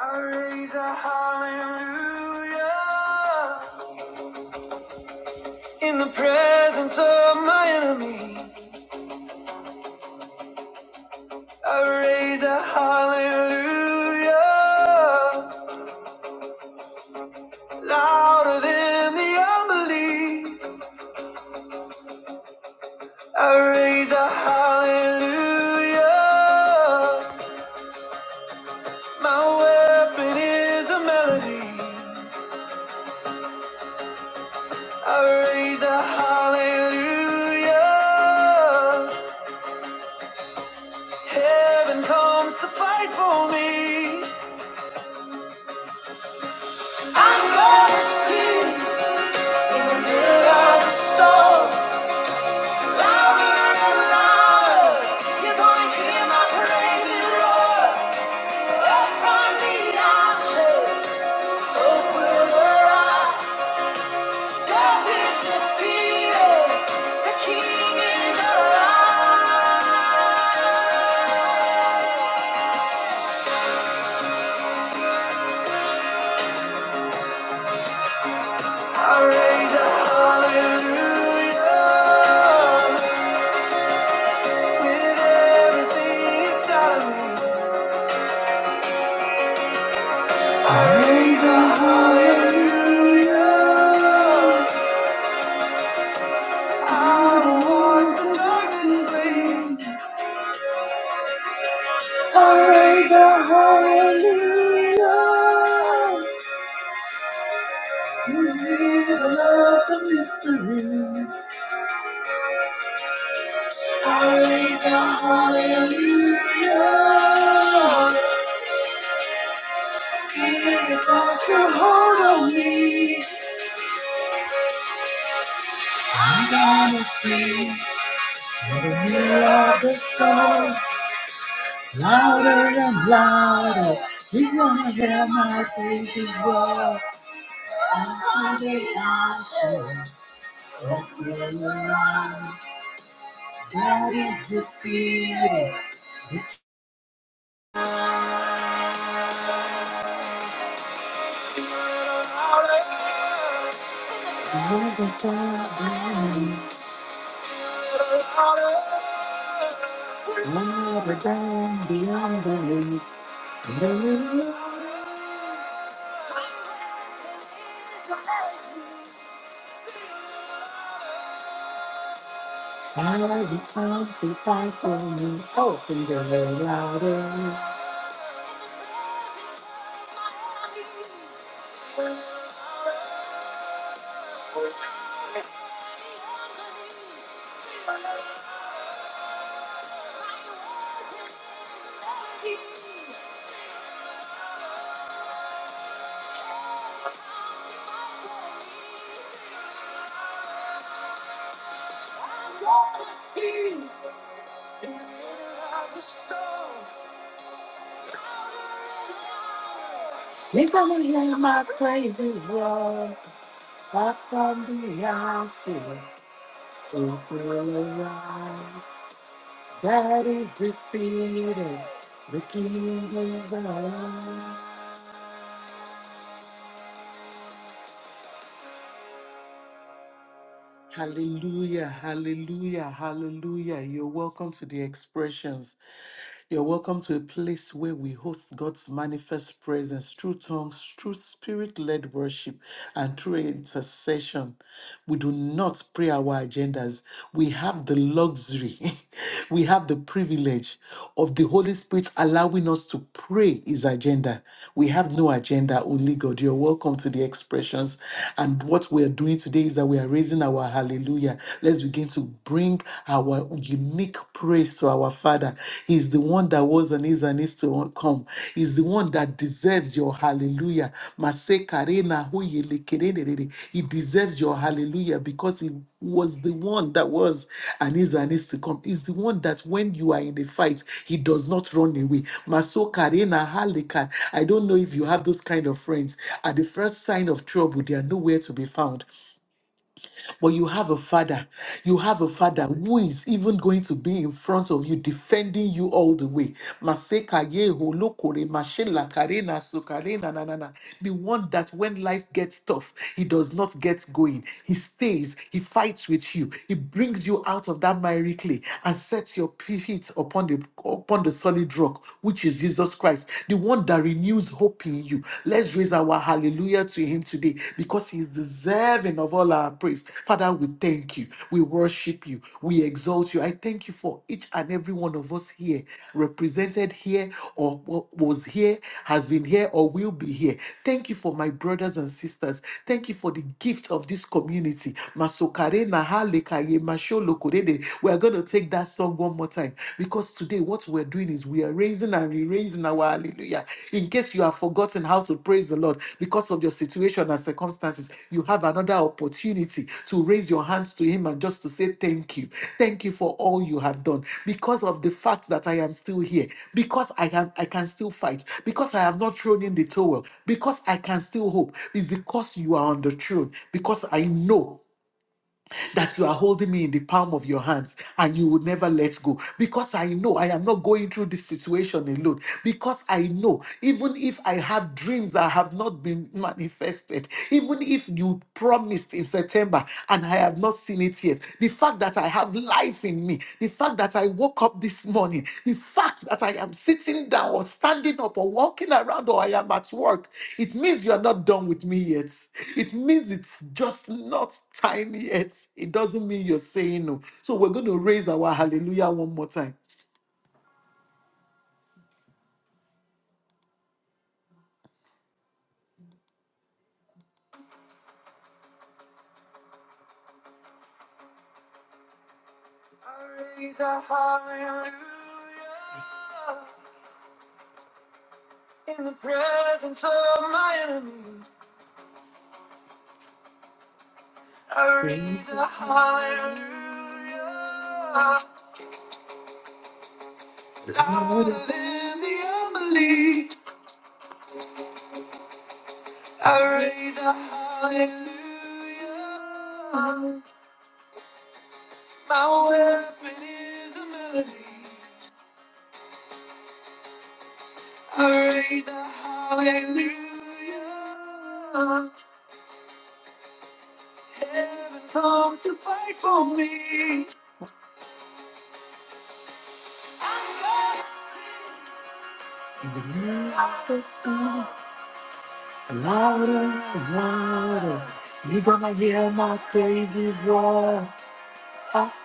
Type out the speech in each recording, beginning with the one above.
I raise a hallelujah in the presence of my enemy. I raise a hallelujah louder than the unbelief. I raise a hallelujah. My weapon is a melody. I raise a hallelujah. Heaven comes to fight for me. I'm gonna sing in the middle of the storm, louder and louder. You're gonna hear my praises roar. Up from the ashes, hope will arise. Death is defeated. The King is alive. I raise a hallelujah with everything inside of me. Praise the hallelujah. Out of wars the darkness flame. I raise a hallelujah. In the middle of the mystery. I raise a hallelujah. Give us your hold on me. I gotta see. In the middle of the storm. Louder and louder, we gonna hear my Savior's roar. After the answer, the alarm, God is defeated. Lord the Father, louder than the unbelief. Believe, How he comes to fight for me, open the way louder. In the middle of the storm. If I would hear my praises roar, up from the ashes, it will arise. That is defeated. The King is alive. Hallelujah, hallelujah, hallelujah. You're welcome to the expressions. You're welcome to a place where we host God's manifest presence through tongues, through spirit led worship, and through intercession. We do not pray our agendas. We have the luxury, we have the privilege of the Holy Spirit allowing us to pray is agenda. We have no agenda, only God. You're welcome to the expressions. And what we're doing today is that we are raising our hallelujah. Let's begin to bring our unique praise to our Father. He's the one that was and is and is to come. He's the one that deserves your hallelujah. Mase karena huye lekerere. He deserves your hallelujah because he was the one that was and is and is to come. Is the one that when you are in a fight, he does not run away. Masoka, Rena, Halika. I don't know if you have those kind of friends. At the first sign of trouble, they are nowhere to be found. But you have a father. You have a father who is even going to be in front of you, defending you all the way. Maseka yeho lokore mashela karena sukarena na na na. The one that when life gets tough, he does not get going. He stays. He fights with you. He brings you out of that miry clay and sets your feet upon the upon the solid rock, which is Jesus Christ. The one that renews hope in you you. Let's raise our hallelujah to him today because he is deserving of all our praise. Father, we thank you. We worship you. We exalt you. I thank you for each and every one of us here, represented here or wa- was here, has been here or will be here. Thank you for my brothers and sisters. Thank you for the gift of this community. Masokare na ha lekaye masho lokorede. We are going to take that song one more time because today, what we're doing is we are raising and re raising our hallelujah. In case you have forgotten how to praise the Lord because of your situation and circumstances, you have another opportunity to raise your hands to Him and just to say, Thank you. Thank you for all you have done. Because of the fact that I am still here, because I am I can still fight, because I have not thrown in the towel, because I can still hope, is because you are on the throne, because I know that you are holding me in the palm of your hands and you would never let go. Because I know I am not going through this situation alone. Because I know even if I have dreams that have not been manifested, even if you promised in September and I have not seen it yet, the fact that I have life life in me, the fact that I woke up this morning, the fact that I am sitting down or standing up or walking around or I am at work, it means you are not done with me yet. It means it's just not time yet. It doesn't mean you're saying no. So we're going to raise our hallelujah one more time. I raise a hallelujah in the presence of my enemies. I raise a hallelujah Louder than the unbelief, I raise a hallelujah. My weapon is a melody. I raise a hallelujah. Heaven comes to fight for me. Like a sun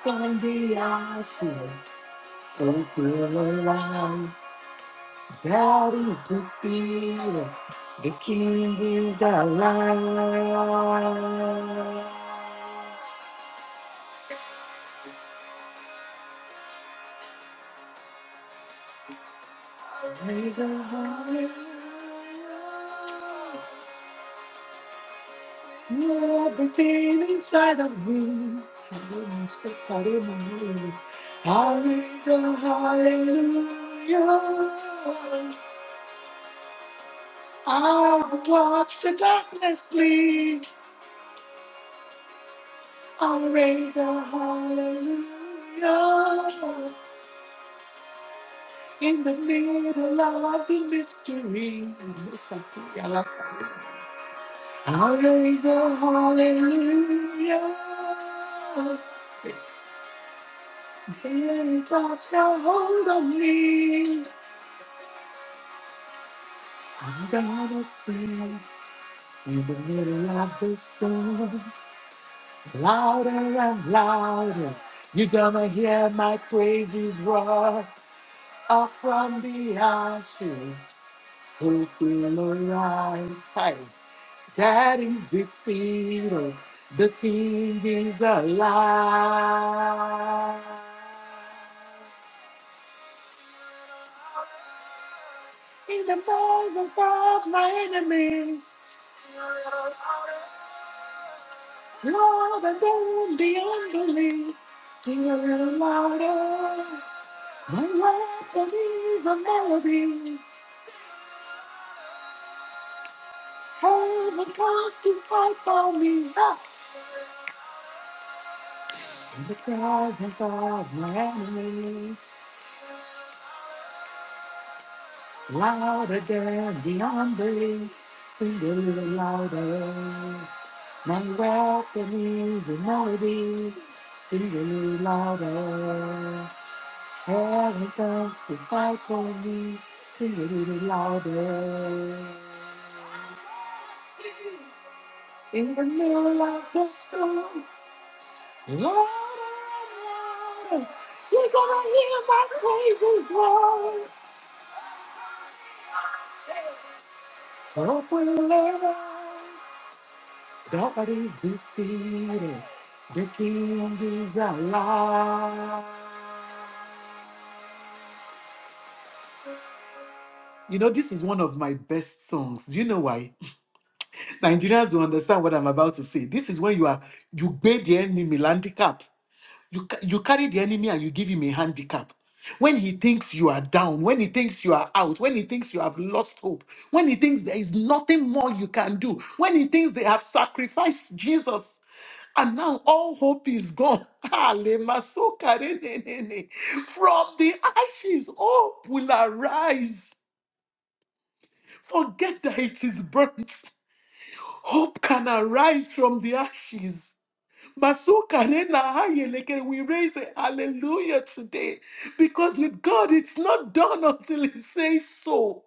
from the ocean, so feel alive. That is the feeling. The king is alive. Praise the Lord. Everything inside of me. I'm so tired of my head. Hallelujah, hallelujah. I will watch the darkness flee. I'll raise a hallelujah. In the middle of the mystery. It's something I love. I'll raise a hallelujah. It just got hold of me. I'm gonna sing in the middle of the storm. Louder and louder. You're gonna hear my praises roar. Up from the ashes, hope will arise. Hey. Daddy's defeated. The king is alive. In the presence of my enemies, Lord, I don't be unbelief. Sing a little louder. My weapon is a melody. Heaven comes to fight for me. Ah. In the presence of my enemies. Louder than the ombre, sing a little louder. Now welcome is a melody, sing a little louder. Heaven comes to fight for me, sing a little louder. In the middle of the storm, louder and louder, you're gonna hear my crazy voice. Hope will live on. Nobody's defeated. The king is alive. You know, this is one of my best songs. Do you know why? Nigerians will understand what I'm about to say. This is when you are you pay the enemy landicap. You, ca- you carry the enemy and you give him a handicap. When he thinks you are down, when he thinks you are out, when he thinks you have lost hope, when he thinks there is nothing more you can do, when he thinks they have sacrificed Jesus and now all hope is gone. Ale masoka re ne ne ne. From the ashes, hope will arise. Forget that it is burnt. Hope can arise from the ashes. Masuka rena haye leke. We raise a hallelujah today because with God it's not done until He says so.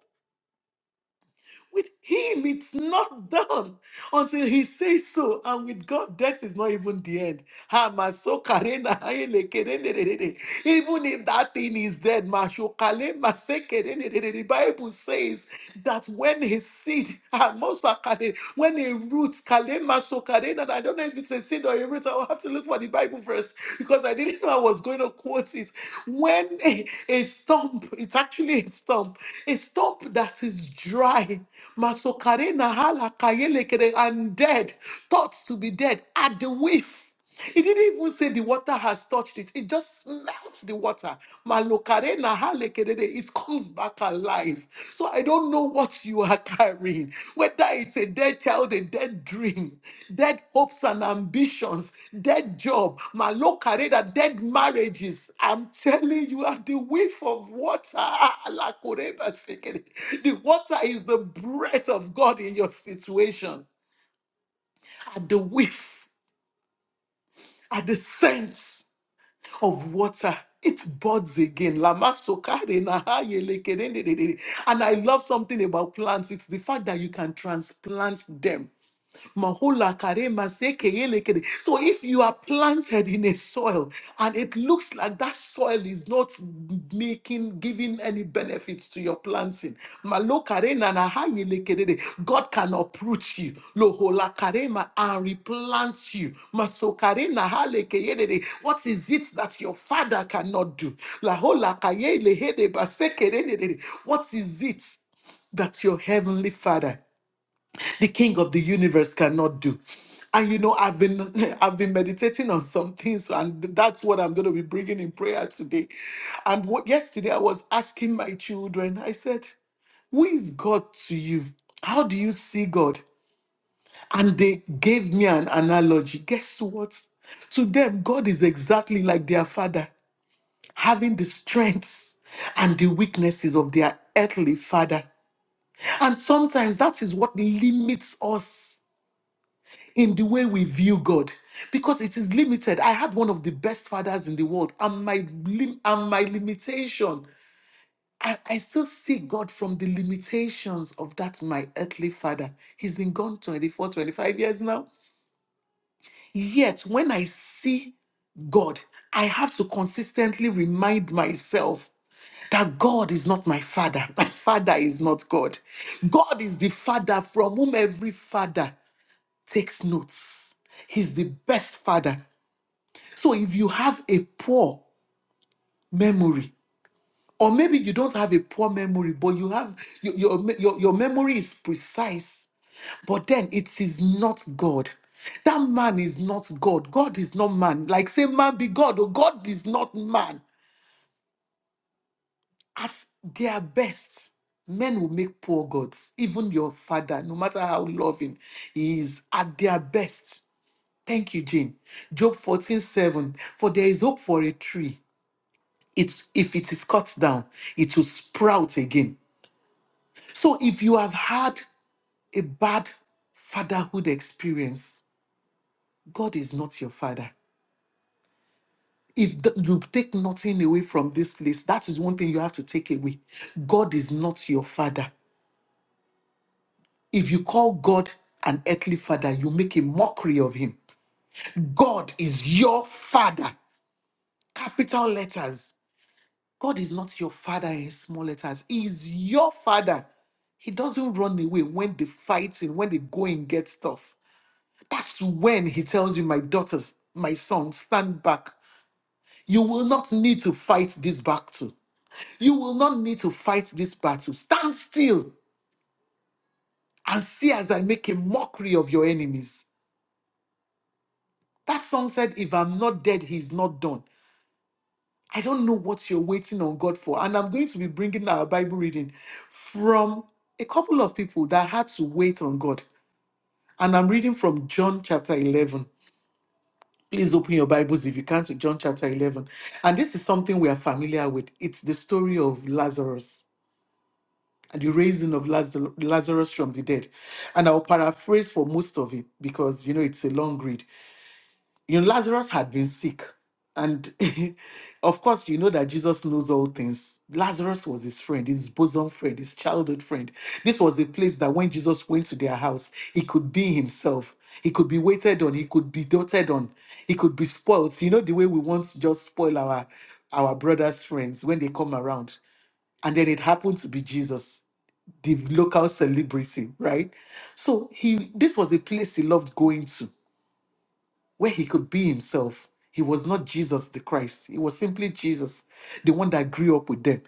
With Him it's not done until he says so. And with God, death is not even the end. Ha, maso karena, haele kerenererere. Even if that thing is dead, masho kale mase kerenerere. the Bible says that when his seed, ha, mosa kare, when a root, kale maso karena, and I don't know if it's a seed or a root, I'll have to look for the Bible verse because I didn't know I was going to quote it. When a, a stump, it's actually a stump, a stump that is dry, maso karena hala kayele kere, the undead, thought to be dead, at the whiff. It didn't even say the water has touched it. It just melts the water. Malokare na halekerere, It comes back alive. So I don't know what you are carrying. Whether it's a dead child, a dead dream, dead hopes and ambitions, dead job, malokare na dead marriages. I'm telling you, at the whiff of water, ah, alakoreba sekere, the water is the breath of God in your situation at the whiff, at the sense of water. It buds again. Lama sokare na ha yele kedendedede. And I love something about plants. It's the fact that you can transplant them. Mahola kare maseke yele kere. So if you are planted in a soil and it looks like that soil is not making giving any benefits to your planting, malo kare nana ha yele kere de. God can uproot you lohola kare and replant you. Maso kare na ha leke ke de. What is it that your father cannot do? Lahola kaye le de baseke de de de de. What is it? that your heavenly father the king of the universe cannot do and you know i've been i've been meditating on some things and that's what i'm going to be bringing in prayer today and what yesterday i was asking my children i said who is god to you how do you see god and they gave me an analogy guess what to them god is exactly like their father having the strengths and the weaknesses of their earthly father and sometimes that is what limits us in the way we view God because it is limited. I had one of the best fathers in the world, and my lim- and my limitation. I, I still see God from the limitations of that my earthly father. He's been gone 24, 25 years now. Yet when I see God, I have to consistently remind myself that God is not my father. My father is not God. God is the father from whom every father takes notes. He's the best father. So if you have a poor memory, or maybe you don't have a poor memory, but you have your your, me- your, your memory is precise, but then it is not God. That man is not God. God is not man. Like say man be God, or God is not man. At their best, men will make poor gods. Even your father, no matter how loving he is, at their best. Thank you, Jane. Job fourteen seven. For there is hope for a tree it's if it is cut down, it will sprout again. So if you have had a bad fatherhood experience, God is not your father. If th- you take nothing away from this place, that is one thing you have to take away. God is not your father. If you call God an earthly father, you make a mockery of him. God is your father. Capital letters God is not your father in small letters. He is your father. He doesn't run away when they fighting, when they go and get stuff. That's when he tells you, my daughters, my sons, stand back. You will not need to fight this battle. You will not need to fight this battle. Stand still and see as I make a mockery of your enemies. That song said, if I'm not dead, he's not done. I don't know what you're waiting on God for. And I'm going to be bringing our Bible reading from a couple of people that had to wait on God. And I'm reading from John chapter 11. Please open your Bibles if you can to John chapter 11. And this is something we are familiar with. It's the story of Lazarus and the raising of Lazar- Lazarus from the dead. And I'll paraphrase for most of it because, you know, it's a long read. you know, Lazarus had been sick. And of course, you know that Jesus knows all things. Lazarus was his friend, his bosom friend, his childhood friend. This was the place that when Jesus went to their house, he could be himself. He could be waited on. He could be doted on. He could be spoiled. You know the way we want to just spoil our our brothers' friends when they come around. And then it happened to be Jesus, the local celebrity, right? So he this was a place he loved going to where he could be himself. He was not Jesus the Christ. He was simply Jesus, the one that grew up with them.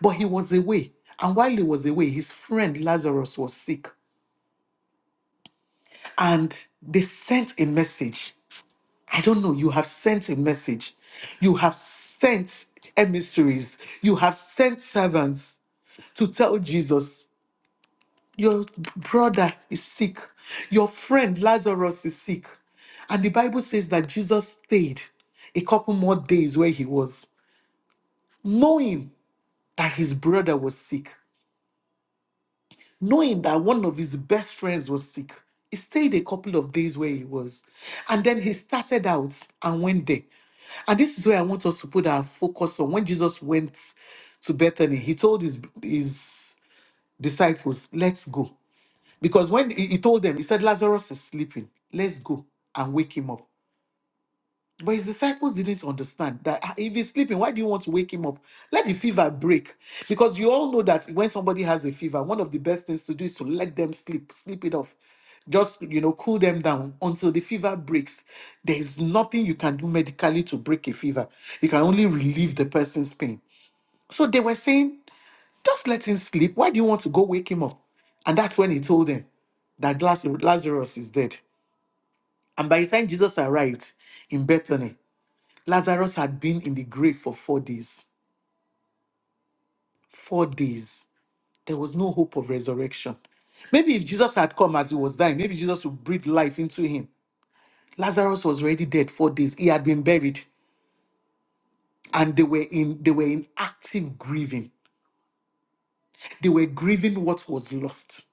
But he was away. And while he was away, his friend Lazarus was sick. And they sent a message. I don't know. You have sent a message. You have sent emissaries. You have sent servants to tell Jesus. Your brother is sick. Your friend Lazarus is sick. And the Bible says that Jesus stayed a couple more days where he was, knowing that his brother was sick, knowing that one of his best friends was sick. He stayed a couple of days where he was. And then he started out and went there. And this is where I want us to put our focus on. When Jesus went to Bethany, he told his, his disciples, Let's go. Because when he, he told them, he said, Lazarus is sleeping. Let's go and wake him up. But his disciples didn't understand that "Ah, if he's sleeping, why do you want to wake him up? Let the fever break. Because you all know that when somebody has a fever, one of the best things to do is to let them sleep, sleep it off. Just, you know, cool them down until the fever breaks. There is nothing you can do medically to break a fever. You can only relieve the person's pain. So they were saying, just let him sleep. Why do you want to go wake him up? And that's when he told them that Las- Lazarus is dead. And by the time Jesus arrived in Bethany, Lazarus had been in the grave for four days. Four days. There was no hope of resurrection. Maybe if Jesus had come as he was dying, maybe Jesus would breathe life into him. Lazarus was already dead four days. He had been buried. And they were in they were in active grieving. They were grieving what was lost.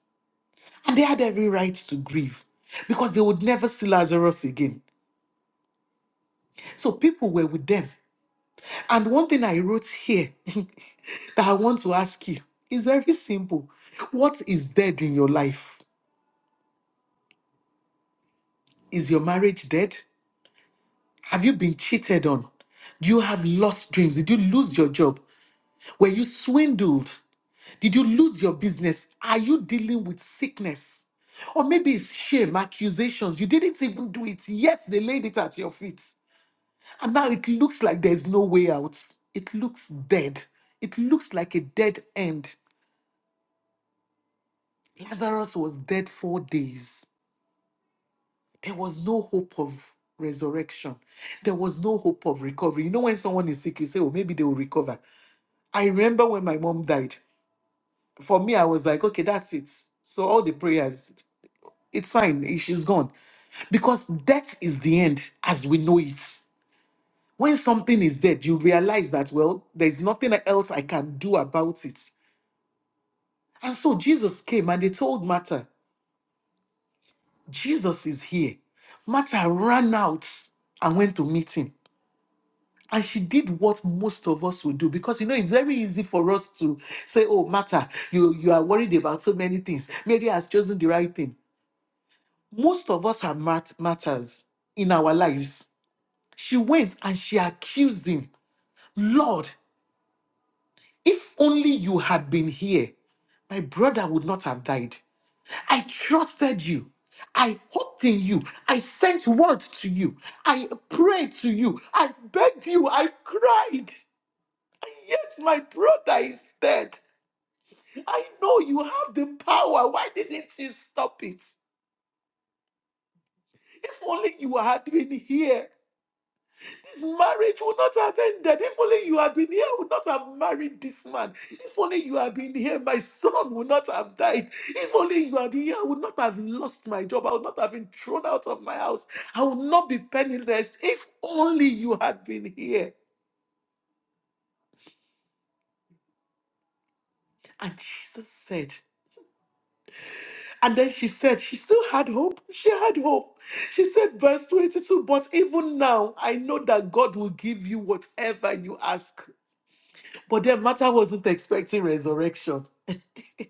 And they had every right to grieve because they would never see Lazarus again. So people were with them. And one thing I wrote here that I want to ask you is very simple. What is dead in your life? Is your marriage dead? Have you been cheated on? Do you have lost dreams? Did you lose your job? Were you swindled? Did you lose your business? Are you dealing with sickness? Or maybe it's shame, accusations. You didn't even do it, yet they laid it at your feet. And now it looks like there's no way out. It looks dead. It looks like a dead end. Lazarus was dead four days. There was no hope of resurrection. There was no hope of recovery. You know, when someone is sick, you say, oh, maybe they will recover. I remember when my mom died. For me, I was like, okay, that's it. So all the prayers, it's fine. eh, She's gone. Because death is the end as we know it. When something is dead, you realize that, well, there's nothing else I can do about it And so Jesus came and they told Martha, Jesus is here. Martha ran out and went to meet him. And she did what most of us would do because you know it's very easy for us to say, Oh, Martha, you, you are worried about so many things. Mary has chosen the right thing. Most of us have mat- matters in our lives. She went and she accused him, Lord, if only you had been here, my brother would not have died. I trusted you. I hoped in you. I sent word to you. I prayed to you. I begged you. I cried. And yet my brother is dead. I know you have the power. Why didn't you stop it? If only you had been here. This marriage would not have ended. If only you had been here, I would not have married this man. If only you had been here, my son would not have died. If only you had been here, I would not have lost my job. I would not have been thrown out of my house. I would not be penniless. If only you had been here. And Jesus said, and then she said, she still had hope. She had hope. She said, verse 22, but even now I know that God will give you whatever you ask. But then matter wasn't expecting resurrection.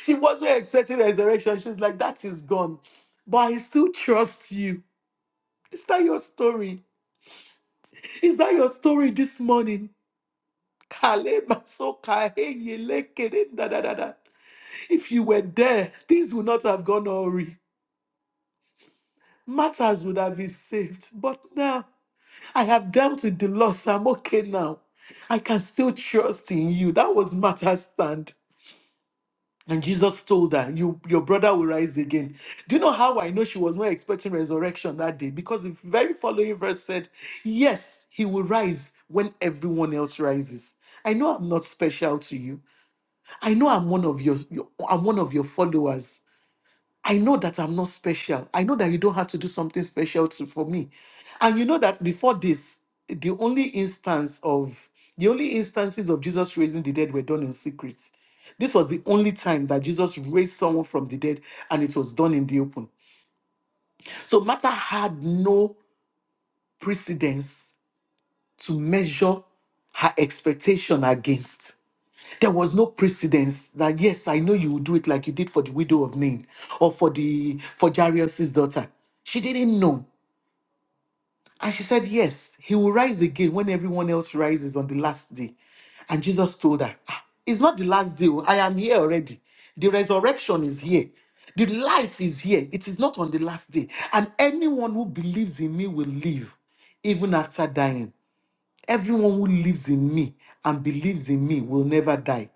she wasn't expecting resurrection. She's like, that is gone. But I still trust you. Is that your story? Is that your story this morning? Kale masoka he yele kere da da da da. If you were there, things would not have gone awry. Matters would have been saved. But now, I have dealt with the loss. I'm okay now. I can still trust in you. That was Martha's stand. And Jesus told her, you, Your brother will rise again. Do you know how I know she was not expecting resurrection that day? Because the very following verse said, Yes, he will rise when everyone else rises. I know I'm not special to you. I know I'm one of your, your I'm one of your followers. I know that I'm not special. I know that you don't have to do something special to, for me. And you know that before this, the only instance of the only instances of Jesus raising the dead were done in secret. This was the only time that Jesus raised someone from the dead and it was done in the open. So Martha had no precedence to measure her expectation against. There was no precedence that yes, I know you will do it like you did for the widow of Nain or for the for Jairus' daughter. She didn't know. And she said, Yes, he will rise again when everyone else rises on the last day. And Jesus told her, "Ah, It's not the last day. oh. I am here already. The resurrection is here. The life is here. It is not on the last day. And anyone who believes in me will live even after dying. Everyone who lives in me and believes in me will never die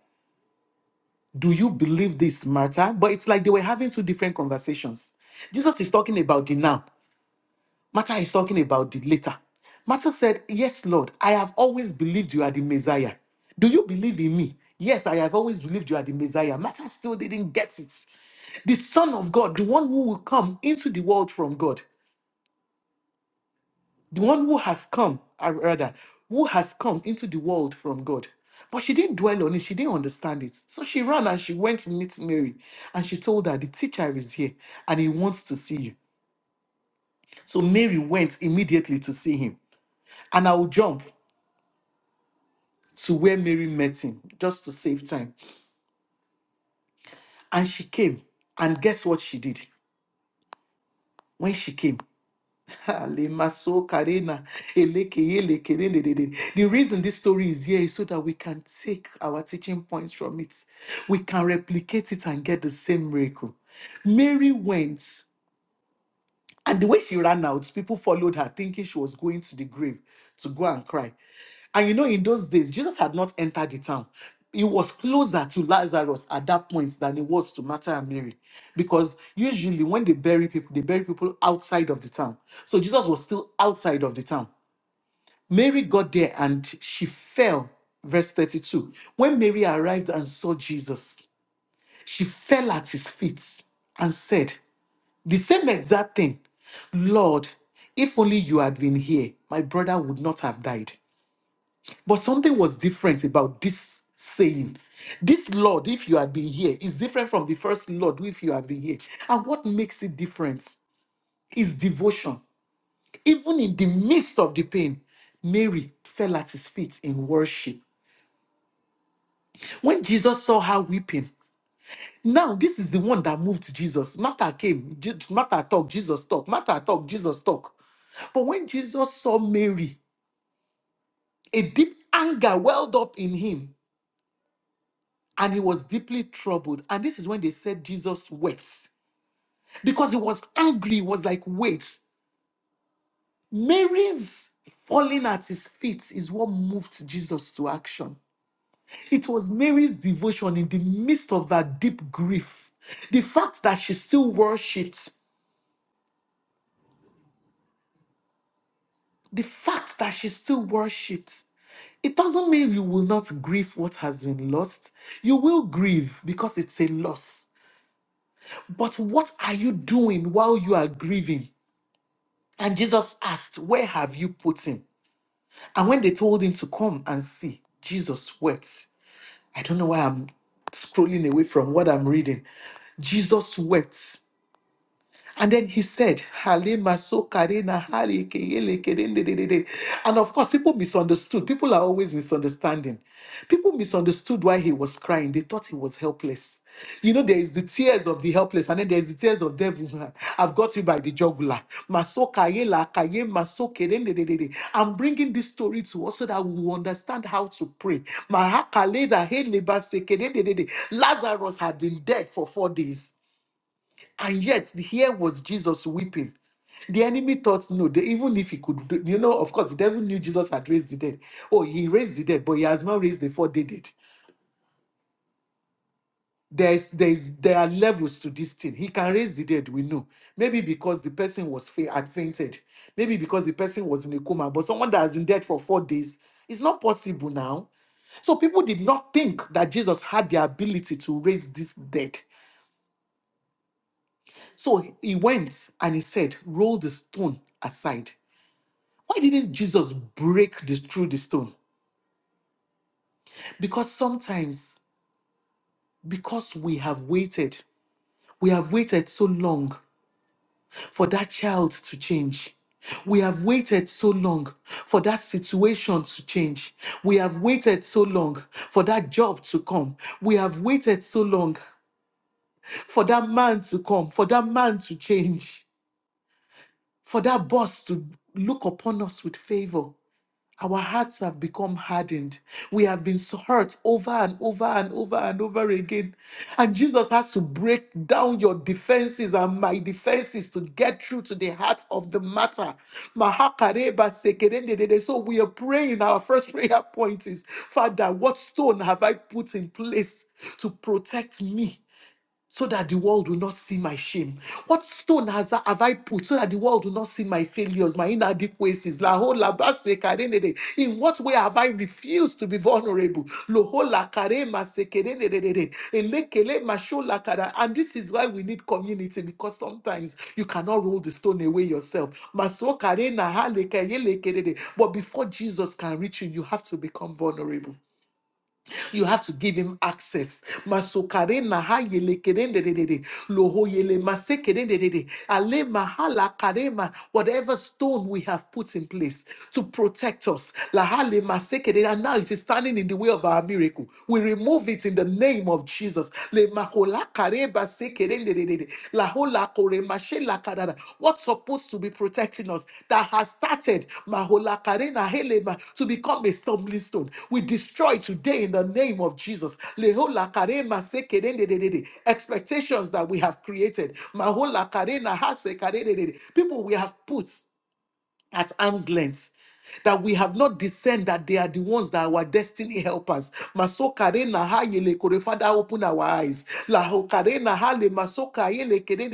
do you believe this matter? But it's like they were having two different conversations. Jesus is talking about the now, Martha is talking about the later. Martha said, Yes, Lord, I have always believed you are the Messiah. Do you believe in me? Yes, I have always believed you are the Messiah. Martha still didn't get it. The Son of God, the one who will come into the world from God. the one who has come, uh, rather, who has come into the world from God. But she didn't dwell on it, she didn't understand it. So she ran and she went to meet Mary and she told her, The teacher is here and he wants to see you. So Mary went immediately to see him. And I'll jump to where Mary met him just to save time. And she came. And guess what she did? When she came, Alemaso karena, elekeye lekere dedede. The reason this story is here is so that we can take our teaching points from it. We can replicate it and get the same miracle. Mary went and the way she ran out, people followed her, thinking she was going to the grave to go and cry. And you know, in those days, Jesus had not entered the town. He was closer to Lazarus at that point than he was to Martha and Mary. Because usually when they bury people, they bury people outside of the town. So Jesus was still outside of the town. Mary got there and she fell, verse 32. When Mary arrived and saw Jesus, she fell at his feet and said, the same exact thing. Lord, if only you had been here, my brother would not have died. But something was different about this saying. This Lord, if you had been here, is different from the first Lord, if you had been here. And what makes it different is devotion. Even in the midst of the pain, Mary fell at his feet in worship. When Jesus saw her weeping, now this is the one that moved Jesus. Martha came, Je- Martha talk, Jesus talk, Martha talk, Jesus talk. For when Jesus saw Mary, a deep anger welled up in him, and he was deeply troubled. And this is when they said Jesus wept because he was angry, he was like, wait, Mary's falling at his feet is what moved Jesus to action. It was Mary's devotion in the midst of that deep grief. The fact that she still worshipped The fact that she still worshipped, it doesn't mean you will not grieve what has been lost. You will grieve because it's a loss. But what are you doing while you are grieving? And Jesus asked, Where have you put him? And when they told him to come and see, Jesus wept. I don't know why I'm scrolling away from what I'm reading. Jesus wept. And then he said, Halima Sokarina Hali Keyele Kerende de de de." de." de." And of course, people misunderstood. People are always misunderstanding. People misunderstood why he was crying. They thought he was helpless. You know, there is the tears of the helpless, and then there is the tears of devil. I've got you by the jugular. Masoka yela kaye maso rende de de de. de. de. I'm bringing this story to us so that we will understand how to pray. Mahaka leda he leba se ke de de de de. Lazarus had been dead for four days. And yet, here was Jesus weeping. The enemy thought, no, the, even if he could, do, you know, of course, the devil knew Jesus had raised the dead. Oh, he raised the dead, but he has not raised the four dead. dead. There's, there's, there are levels to this thing. He can raise the dead, we know. Maybe because the person was fa- had fainted. Maybe because the person was in a coma. But someone that has been dead for four days, it's not possible now. So people did not think that Jesus had the ability to raise this dead. So he went and he said, Roll the stone aside. Why didn't Jesus break this through the stone? Because sometimes, because we have waited, we have waited so long for that child to change. We have waited so long for that situation to change. We have waited so long for that job to come. We have waited so long for that man to come, for that man to change, for that boss to look upon us with favor. Our hearts have become hardened. We have been hurt over and over and over and over again. And Jesus has to break down your defenses and my defenses to get through to the heart of the matter. Mahakareba sekerendedede. So we are praying. Our first prayer point is Father, what stone have I put in place to protect me? so that the world will not see my shame? What stone has I, have I put so that the world will not see my failures, my inadequacies? La ho la ba se ka re ne de. In what way have I refused to be vulnerable? Lo ho la ka re ma se ke re ne de de de. Ele ke le ma sho la ka da. And this is why we need community because sometimes you cannot roll the stone away yourself. Ma so ka re na ha le ke ye le ke de de. But before Jesus can reach you, you have to become vulnerable. You have to give him access. Masokare maha yele kerende de de de. Loho yele mase kerende de de. Ale mahala karema. Whatever stone we have put in place to protect us. Lahale mase kerende. And now it is standing in the way of our miracle. We remove it in the name of Jesus. Le mahola kareba se kerende La hola kore mashe la kadada. What's supposed to be protecting us that has started mahola karena helema to become a stumbling stone? We destroy today in the name of Jesus. Le hola kare mase kerende de de de. Expectations that we have created. Mahola karena hase karede de de. People we have put at arm's length. That we have not discerned that they are the ones that are our destiny helpers. Masokare na ha yele kore. Father, open our eyes. La hokare na ha le masoka yele kere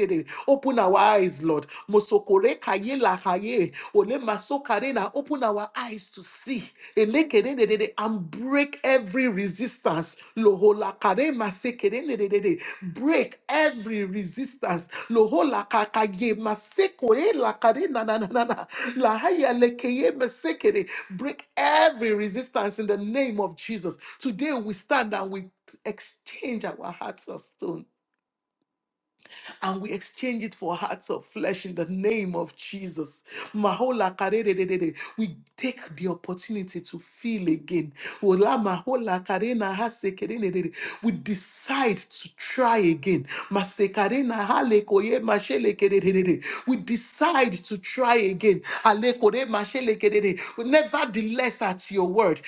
Open our eyes, Lord. Mosokore ka ye la ha ye. Ole masokare na. Open our eyes to see. Ele kere de break every resistance. Lohola karema sekerenedede. Break every resistance. Lohola kakaye masekore la karena na na na na. na. Lahaya lekeye masekere. Break every resistance in the name of Jesus. Today we stand and we exchange our hearts of stone and we exchange it for hearts of flesh in the name of Jesus. Mahola karerererere. We take the opportunity to feel again. Ola mahola karena hase kerererere. We decide to try again. Masekarena karena hale koye mashele kerererere. We decide to try again. Ale kore mashele kerere. Nevertheless, at your word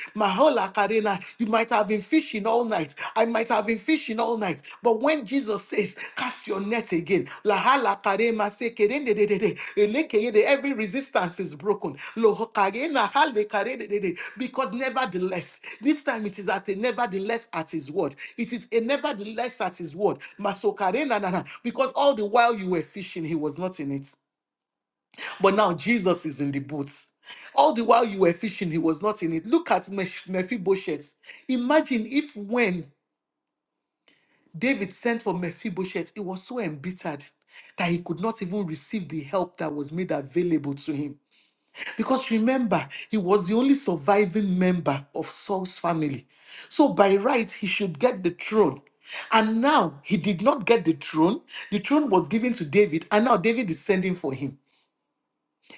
la carena. You might have been fishing all night. I might have been fishing all night. But when Jesus says, cast your net again, la ha la carema se kerende de de de, elekeye every resistance is broken. Lo ho carena ha le carede de de. Because nevertheless, this time it is at a nevertheless at his word. It is a nevertheless at his word. Maso carena na na. Because all the while you were fishing, he was not in it. But now Jesus is in the boat. All the while you were fishing, he was not in it. Look at Meph- Mephibosheth. Imagine if when David sent for Mephibosheth, he was so embittered that he could not even receive the help that was made available to him. Because remember, he was the only surviving member of Saul's family. So by right, he should get the throne. And now he did not get the throne. The throne was given to David, and now David is sending for him.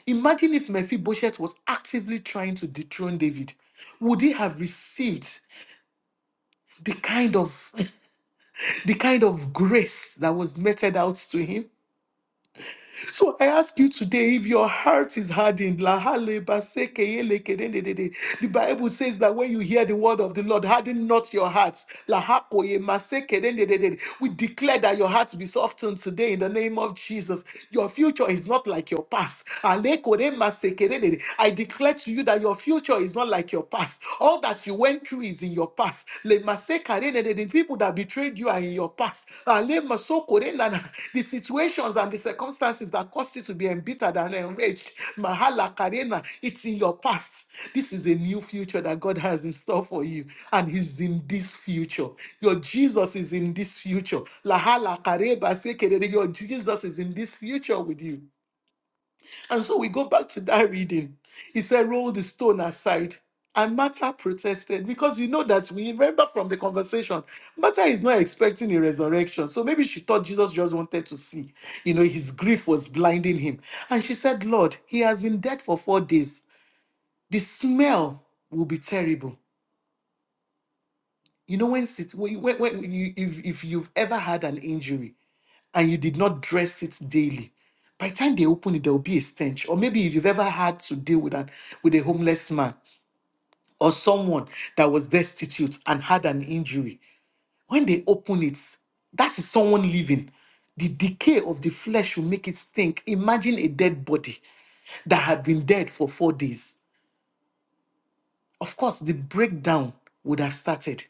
Imagine if Mephibosheth was actively trying to dethrone David. Would he have received the kind of the kind of grace that was meted out to him? So I ask you today if your heart is hardened, la hale ba se ke ye le ke de de de de. the Bible says that when you hear the word of the Lord, harden not your hearts. La ha ko ye ma se ke de de de de. We declare that your hearts be softened today in the name of Jesus. Your future is not like your past. Ale ko de ma se ke de de de. I declare to you that your future is not like your past. All that you went through is in your your past. Le mase karene, The the people that betrayed you are in your past. Ah, le maso korena na, The situations and the circumstances that caused you to be embittered and enraged. Mahala karena, It's in your past. This is a new future that God has in store for you. And He's in this future. Your Jesus is in this future. Lahala kareba sekere, Your Jesus is in this future with you. And so we go back to that reading. He said, Roll the stone aside. And Martha protested because you know that we remember from the conversation, Martha is not expecting a resurrection. So maybe she thought Jesus just wanted to see. You know, his grief was blinding him. And she said, Lord, he has been dead for four days. The smell will be terrible. You know, when, sit- when, when when you, if, if you've ever had an injury, and you did not dress it daily, by the time they open it, there will be a stench. Or maybe if you've ever had to deal with an with a homeless man or someone that was destitute and had an injury, when they open it, that is someone living. The decay of the flesh will make it stink. Imagine a dead body that had been dead for four days. Of course, the breakdown would have started.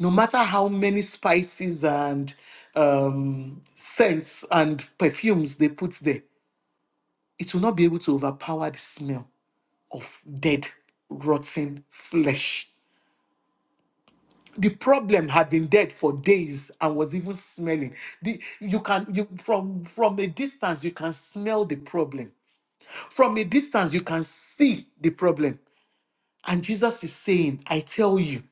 No matter how many spices and um, scents and perfumes they put there, it will not be able to overpower the smell of dead, rotting flesh. The problem had been dead for days and was even smelling. The, you can you from from a distance you can smell the problem. From a distance you can see the problem. And Jesus is saying, I tell you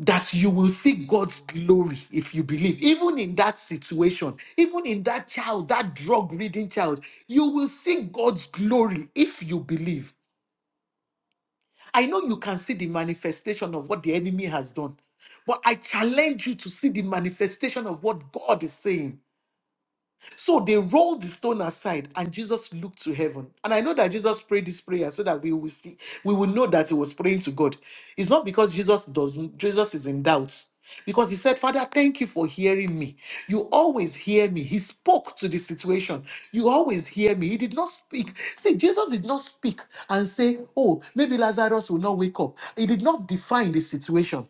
that you will see God's glory if you believe. Even in that situation, even in that child, that drug reading child, you will see God's glory if you believe. I know you can see the manifestation of what the enemy has done, but I challenge you to see the manifestation of what God is saying. So they rolled the stone aside, and Jesus looked to heaven. And I know that Jesus prayed this prayer so that we will see, we will know that he was praying to God. It's not because Jesus doesn't, Jesus is in doubt. Because he said, Father, thank you for hearing me. You always hear me. He spoke to the situation. You always hear me. He did not speak. See, Jesus did not speak and say, Oh, maybe Lazarus will not wake up. He did not define the situation.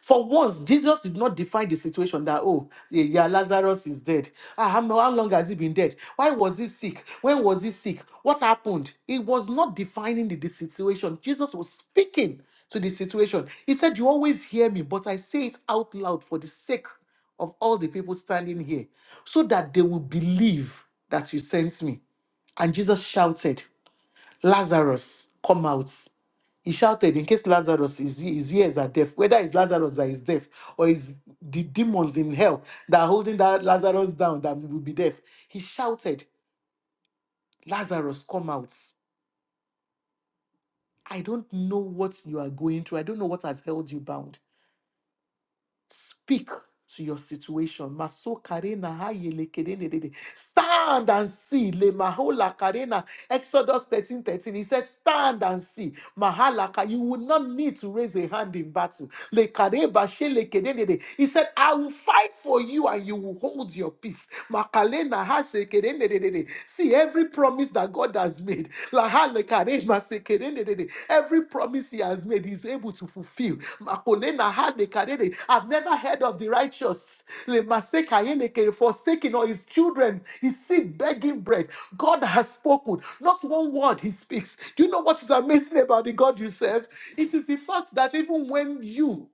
For once, Jesus did not define the situation that, oh, yeah, yeah, Lazarus is dead. Ah, how, mo- how long has he been dead? Why was he sick? When was he sick? What happened? He was not defining the, the situation. Jesus was speaking to the situation. He said, You always hear me, but I say it out loud for the sake of all the people standing here, so that they will believe that you sent me. And Jesus shouted, Lazarus, come out. He shouted, in case Lazarus is his ears are deaf, whether it's Lazarus that is deaf or is the demons in hell that are holding that Lazarus down that will be deaf. He shouted, Lazarus, come out. I don't know what you are going through. I don't know what has held you bound. Speak to your situation. Maso karena hayele kerene dede. Stand and see. Le mahola karena. Exodus 13 13. He said, Stand and see. Mahalaka. You will not need to raise a hand in battle. Le kareba she le kerene dede. He said, I will fight for you and you will hold your peace. Makalena ha se kerene dede. See every promise promise that God has made. Lahalekare masekerendedede. Every promise He has made, He's able to fulfill. Makolena halekarede. I've never heard of the righteous lemasekayeleke, forsaken or his children, his seed begging bread. God has spoken. Not one word He speaks. Do you know what is amazing about the God you serve? It is the fact that even when you,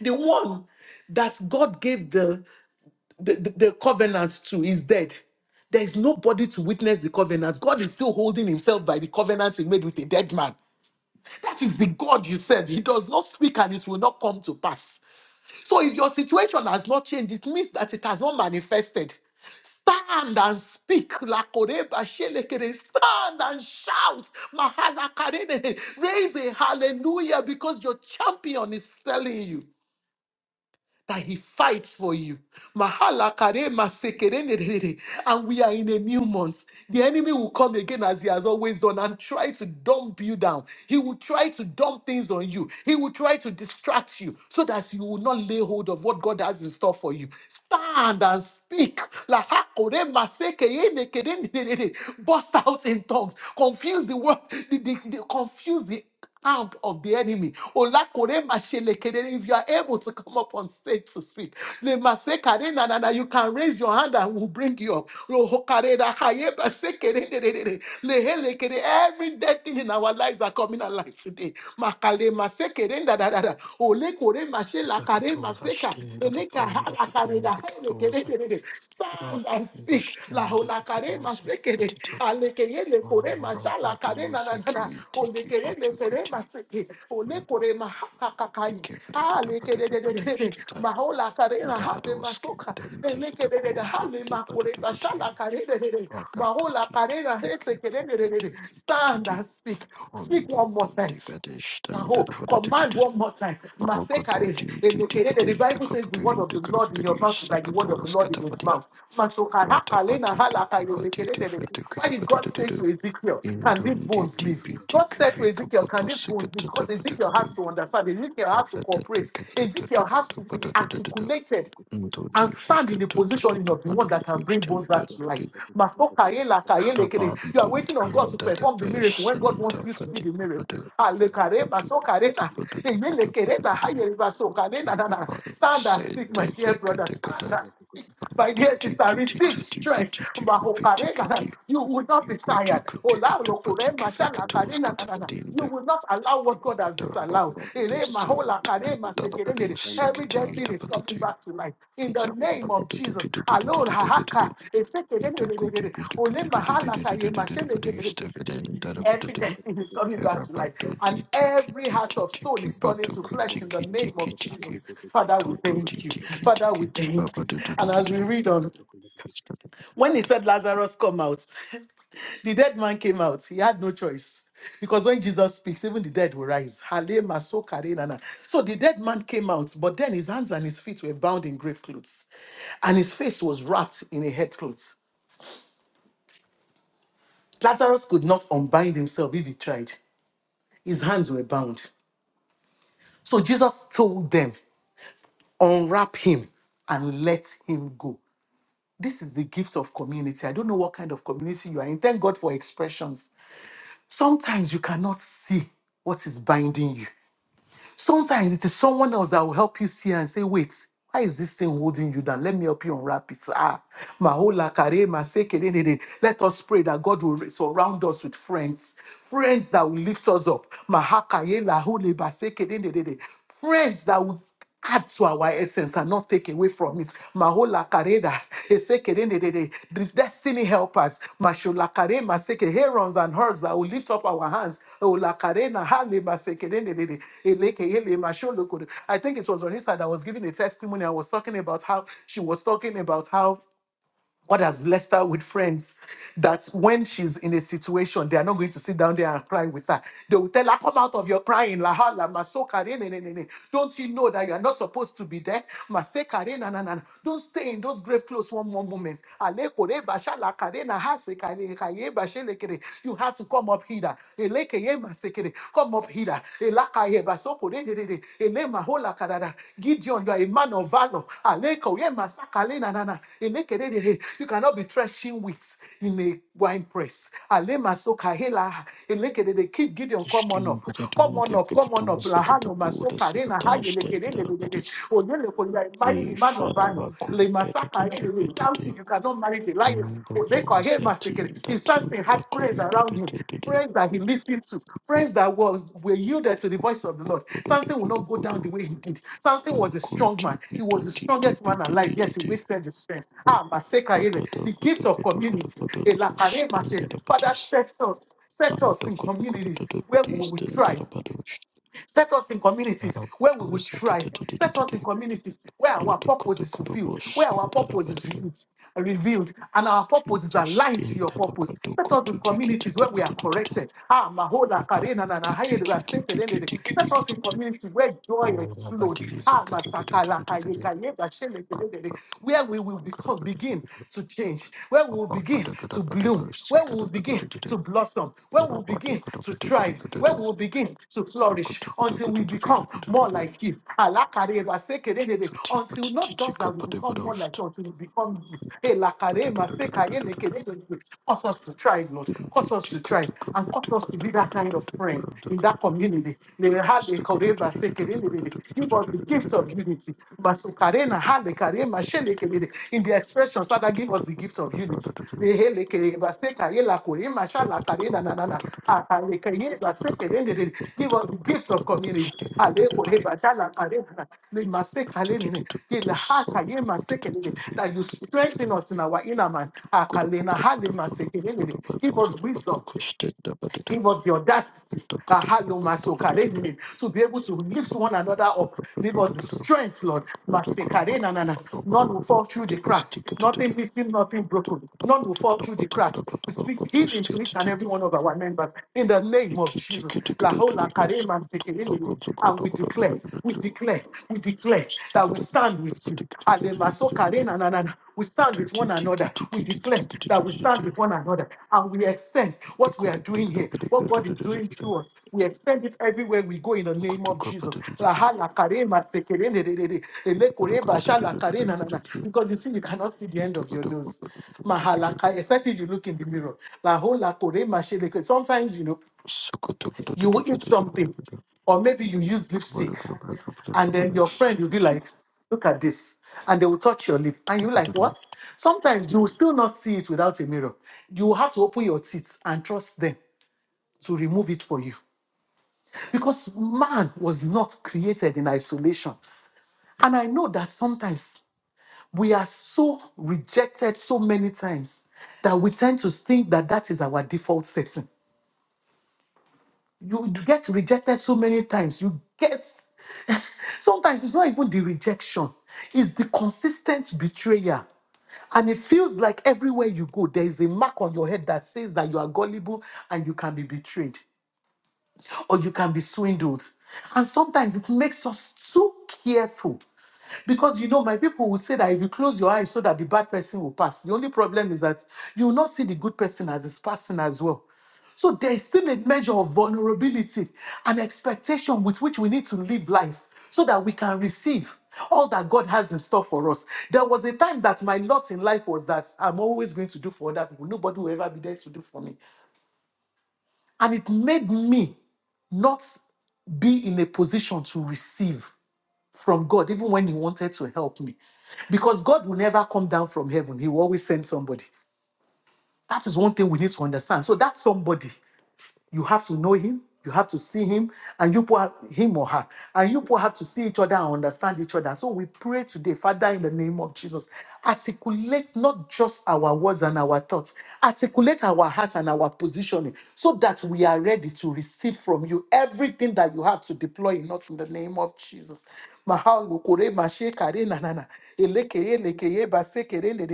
the one that God gave the the, the, the covenant too is dead. There is nobody to witness the covenant. God is still holding himself by the covenant he made with a dead man. That is the God you serve. He does not speak and it will not come to pass. So if your situation has not changed, it means that it has not manifested. Stand and speak. Lakoreba shelekere. Stand and shout. Mahalakarene. Raise a hallelujah because your champion is telling you that he fights for you. Mahala kare masekere nederere. And we are in a new month. The enemy will come again as he has always done and try to dump you down. He will try to dump things on you. He will try to distract you so that you will not lay hold of what God has in store for you. Stand and speak. Laha kore masekere nekere nederere. Bust out in tongues. Confuse the word. the- the- the- confuse the hand of the enemy. Olakore mashelekedere, If you are able to come up on stage to speak, Lemasekare na na na, you can raise your hand and we'll bring you up. Lohokare da kaye basekere de de de de, lehelekere, Every dead thing in our lives are coming alive today. Makale masekere da da da da, olekore mashelakare maseka, eleka halakare da helekere de de de. Stand and speak. La hola karema sekere. Alekeye le korema shala karema na na na. Olekere le kerema seke. Ole korema hakakakai. Ah, lekere de de de de. Mahola karema hale masoka. Elekere de de de hale makoreba shala kare de de de. Mahola karema he sekere de de de de. Stand and speak. Speak one more time. Now, command one more time. Masekare, elekerere. The Bible says the word of the Lord in your mouth is like Thank the word of the Lord in his mouth. Masokahakalena halakayo lekerere. Why did God say to Ezekiel, Can these bones live? God said to Ezekiel, Can these bones live? Because Ezekiel has to understand, Ezekiel has to cooperate, Ezekiel has to be articulated and stand in the position of the one that can bring both that to life. Maso kayela kayele kere. You are waiting on God to perform the miracle when God wants you to be the miracle. Ale kare, maso kare na. Eyele kere na, hayele maso kare na na na. Stand and speak, my dear brother. Stand and speak. My dear sister, receive strength. Mahokarena, You will not be tired. Olarokorema, shalakarena, na, na, na. You will not allow what God has disallowed. Ere maholakarema, sekerendere. Every dead thing is coming back to life. In the name of Jesus. Alol hahaka, esekerendere, ole mahalakayema, shenekerendere. Everything you. is coming back to life. And every heart of stone is turning to Thank flesh in the name of Jesus. Father, we thank you. Father, we thank you. And as we read on, you. when he said, Lazarus, come out, the dead man came out. He had no choice. Because when Jesus speaks, even the dead will rise. Hale maso kare nana. So the dead man came out, but then his hands and his feet were bound in grave clothes, and his face was wrapped in a head cloth. Lazarus could not unbind himself if he tried. His hands were bound. So Jesus told them, unwrap him and let him go. This is the gift of community. I don't know what kind of community you are in. Thank God for expressions. Sometimes you cannot see what is binding you. Sometimes it is someone else that will help you see and say, wait, why is this thing holding you down? Let me help you unwrap it. Ah, mahola kare maseke de de de. let us pray that God will surround us with friends, friends that will lift us up. Mahakaye lahule baseke de de de de. Friends that will add to our essence and not take away from it. Mahola kareda, esekerendedede, these destiny help us. Mashola kare maseke, herons and herds that will lift up our hands. Ola karena hale masekerendedede, eleke ele masholo kore. I think it was on his side I was giving a testimony. I was talking about how she was talking about how God has blessed her with friends that when she's in a situation, they are not going to sit down there and cry with her. They will tell her, Come out of your crying. La ha, la, ma, so, re, ne, ne, ne, ne. Don't you know that you are not supposed to be there? Ma, se, re, na, na, na, na. Don't stay in those grave clothes one more moment. Ale, kore re, la, ka, na, ha, se, ka, re, ka, ye, ba, le, ke, You have to come up here. Ele, ke, ye, ma, re. Come up here. Elakaye basoko de de de de. Ele mahola kadada. Gideon, you are a man of valor. Aleko ye masakale na na na. Eleke de de de. You cannot be threshing wheat in a wine press. Ale masoka hela. Eleke de de. Keep Gideon, come on up. Come on up, come on up. Lahano masoka de na haye leke de de de de de. Oyeleko, you are a mighty man of valor. Le masaka de de de. Samson, you cannot marry the lion. Odeko, I hear my secret. His sons had praise around him. Friends that he listened to, friends that was were yielded to the voice of the Lord. Samson will not go down the way he did. Samson was a strong man. He was the strongest man alive, yet he wasted his strength. Ah, Maseka Ere, the gift of community. Elakare Mashe. Father, set us, set us in communities where we will thrive, Set us in communities where we will thrive. Set us in communities where our purpose is fulfilled, where our purpose is revealed, revealed, and our purpose is aligned to your purpose. Set us in communities where we are corrected. Ah, Mahola, Karena, Nana, Haye, Dua, Senke, Dende, De. Set us in communities where joy explodes. Ah, Masakala, Kaye, Kaye, Ba, Shele, Dende, De. Where we will become, begin to change, where we will begin begin to bloom, where we will begin to blossom, where we will begin to thrive, where we will begin to flourish until we become more like Him. Alakare masekerere, Until not just that we become more like Him, until we become you. Elakare masekayenekerere. Cause us to thrive, Lord. Cause us to thrive and cause us to be that kind of friend in that community. Lelehalekoreba sekerere. Give us the gift gift of unity. Basukarena, halekare, mashelekere. In the expressions, Father, give us the gift of unity. Rehelekere, basekare, lakore, mashalakare, na, na, na, na. Akalekere, basekere, de, de, de. Give us the gift of community. Alekore, bashalakare, na, na. Le masekare, ne, ne. Yela haka, Ye lahakaye, masekere, de. That you strengthen us in our inner man. Akalena, hale, masekere, de, de. Give us wisdom. Give us the audacity that hello, Masokarene, to be able to lift one another up. Give us the strength, Lord. Masekarena, na, na. None will fall through the cracks. Nothing missing, nothing broken. None will fall through the cracks. We speak healing to each and every one of our members in the name of Jesus. La hola karema sekerele. And we declare, we declare, we declare that we stand with you. Ademasokarena, na, na, na. We stand with one another. We declare that we stand with one another and we extend what we are doing here, what God is doing through us. We extend it everywhere we go in the name of Jesus. Laha la kare ma se kere ne de de de. Ele kore sha la kare na na na. Because you see, you cannot see the end of your nose. Mahalaka, except if you look in the mirror. La ho la kore ma she Sometimes, you know, you will eat something, or maybe you use lipstick, and then your friend will be like, "Look at this," and they will touch your lip, and you're like, "What?" Sometimes you will still not see it without a mirror. You will have to open your teeth and trust them to remove it for you, because man was not created in isolation. And I know that sometimes we are so rejected so many times that we tend to think that that is our default setting you get rejected so many times. You get sometimes it's not even the rejection, it's the consistent betrayal. And it feels like everywhere you go, there is a mark on your head that says that you are gullible and you can be betrayed or you can be swindled. And sometimes it makes us too careful because you know, my people would say that if you close your eyes so that the bad person will pass, the only problem is that you will not see the good person as is passing as well. So there is still a measure of vulnerability and expectation with which we need to live life so that we can receive all that God has in store for us. There was a time that my lot in life was that I'm always going to do for other people. Nobody will ever be there to do for me. And it made me not be in a position to receive from God, even when He wanted to help me. Because God will never come down from heaven, He will always send somebody. That is one thing we need to understand. So, that somebody, you have to know Him, you have to see Him, and you put Him or her, and you both have to see each other and understand each other. So, we pray today, Father, in the name of Jesus, articulate not just our words and our thoughts, articulate our hearts and our positioning so that we are ready to receive from you everything that you have to deploy in us in the name of Jesus. Mahalo kore mashe kare na na na. Elekeye lekeye base kere nde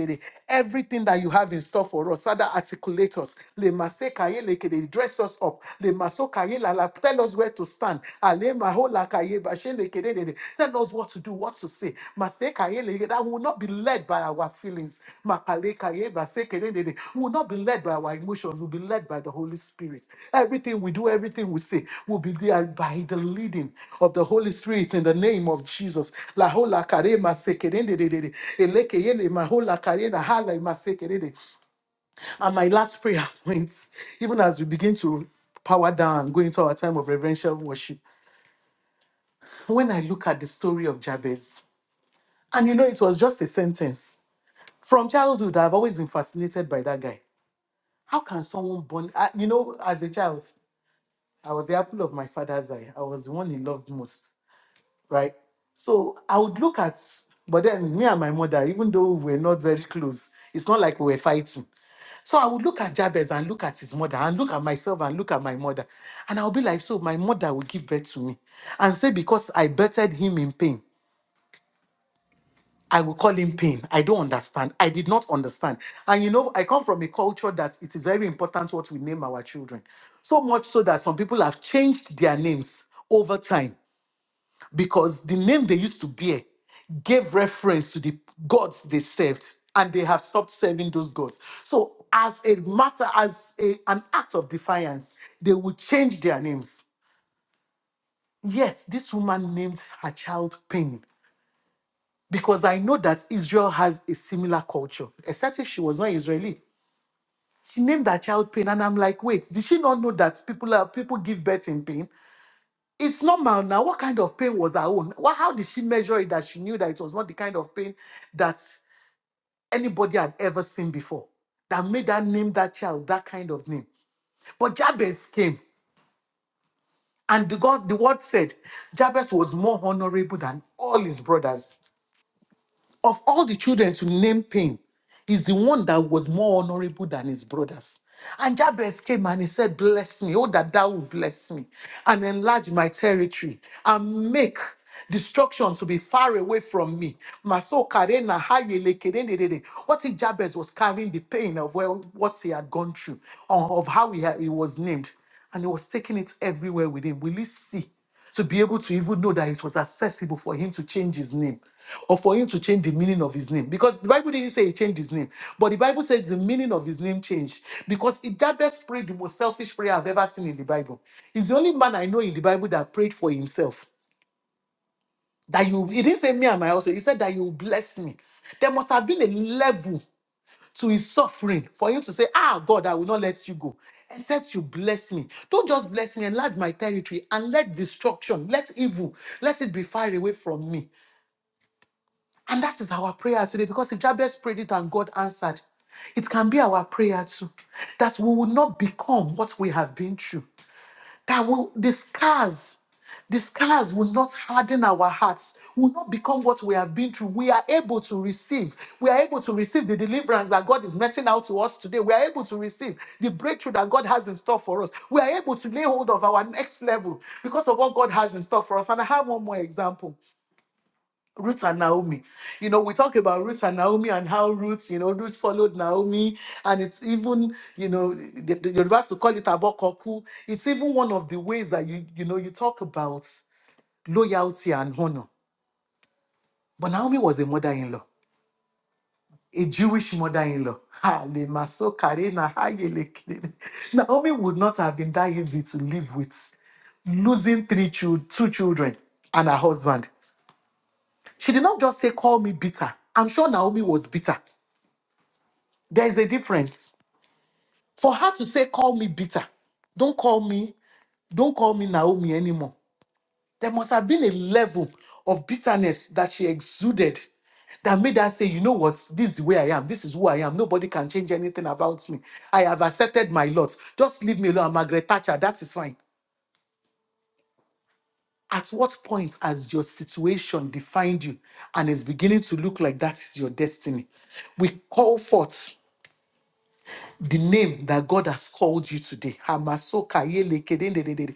Everything that you have in store for us, Father, articulate us. Le mase kaye lekere, dress us up. Le maso kaye la la, tell us where to stand. Ale maho la kaye bashe lekere de de. Tell us what to do, what to say. Mase kaye lekere, be led by our feelings. Makaleka yeba sekelendede. We will not be led by our emotions. We'll be led by the Holy Spirit. Everything we do, everything we say, will be led by the leading of the Holy Spirit in the name of Jesus. La hola karema sekelendedede. Elekeyele mahola karena hala ima sekelede. And my last prayer points, even as we begin to power down, go into our time of reverential worship. When I look at the story of Jabez, and you know, it was just a sentence. From childhood, I've always been fascinated by that guy. How can someone born, I, you know, as a child, I was the apple of my father's eye. I was the one he loved most, right? So I would look at, but then me and my mother, even though we're not very close, it's not like we were fighting. So I would look at Jabez and look at his mother and look at myself and look at my mother. And I'll be like, so my mother will give birth to me. And say, because I birthed him in pain. I will call him pain. I don't understand. I did not understand. And you know, I come from a culture that it is very important what we name our children. So much so that some people have changed their names over time because the name they used to bear gave reference to the gods they served and they have stopped serving those gods. So, as a matter, as a, an act of defiance, they will change their names. Yet, this woman named her child Pain because I know that Israel has a similar culture, except if she was not Israeli. She named her child pain, and I'm like, wait, did she not know that people are people give birth in pain? It's normal now. What kind of pain was her own? Wha- how did she measure it that she knew that it was not the kind of pain that anybody had ever seen before? That made her name that child that kind of name. But Jabez came, and the God, the word said, Jabez was more honorable than all his brothers Of all the children to name Pain, is the one that was more honorable than his brothers. And Jabez came and he said, Bless me, oh, that thou would bless me and enlarge my territory and make destruction to be far away from me. Maso karena hayele kerendedede. What if Jabez was carrying the pain of well, what he had gone through, or of how he, had- he was named? and he was taking it everywhere with him. Will he see to be able to even know that it was accessible for him to change his name or for him to change the meaning of his name? Because the Bible didn't say he changed his name, but the Bible says the meaning of his name changed because it that prayed the most selfish prayer I've ever seen in the Bible. He's the only man I know in the Bible that prayed for himself. That you, he didn't say me and my household. He said that you will bless me. There must have been a level to his suffering for him to say, Ah, God, I will not let you go, except you bless me. Don't just bless me, enlarge my territory and let destruction, let evil, let it be far away from me. And that is our prayer today because if Jabez prayed it and God answered, it can be our prayer too that we will not become what we have been through that will, the scars, the scars will not harden our hearts, will not become what we have been through. We are able to receive. We are able to receive the deliverance that God is meting out to us today. We are able to receive the breakthrough that God has in store for us. We are able to lay hold of our next level because of what God has in store for us. And I have one more example. Ruth and Naomi. You know, we talk about Ruth and Naomi and how Ruth, you know, Ruth followed Naomi, and it's even, you know, the, the Yorubas to call it abokoku. It's even one of the ways that you, you know, you talk about loyalty and honor. But Naomi was a mother-in-law, a Jewish mother-in-law. Ha, le maso kare na ha ye le kere. Naomi would not have been that easy to live with, losing three chil- two children and her husband. She did not just say, "Call me bitter." I'm sure Naomi was bitter. There is a difference. For her to say, call me bitter, don't call me, don't call me Naomi anymore. There must have been a level of bitterness that she exuded that made her say, you know what, this is the way I am, this is who I am. Nobody can change anything about me. I have accepted my lot. Just leave me alone. I'm Margaret Thatcher, that is fine. At what point has your situation defined you and is beginning to look like that is your destiny? We call forth the name that God has called you today. Hamasoka yele kedendedede.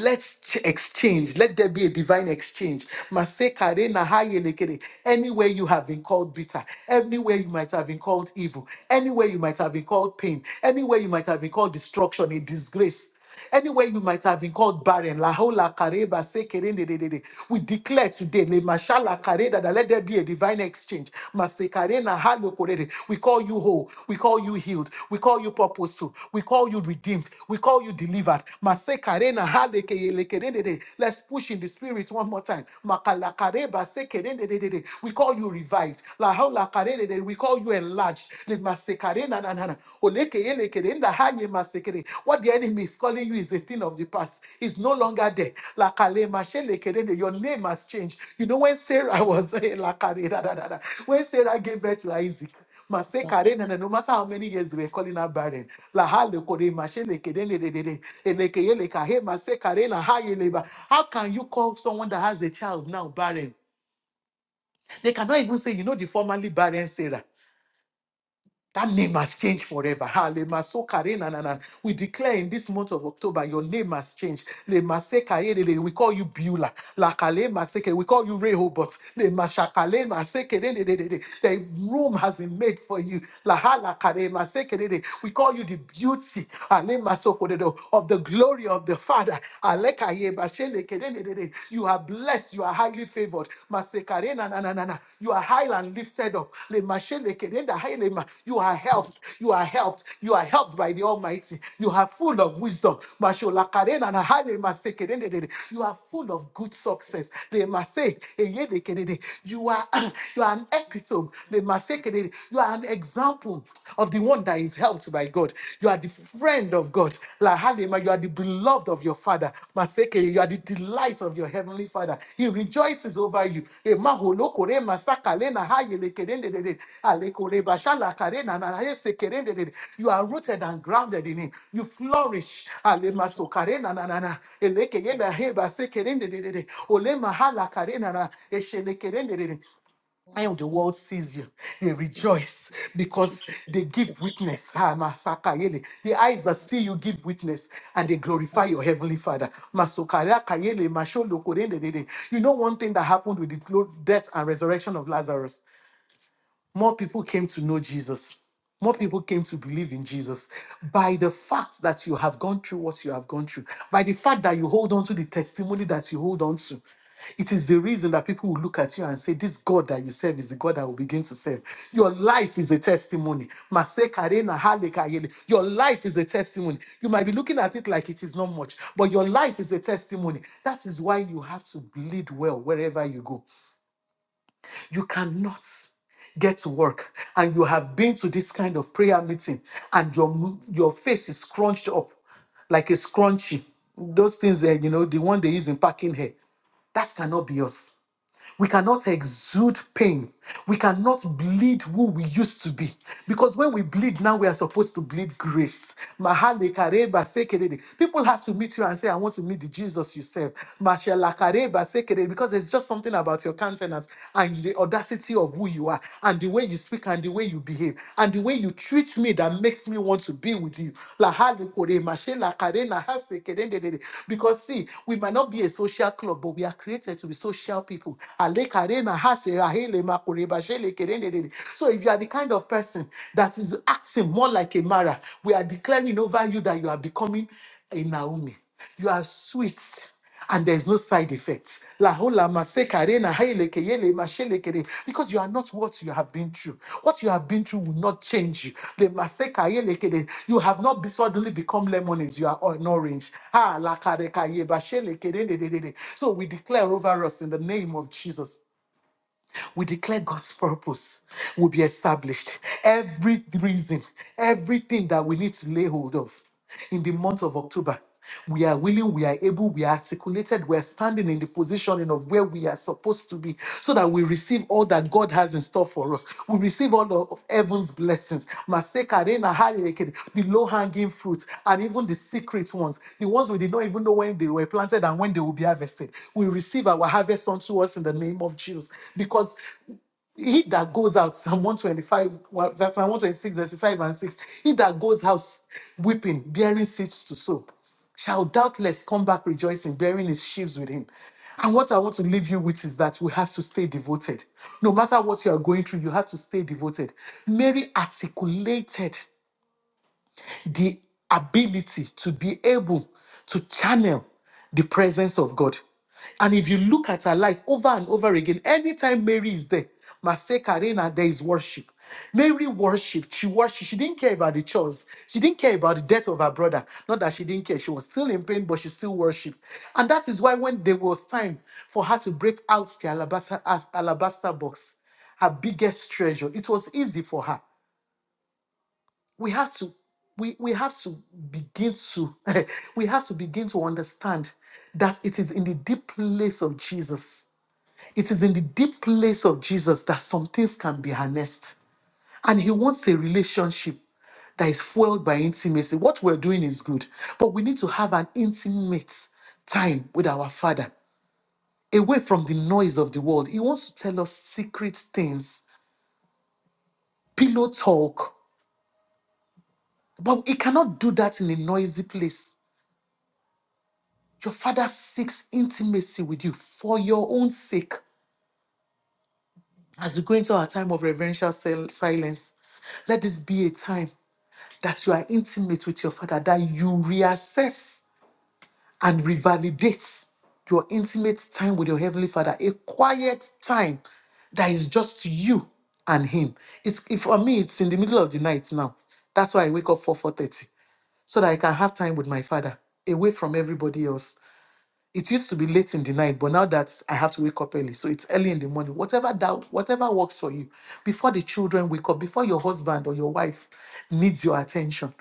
Let's ch- exchange. Let there be a divine exchange. Maseka re na ha yele kede. Anywhere you have been called bitter, anywhere you might have been called evil, anywhere you might have been called pain, anywhere you might have been called destruction, a disgrace. Anywhere you might have been called barren, la hola kareba sekere de de de de. We declare today, le mashala kareda, that let there be a divine exchange. Masekare na halo korede. We call you whole. We call you healed. We call you purposeful. We call you redeemed. We call you delivered. Masekare na hale keye lekere de de. Let's push in the spirit one more time. Makala kareba sekere de de de de. We call you revived. La hola karede de. de. We call you enlarged. Le masekare na na na na. Olekeye lekere nda hanye masekere. What the enemy is calling you is a thing of the past. It's no longer there. Lakale mashe lekere de. Your name has changed. You know when Sarah was eh, lakare da da da da. When Sarah gave birth to Isaac. Masekare na na. No matter how many years they were calling her barren. Laha kore mashe lekere le de de de. Elekeye lekahe masekare na haye leba. How can you call someone that has a child now barren? They cannot even say, you know, the formerly barren Sarah. That name has changed forever. Ha, le maso kare na na na. We declare in this month of October, your name has changed. Le mase kare de de. We call you Beulah. La kale mase ke. We call you Rehoboth. Le mashakale mase ke de de de de de. The room has been made for you. La ha la kare mase ke de de. We call you the beauty ha, le maso ko de de, of the glory of the Father. Ale kaye bashe le ke de de de de. You are blessed Yes, you are highly favored. Masekarena na na na na. You are high and lifted up. Le mashele kerenda hailema. You are helped. You are helped. You are helped by the Almighty. You are full of wisdom. Mashola karena na haile masekerende dede. You are full of good success. Le mase eye de kerede. You are you are an episode. Le mase kerede. You are an example of the one that is helped by God. You are the are the friend of God. La Halima, you are the beloved of your father. Maseke, you are the delight of your heavenly father. He rejoices over you. Emaholo kore masaka lena hayele kerendedede. Ale kore bashala karena na hayese kerendedede. You are rooted and grounded in him. You flourish. Ale maso karena na na na. Eleke yenda heba se kerendedede. Ole mahala karena na. Eshele kerendedede and when the world sees you, they rejoice because they give witness. Ah, Masaka Yele. The eyes that see you give witness and they glorify your heavenly father. Masokara Kayele, Masholo Korendedede. You know one thing that happened with the glo- death and resurrection of Lazarus? more people came to know Jesus. More people came to believe in Jesus by the fact that you have gone through what you have gone through, by the fact that you hold on to the testimony that you hold on to. It is the reason that people will look at you and say, This God that you serve is the God I will begin to serve. Your life is a testimony. Mase karena hale kayele. Your life is a testimony. You might be looking at it like it is not much, but your life is a testimony. That is why you have to bleed well wherever you go. You cannot get to work and you have been to this kind of prayer meeting and your your face is scrunched up like a scrunchie those things that you know the one they use in packing hair that cannot be us we cannot exude pain. We cannot bleed who we used to be. Because when we bleed now, we are supposed to bleed grace. Mahale kareba sekerede. People have to meet you and say, I want to meet the Jesus you serve. Mashela kareba sekerede. Because there's just something about your countenance and the audacity of who you are and the way you speak and the way you behave and the way way you treat me that makes me want to be with you. La hali kore, mashe la kare na hase kere de de de. Because see, we might not be a social club, but we are created to be social people. Ale kare na hase, ahele ma kore, bashe le kere de de de. So if you are the kind of person that is acting more like a Mara, we are declaring over you that you are becoming a Naomi. You are sweet and there's no side effects. La hola maseka rena haileke yele masheleke re. Because you are not what you have been through. What you have been through will not change you. The maseka yeleke re. You have not be suddenly become lemons, you are an orange. Ha la kareka ye basheleke re re re re So we declare over us in the name of Jesus we declare God's purpose will be established. Every reason, everything that we need to lay hold of in the month of October, we are willing, we are able, we are articulated, we are standing in the positioning of where we are supposed to be so that we receive all all that God has in store for us. We receive all of heaven's blessings. Maseka, Rena, Hayeke, The low hanging fruits and even the secret ones, the ones we did not even know when they were planted and when they will be harvested. We receive our harvest unto us in the name of Jesus because he that goes out, Psalm 125, well, that's Psalm 126, verses 5 and 6. He that goes out weeping, bearing seeds to sow, shall doubtless come back rejoicing, bearing his sheaves with him. And what I want to leave you with is that we have to stay devoted. No matter what you are going through, you have to stay devoted. Mary articulated the ability to be able to channel the presence of God. And if you look at her life over and over again, anytime Mary is there, Master Karina, there is worship. Mary worshiped. She worshiped. She didn't care about the chores. She didn't care about the death of her brother. Not that she didn't care. She was still in pain, but she still worshiped. And that is why when there was time for her to break out the alabaster, as- alabaster box, her biggest treasure, it was easy for her we have to we, we have to begin to we have to begin to understand that it is in the deep place of Jesus. It is in the deep place of Jesus that some things can be harnessed. And he wants a relationship that is fueled by intimacy. What we're doing is good, but we need to have an intimate time with our Father, away from the noise of the world. He wants to tell us secret things, pillow talk, but he cannot do that in a noisy place. Your father seeks intimacy with you for your own sake. As we go into our time of reverential sil- silence, let this be a time that you are intimate with your father, that you reassess and revalidate your intimate time with your heavenly father, a quiet time that is just you and him. It's if for me, it's in the middle of the night now. That's why I wake up for 4:30 so that I can have time with my father away from everybody else it used to be late in the night, but now that I have to wake up early, so it's early in the morning. Whatever that, whatever works for you, before the children wake up, before your husband or your wife needs your attention,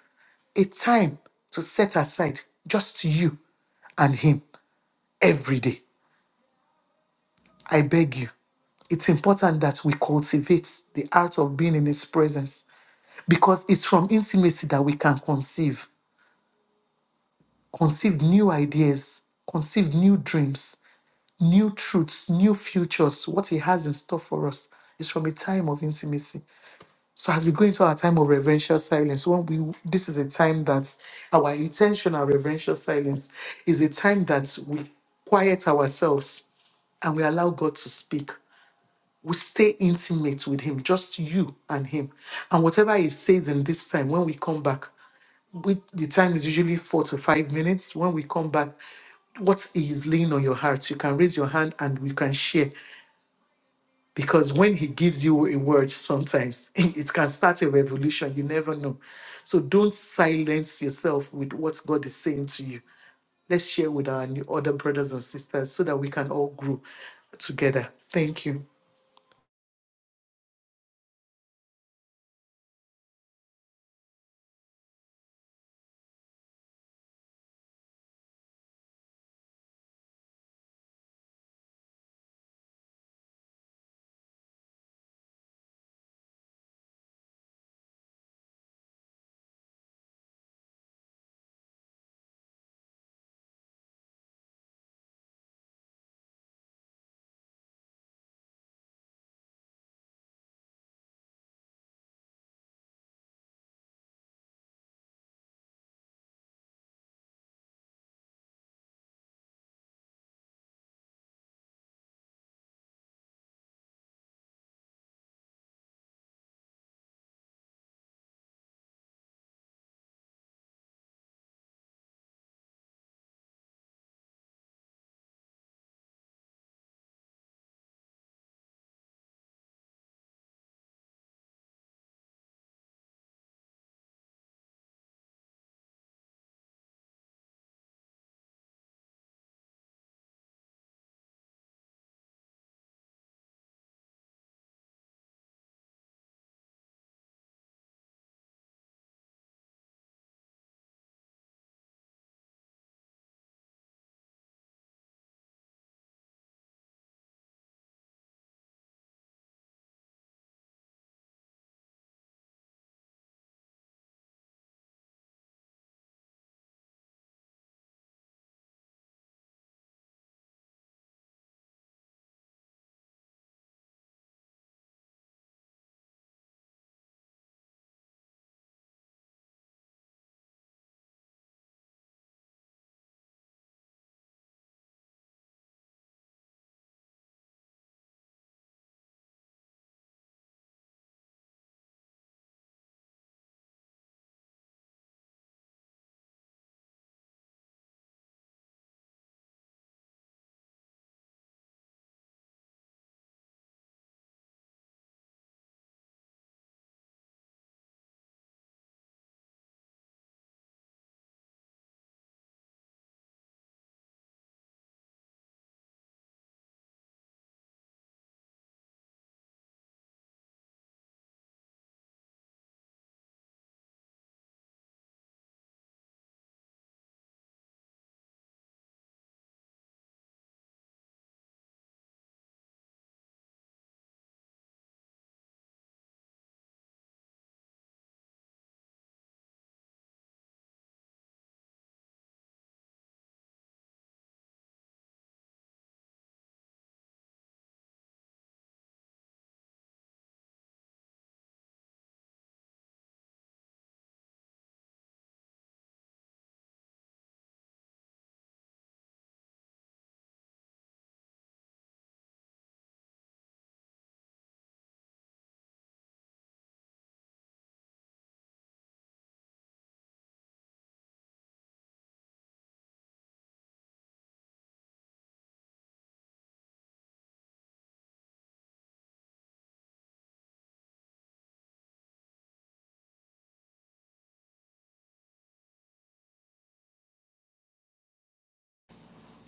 a time to set aside just you and him every day. I beg you, it's important that we cultivate the art of being in his presence because it's from intimacy that we can conceive, conceive new ideas, conceive new dreams, new truths, new futures, what He has in store for us is from a time of intimacy. So as we go into our time of reverential silence, when we this is a time that our intentional reverential silence is a time that we quiet ourselves and we allow God to speak. We stay intimate with Him, just you and Him. And whatever He says in this time, when we come back, we, the time is usually four to five minutes. When we come back, what is laying on your heart, you can raise your hand and we can share. because when he gives you a word sometimes it can start a revolution you never know so don't silence yourself with what god is saying to you let's share with our new- other brothers and sisters so that we can all grow together thank you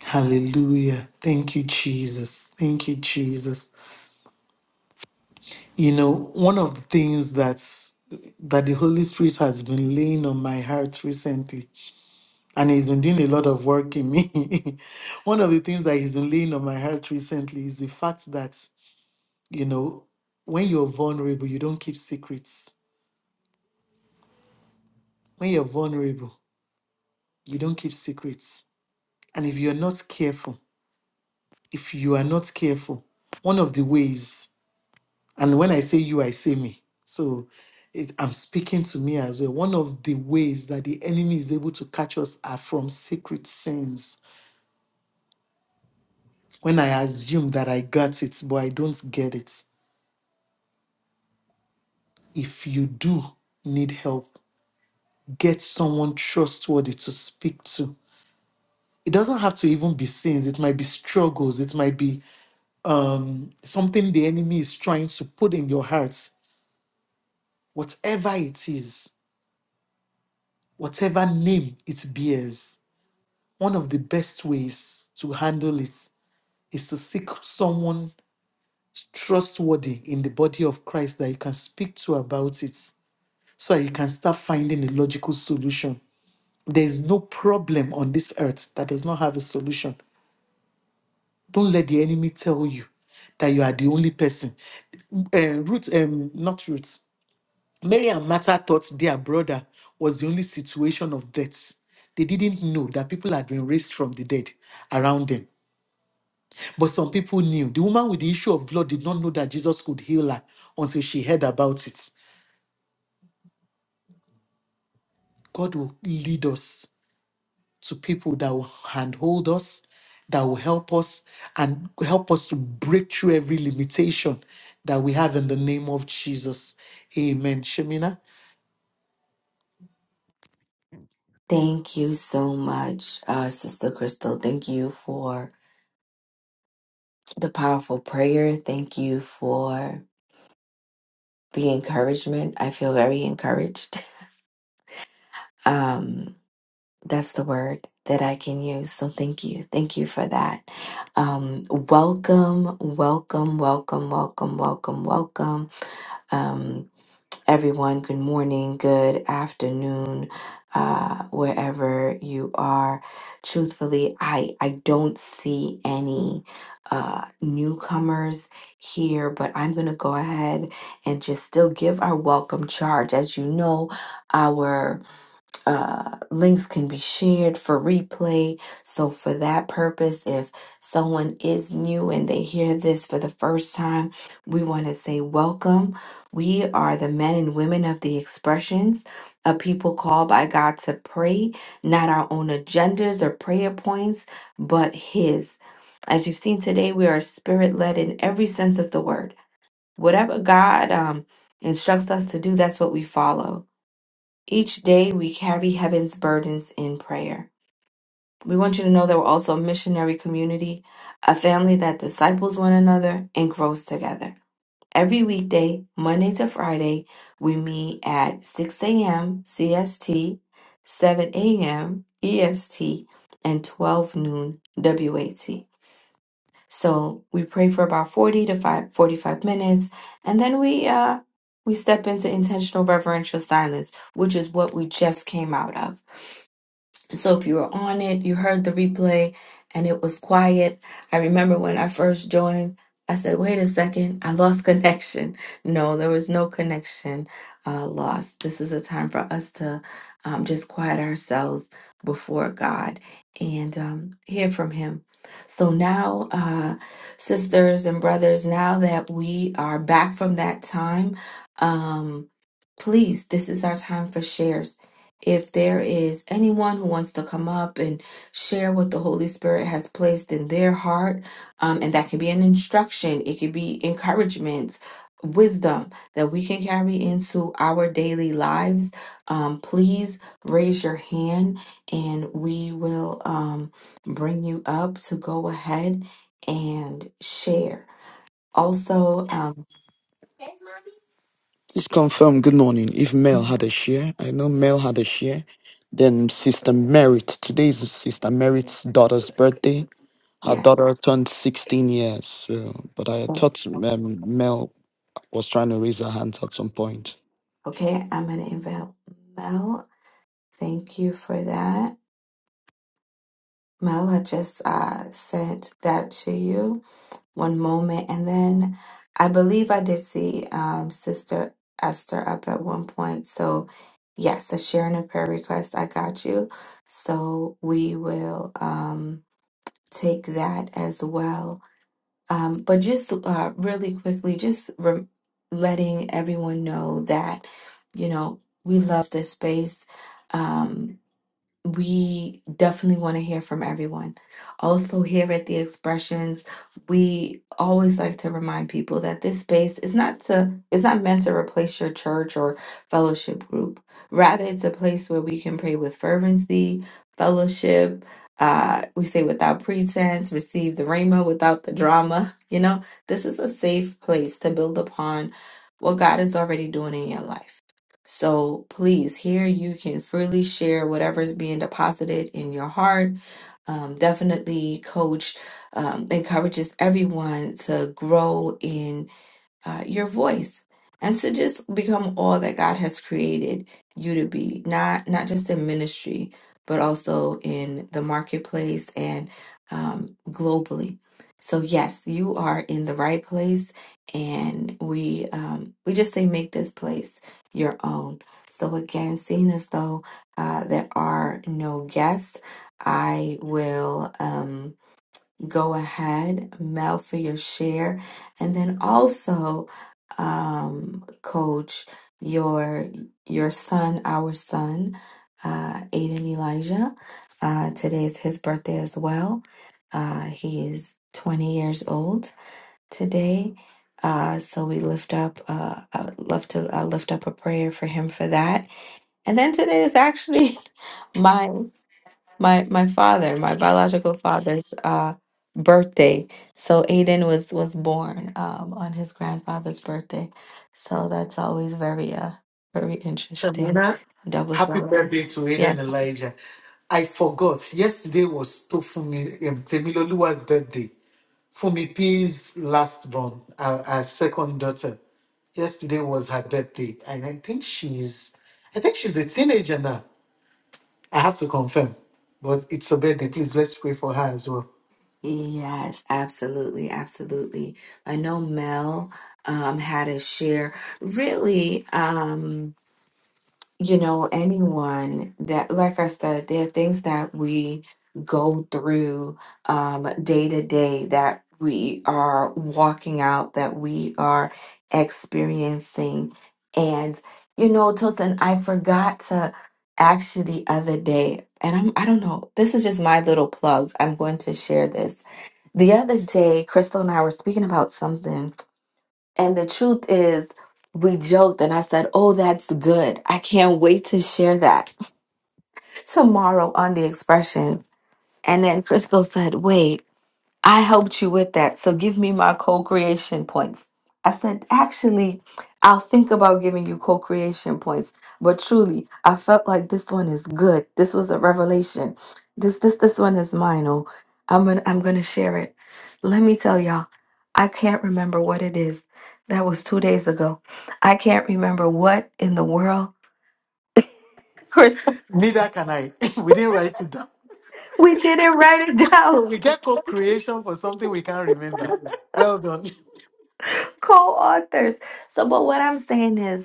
hallelujah thank you jesus thank you jesus you know one of the things that's that the holy spirit has been laying on my heart recently and he's been doing a lot of work in me. One of the things that he's been laying on my heart recently is the fact that, you know, when you're vulnerable, you don't keep secrets. When you're vulnerable, you don't keep secrets. And if you're not careful, if you are not careful, one of the ways, and when I say you, I say me. So it, I'm speaking to me as well. One of the ways that the enemy is able to catch us are from secret sins. When I assume that I got it, but I don't get it if you do need help, get someone trustworthy to speak to. It doesn't have to even be sins. It might be struggles. It might be um, something the enemy is trying to put in your heart. Whatever it is, whatever name it bears, one of the best ways to handle it is to seek someone trustworthy in the body of Christ that you can speak to about it so that you can start finding a logical solution There is no problem on this earth that does not have a solution. Don't let the enemy tell you that you are the only person. Um, Ruth, um, not Ruth. Mary and Martha thought their brother was the only situation of death. They didn't know that people had been raised from the dead around them. But some people knew. The woman with the issue of blood did not know that Jesus could heal her until she heard about it. God will lead us to people that will handhold us, that will help us, and help us to break through every limitation that we have in the name of Jesus. Amen. Shemina? Thank you so much, uh, Sister Crystal. Thank you for the powerful prayer. Thank you for the encouragement. I feel very encouraged. Um, that's the word that I can use. So thank you. Thank you for that. Um, welcome, welcome, welcome, welcome, welcome, welcome. Um, everyone. Good morning, good afternoon, uh, wherever you are. Truthfully, I I don't see any uh, newcomers here, but I'm gonna go ahead and just still give our welcome charge. As you know, our uh, links can be shared for replay. So, for that purpose, if someone is new and they hear this for the first time, we want to say welcome. We are the men and women of the expressions, a people called by God to pray, not our own agendas or prayer points, but His. As you've seen today, we are spirit led in every sense of the word. Whatever God um, instructs us to do, that's what we follow each day we carry heaven's burdens in prayer. We want you to know that we're also a missionary community, a family that disciples one another and grows together. Every weekday, Monday to Friday, we meet at 6 a.m. CST, 7 a.m. EST, and 12 noon WAT. So we pray for about 40 to 5, 45 minutes, and then we uh, we step into intentional reverential silence, which is what we just came out of. So if you were on it, you heard the replay and it was quiet. I remember when I first joined, I said, wait a second, I lost connection. No, there was no connection uh, lost. This is a time for us to um, just quiet ourselves before God and um, hear from Him. So now, uh, sisters and brothers, now that we are back from that time, um, please, this is our time for shares if there is anyone who wants to come up and share what the Holy Spirit has placed in their heart, um, and that can be an instruction, it could be encouragement, wisdom that we can carry into our daily lives, um, please raise your hand and we will um, bring you up to go ahead and share. Also, um, yes, okay, I'm going to invite Mel Thank you for that. Mela just uh, sent that to you. One moment. And then I believe I did see um, Sister Esther up at one point. So, yes, a sharing a prayer request. I got you. So, we will um, take that as well. Um, but just uh, really quickly, just rem letting everyone know that, you know, we love this space. Um, we definitely want to hear from everyone. Also, here at the Expressions, we always like to remind people that this space is not to it's not meant to replace your church or fellowship group. Rather, it's a place where we can pray with fervency, fellowship. Uh, we say without pretense, receive the rhema without the drama. You know, this is a safe place to build upon what God is already doing in your life. So please, here you can freely share whatever's being deposited in your heart. Um, definitely, Coach um, encourages everyone to grow in uh, your voice and to just become all that God has created you to be not not just in ministry but also in the marketplace and um, globally so yes you are in the right place and we um, we just say make this place your own so again seeing as though uh, there are no guests I will um, go ahead, mail for your share, and then also um, coach your your son, our son, uh, Aiden Elijah. Uh, today is his birthday as well. Uh, he's 20 years old today. Uh, so we lift up. Uh, I would love to uh, lift up a prayer for him for that. And then today is actually mine my my father, my biological father's uh, birthday. So Aiden was was born um, on his grandfather's birthday. So that's always very uh very interesting. Shemina, Double happy celebration. birthday to Aiden Yes. Elijah. I forgot. Yesterday was Tofumi um, Temiloluwa's birthday. Fumi P's last born, our, our second daughter. Yesterday was her birthday, and I think she's, I think she's a teenager now. I have to confirm, but it's a birthday. Please let's pray for her as well. Yes, absolutely, absolutely. I know Mel um, had a share. Really, um, you know, anyone that, like I said, there are things that we go through um, day to day that we are walking out, that we are experiencing. And, you know, Tosin, I forgot to actually the other day, and I'm, I don't know, this is just my little plug. I'm going to share this. The other day, Crystal and I were speaking about something and the truth is, we joked and I said, Oh, that's good. I can't wait to share that tomorrow on the expression. And then Crystal said, Wait, I helped you with that. So give me my co creation points. I said, actually, I'll think about giving you co creation points. But truly, I felt like this one is good. This was a revelation. This this this one is mine. Oh, I'm gonna I'm gonna share it. Let me tell y'all, I can't remember what it is. That was two days ago. I can't remember what in the world Christmas. Neither can I. we didn't write it down. We didn't write it So down. we get co-creation for something we can't remember. Well done. Co-authors. So, but what I'm saying is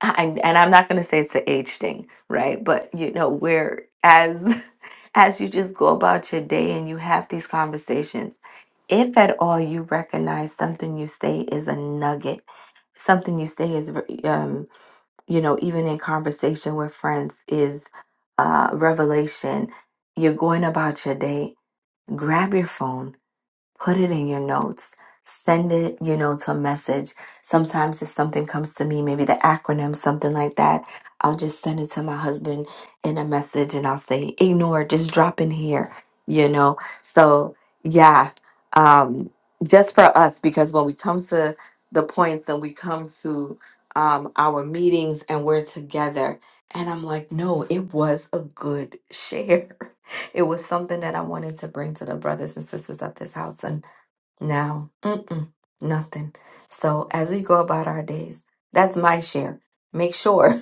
I, and I'm not going to say it's an age thing, right? But you know, where as as you just go about your day and you have these conversations, if at all you recognize something you say is a nugget, something you say is, re- um, you know, even in conversation with friends is uh, revelation. You're going about your day. Grab your phone put it in your notes send it you know to a message sometimes if something comes to me maybe the acronym something like that i'll just send it to my husband in a message and i'll say ignore just drop in here you know so yeah um just for us because when we come to the points and we come to um our meetings and we're together and i'm like no it was a good share it was something that I wanted to bring to the brothers and sisters of this house. tonight. No, mm-mm, nothing. So as we go about our days, that's my share. Make sure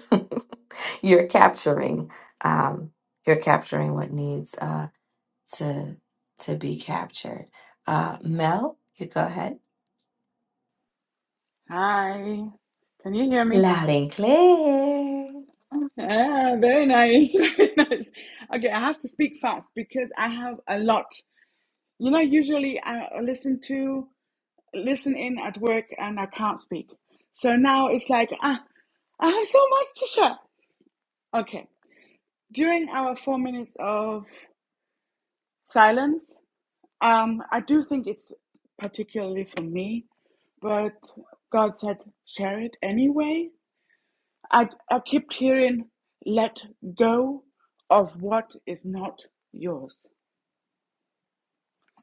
you're capturing, um, you're capturing what needs uh, to to be captured. Uh, Mel, you go ahead, Hi, can you hear me? loud and clear. Ah, very nice, very nice. Okay, I have to speak fast because I have a lot. You know, usually I listen to listen in at work and I can't speak. So now it's like ah, I have so much to share. Okay, during our four minutes of silence, um, I do think it's particularly for me, but God said share it anyway. I, I kept hearing, let go of what is not yours.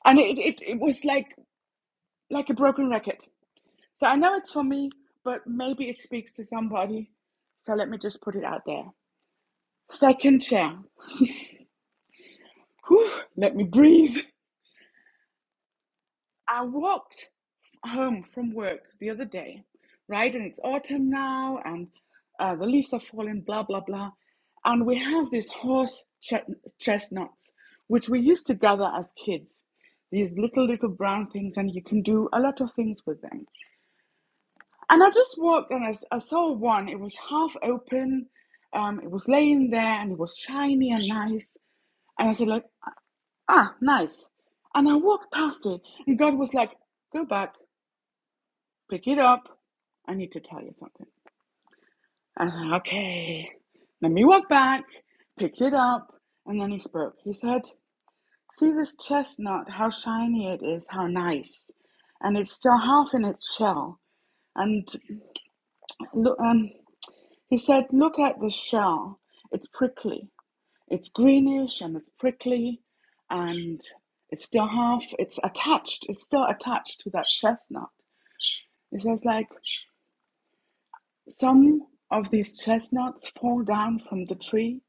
And it, it, it was like, like a broken record. So I know it's for me, but maybe it speaks to somebody. So let me just put it out there. Second chair. Whew, let me breathe. I walked home from work the other day, right? And it's autumn now, and uh, the leaves are falling, blah, blah, blah. And we have these horse chestnuts, which we used to gather as kids, these little, little brown things, and you can do a lot of things with them. And I just walked and I I saw one, it was half open, um, it was laying there, and it was shiny and nice. And I said, like, ah, nice. And I walked past it, and God was like, go back Pick it up. I need to tell you something. Uh, okay. let me walk back, picked it up, and then he spoke. He said, See this chestnut, how shiny it is, how nice. And it's still half in its shell. And look, um, he said, Look at the shell. It's prickly. It's greenish and it's prickly. And it's still half, it's attached. It's still attached to that chestnut. He says, like, Some of these chestnuts fall down from the tree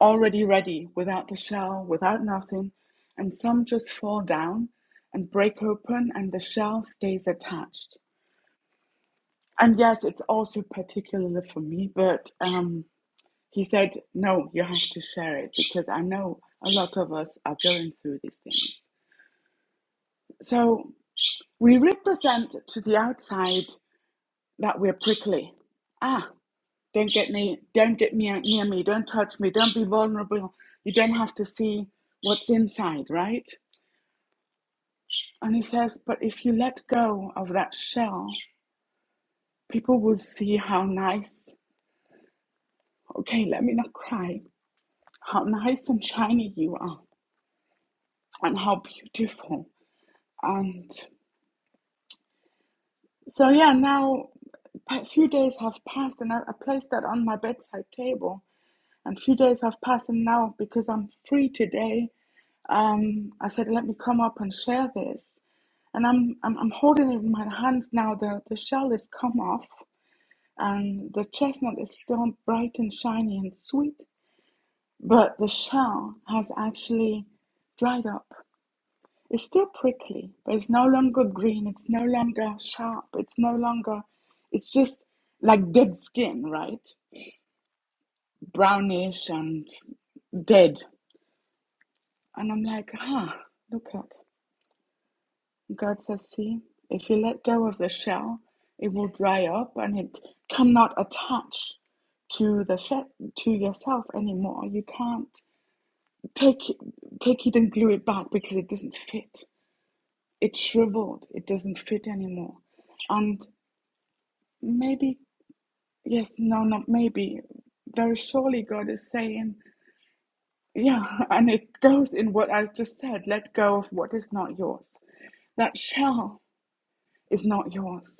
already ready, without the shell, without nothing, and some just fall down and break open, and the shell stays attached. And yes, it's also particularly for me, but um, he said, no, you have to share it because I know a lot of us are going through these things. So we represent to the outside that we're prickly. Ah, Don't get near, don't get near, near me. Don't touch me. Don't be vulnerable. You don't have to see what's inside, right? And he says, but if you let go of that shell, people will see how nice, okay, let me not cry, how nice and shiny you are and how beautiful. And so, yeah, now a few days have passed and I, I placed that on my bedside table. And a few days have passed, and now because I'm free today, um, I said, let me come up and share this. And I'm, I'm, I'm holding it in my hands now. The, the shell has come off, and the chestnut is still bright and shiny and sweet, but the shell has actually dried up. It's still prickly, but it's no longer green. It's no longer sharp. It's no longer, it's just like dead skin, right? Brownish and dead. And I'm like, ah, look at God says, See, if you let go of the shell, it will dry up and it cannot attach to the shell to yourself anymore. You can't take take it and glue it back because it doesn't fit. It's shriveled. It doesn't fit anymore. And maybe yes, no, not maybe. Very surely God is saying, yeah, and it goes in what I just said. Let go of what is not yours. That shell is not yours.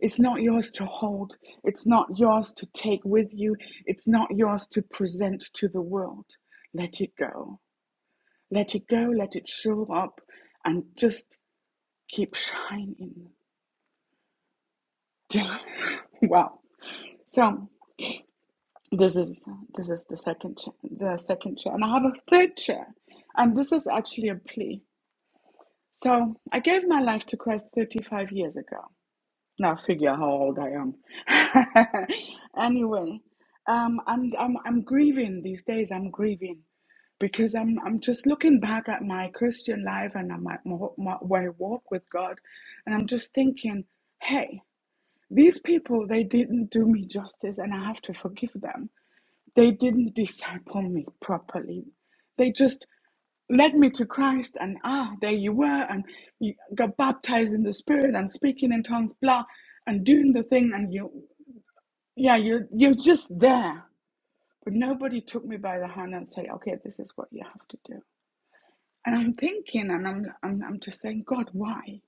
It's not yours to hold. It's not yours to take with you. It's not yours to present to the world. Let it go. Let it go. Let it show up and just keep shining. wow. So this is this is the second chair, the second chair, and I have a third chair, and this is actually a plea. So I gave my life to Christ 35 years ago. Now figure how old I am. anyway, um, and I'm I'm grieving these days. I'm grieving because I'm I'm just looking back at my Christian life and at my, my, my my walk with God, and I'm just thinking, hey, these people they didn't do me justice, and I have to forgive them they didn't disciple me properly. They just led me to Christ, and ah, there you were, and you got baptized in the Spirit and speaking in tongues, blah, and doing the thing, and you, yeah, you're you're just there. But nobody took me by the hand and said, okay, this is what you have to do. And I'm thinking, and I'm I'm, I'm just saying, God, why?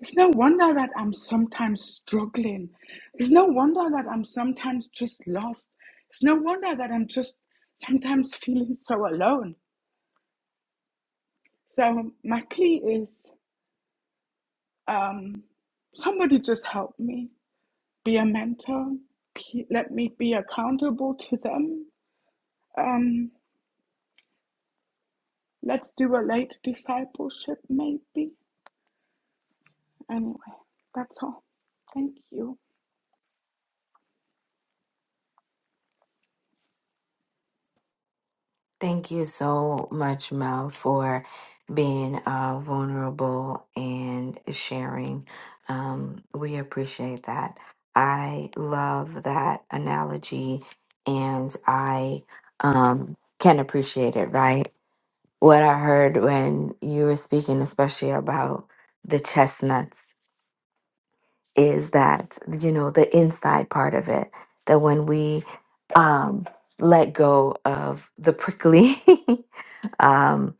It's no wonder that I'm sometimes struggling. It's no wonder that I'm sometimes just lost. It's no wonder that I'm just sometimes feeling so alone. So, my plea is um, somebody just help me be a mentor. P- Let me be accountable to them. Um, let's do a late discipleship, maybe. Anyway, that's all. Thank you. Thank you so much, Mel, for being uh, vulnerable and sharing. Um, we appreciate that. I love that analogy and I um, can appreciate it, right? What I heard when you were speaking, especially about the chestnuts, is that, you know, the inside part of it, that when we um, let go of the prickly um,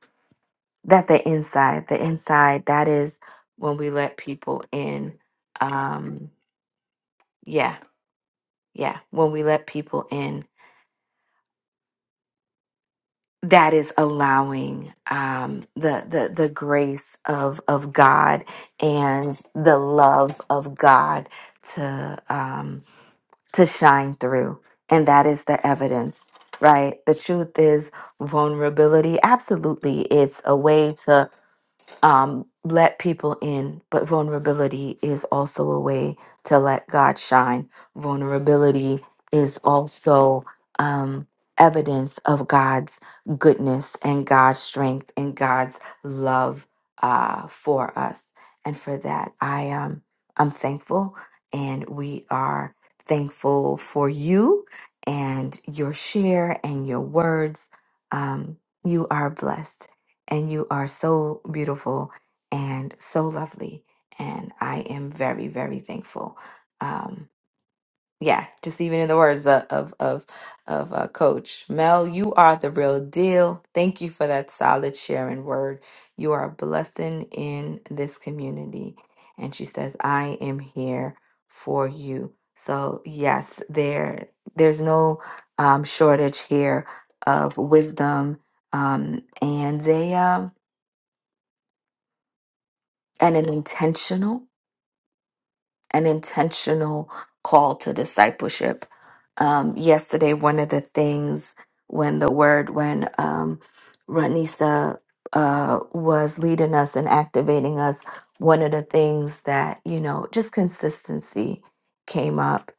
that the inside, the inside, that is when we let people in. Um, yeah, yeah, when we let people in, that is allowing um, the the the grace of of God and the love of God to um, to shine through, and that is the evidence. Right. The truth is vulnerability. Absolutely. It's a way to um, let people in, but vulnerability is also a way to let God shine. Vulnerability is also um, evidence of God's goodness and God's strength and God's love uh, for us. And for that, I um, I'm thankful, and we are thankful for you and your share and your words. Um, you are blessed and you are so beautiful and so lovely. And I am very, very thankful. Um, yeah, just even in the words of of of, of uh, Coach Mel, you are the real deal. Thank you for that solid sharing word. You are a blessing in this community. And she says, "I am here for you." So yes, there there's no um, shortage here of wisdom um, and a um, and an intentional an intentional call to discipleship um, yesterday one of the things when the word when um, ranisa uh, was leading us and activating us one of the things that you know just consistency came up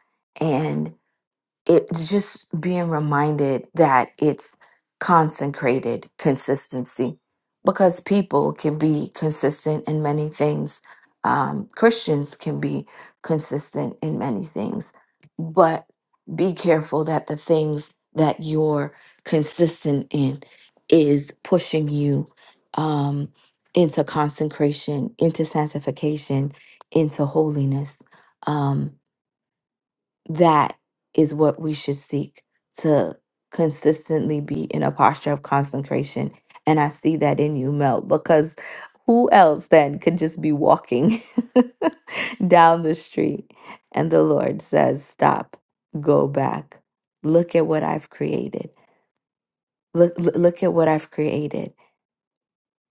it's just being reminded that it's consecrated consistency because people can be consistent in many things. Um, Christians can be consistent in many things, but be careful that the things that you're consistent in is pushing you um, into consecration, into sanctification, into holiness. Um, that is what we should seek to consistently be in a posture of consecration. And I see that in you, Mel, because who else then could just be walking down the street and the Lord says, Stop, go back, look at what I've created, look, look look at what I've created,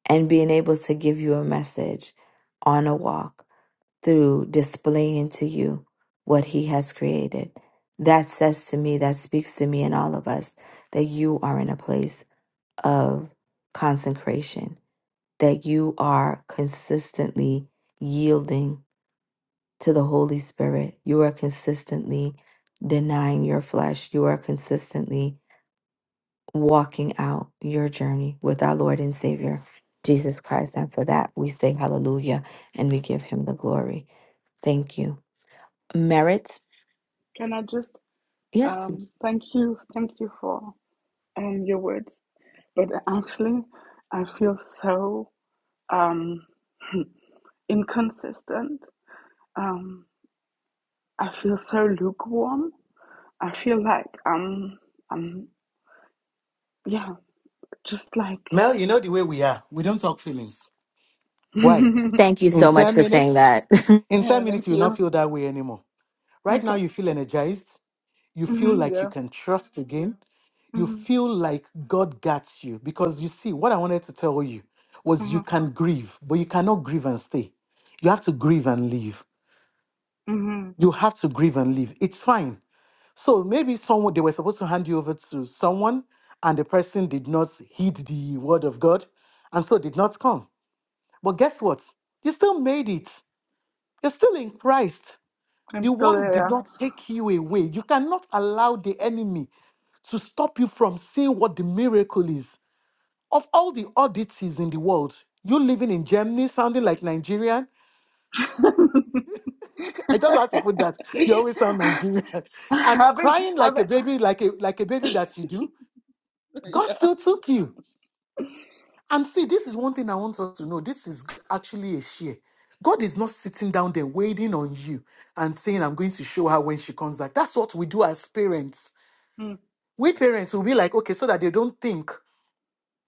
and being able to give you a message on a walk through displaying to you what he has created. That says to me, that speaks to me and all of us that you are in a place of consecration, that you are consistently yielding to the Holy Spirit. You are consistently denying your flesh. You are consistently walking out your journey with our Lord and Savior, Jesus Christ. And for that, we say hallelujah and we give him the glory. Thank you. Merit Can I just Yes, um, please. thank you? Thank you for and your words. But actually, I feel so um, inconsistent. Um, I feel so lukewarm. I feel like um, um, yeah, just like Mel, you know the way we are. We don't talk feelings. yeah. Why? Thank you In so much 10 for saying minutes, that. in 10 Thank minutes, you'll not you. feel that way anymore. Right now, Okay. you feel energized. You feel Mm-hmm, like yeah. you can trust again. You Mm-hmm, feel like God gets you. Because you see, what I wanted to tell you was hmm you can grieve, but you cannot grieve and stay. You have to grieve and leave. hmm you have to grieve and leave. It's fine. So maybe someone they were supposed to hand you over to someone, and the person did not heed the word of God, and so did not come. But guess what? You still made it. You're still in Christ. I'm The still world did there. not Yes. take you away. You cannot allow the enemy to stop you from seeing what the miracle is. Of all the oddities in the world, you living in Germany, sounding like Nigerian, I just have to put that. You always sound Yeah. Nigerian. And haven't crying like haven't a baby, like a like a baby that you do, God yeah. still took you. And see, this is one thing I want us to know. This is actually a share. God is not sitting down there waiting on you and saying, I'm going to show her when she comes back. That's what we do as parents. Mm. We parents will be like, okay, so that they don't think.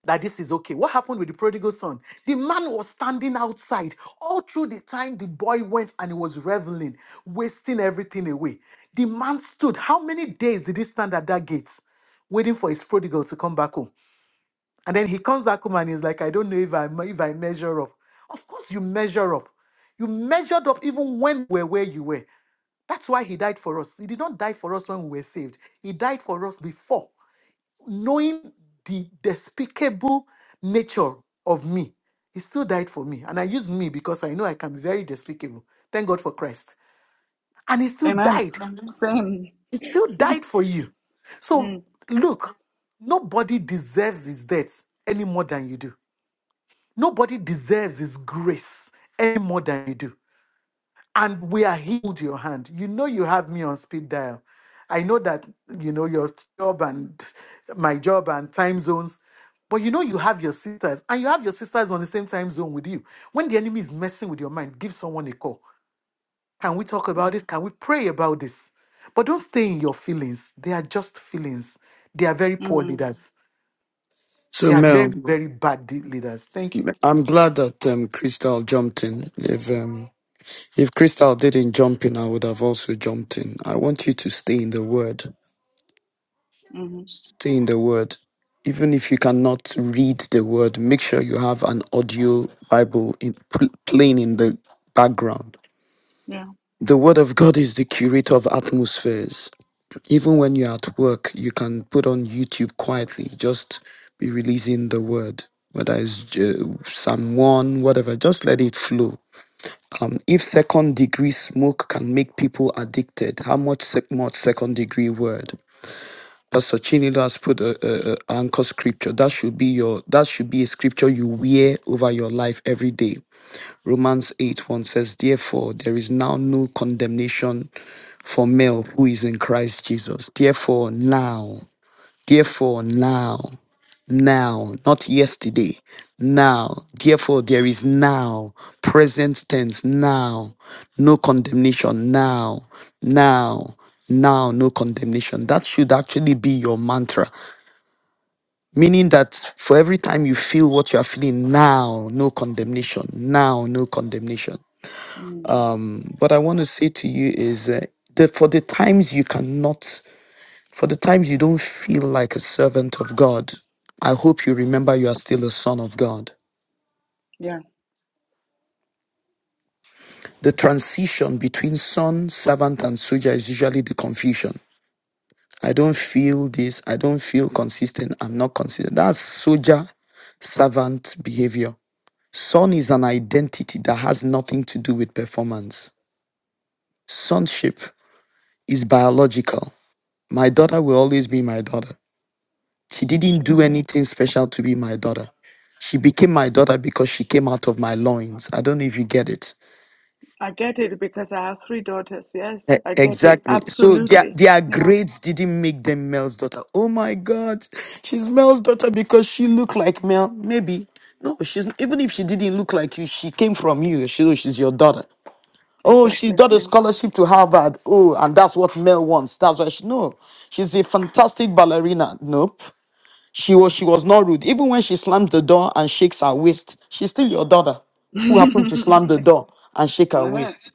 that this is okay. What happened with the prodigal son? The man was standing outside all through the time the boy went and he was reveling, wasting everything away. The man stood. How many days did he stand at that gate waiting for his prodigal to come back home? And then he comes back home and he's like, I don't know if I if I measure up. Of course you measure up. You measured up even when we were where you were. That's why he died for us. He did not die for us when we were saved. He died for us before knowing the despicable nature of me, he still died for me. And I use me because I know I can be very despicable. Thank God for Christ. And he still Amen. died. Same. He still died for you. So Mm. look, nobody deserves his death any more than you do. Nobody deserves his grace any more than you do. and we are healed your hand. You know you have me on speed dial. I know that you know your job and my job and time zones, but you know you have your sisters and you have your sisters on the same time zone with you. When the enemy is messing with your mind, give someone a call. Can we talk about Mm. this? Can we pray about this? But don't stay in your feelings. They are just feelings. They are very poor Mm. leaders. They are very, very bad de- leaders. Thank you. Mm-hmm. Yeah. degree smoke can make people addicted. How much sec- much second degree word? Pastor Chinelo has put a, a, a anchor scripture. That should be your that should be a scripture you wear over your life every day. Romans 8 1 says, Therefore, there is now no condemnation for male who is in Christ Jesus. Therefore, now. Therefore, now, now, not yesterday, now, therefore, there is now, present tense, now, no condemnation, now, now, now, no condemnation. That should actually be your mantra, meaning that for every time you feel what you are feeling, now, no condemnation, now, no condemnation. Mm. Um, what I want to say to you is uh, that for the times you cannot for the times you don't feel like a servant of God, I hope you remember you are still a son of God. Yeah. The transition between son, servant, and soldier is usually the confusion. I don't feel this. I don't feel consistent. I'm not consistent. That's soldier, servant behavior. Son is an identity that has nothing to do with performance. Sonship is biological. My daughter will always be my daughter. She True. didn't do Yeah. anything special to be my daughter. She became my daughter because she came out of my loins. I don't know if you get it. I get it because I have three daughters. Yes, E- I get it. Exactly. So their Absolutely. their Yeah. grades didn't make them Mel's daughter. Oh my God, she's Mel's daughter because she looked like Mel. Maybe no, she's even if she didn't look like you, she came from you. She oh, she's your daughter. Oh, she Exactly. got a No. scholarship to Harvard. Oh, and that's what Mel wants. That's why she no. She's a fantastic ballerina. Nope. She was she was not rude. Even when she slams the door and shakes her waist, she's still your daughter who happened to slam the door and shake her uh-huh. waist.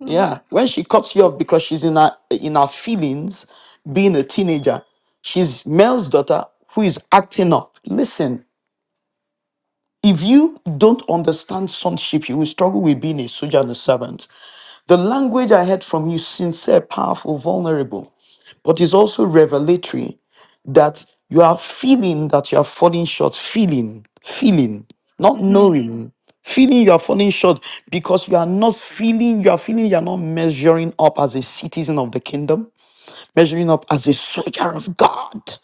Uh-huh. Yeah. When she cuts you off because she's in her in her feelings, being a teenager, she's Mel's daughter who is acting up. Listen, if you don't understand sonship, you will struggle with being a soldier and a servant. The language I heard from you, sincere, powerful, vulnerable, but is also revelatory that you are feeling that you are falling short, feeling, feeling, not hmm knowing, feeling you are falling short because you are not feeling, you are feeling you are not measuring up as a citizen of the kingdom, measuring up as a soldier of God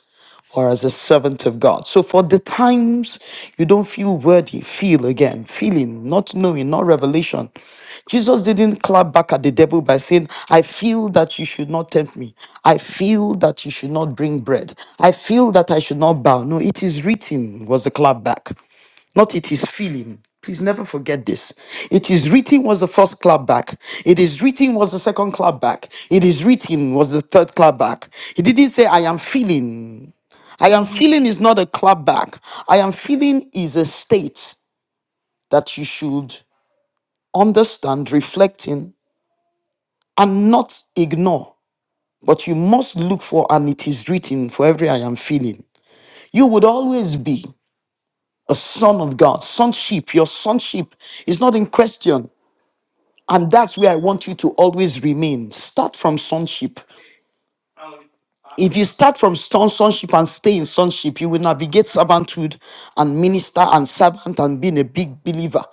or as a servant of God. So for the times you don't feel worthy, feel again, feeling, not knowing, not revelation. Jesus didn't clap back at the devil by saying, I feel that you should not tempt me. I feel that you should not bring bread. I feel that I should not bow. No, it is written was the clap back not it is feeling. Please never forget this. It is written was the first clap back. It is written was the second clap back. It is written was the third clap back. He didn't say, I am feeling. I am hmm feeling is not a clapback. I am feeling is a state that you should understand, reflecting, and not ignore. But you must look for, and it is written for every I am feeling. You would always be a son of God, sonship. Your sonship is not in question. Yeah. And that's where I want you to always remain. Start from sonship. If you start from son- sonship and stay in sonship, you will navigate servanthood and minister and servant and being a big believer.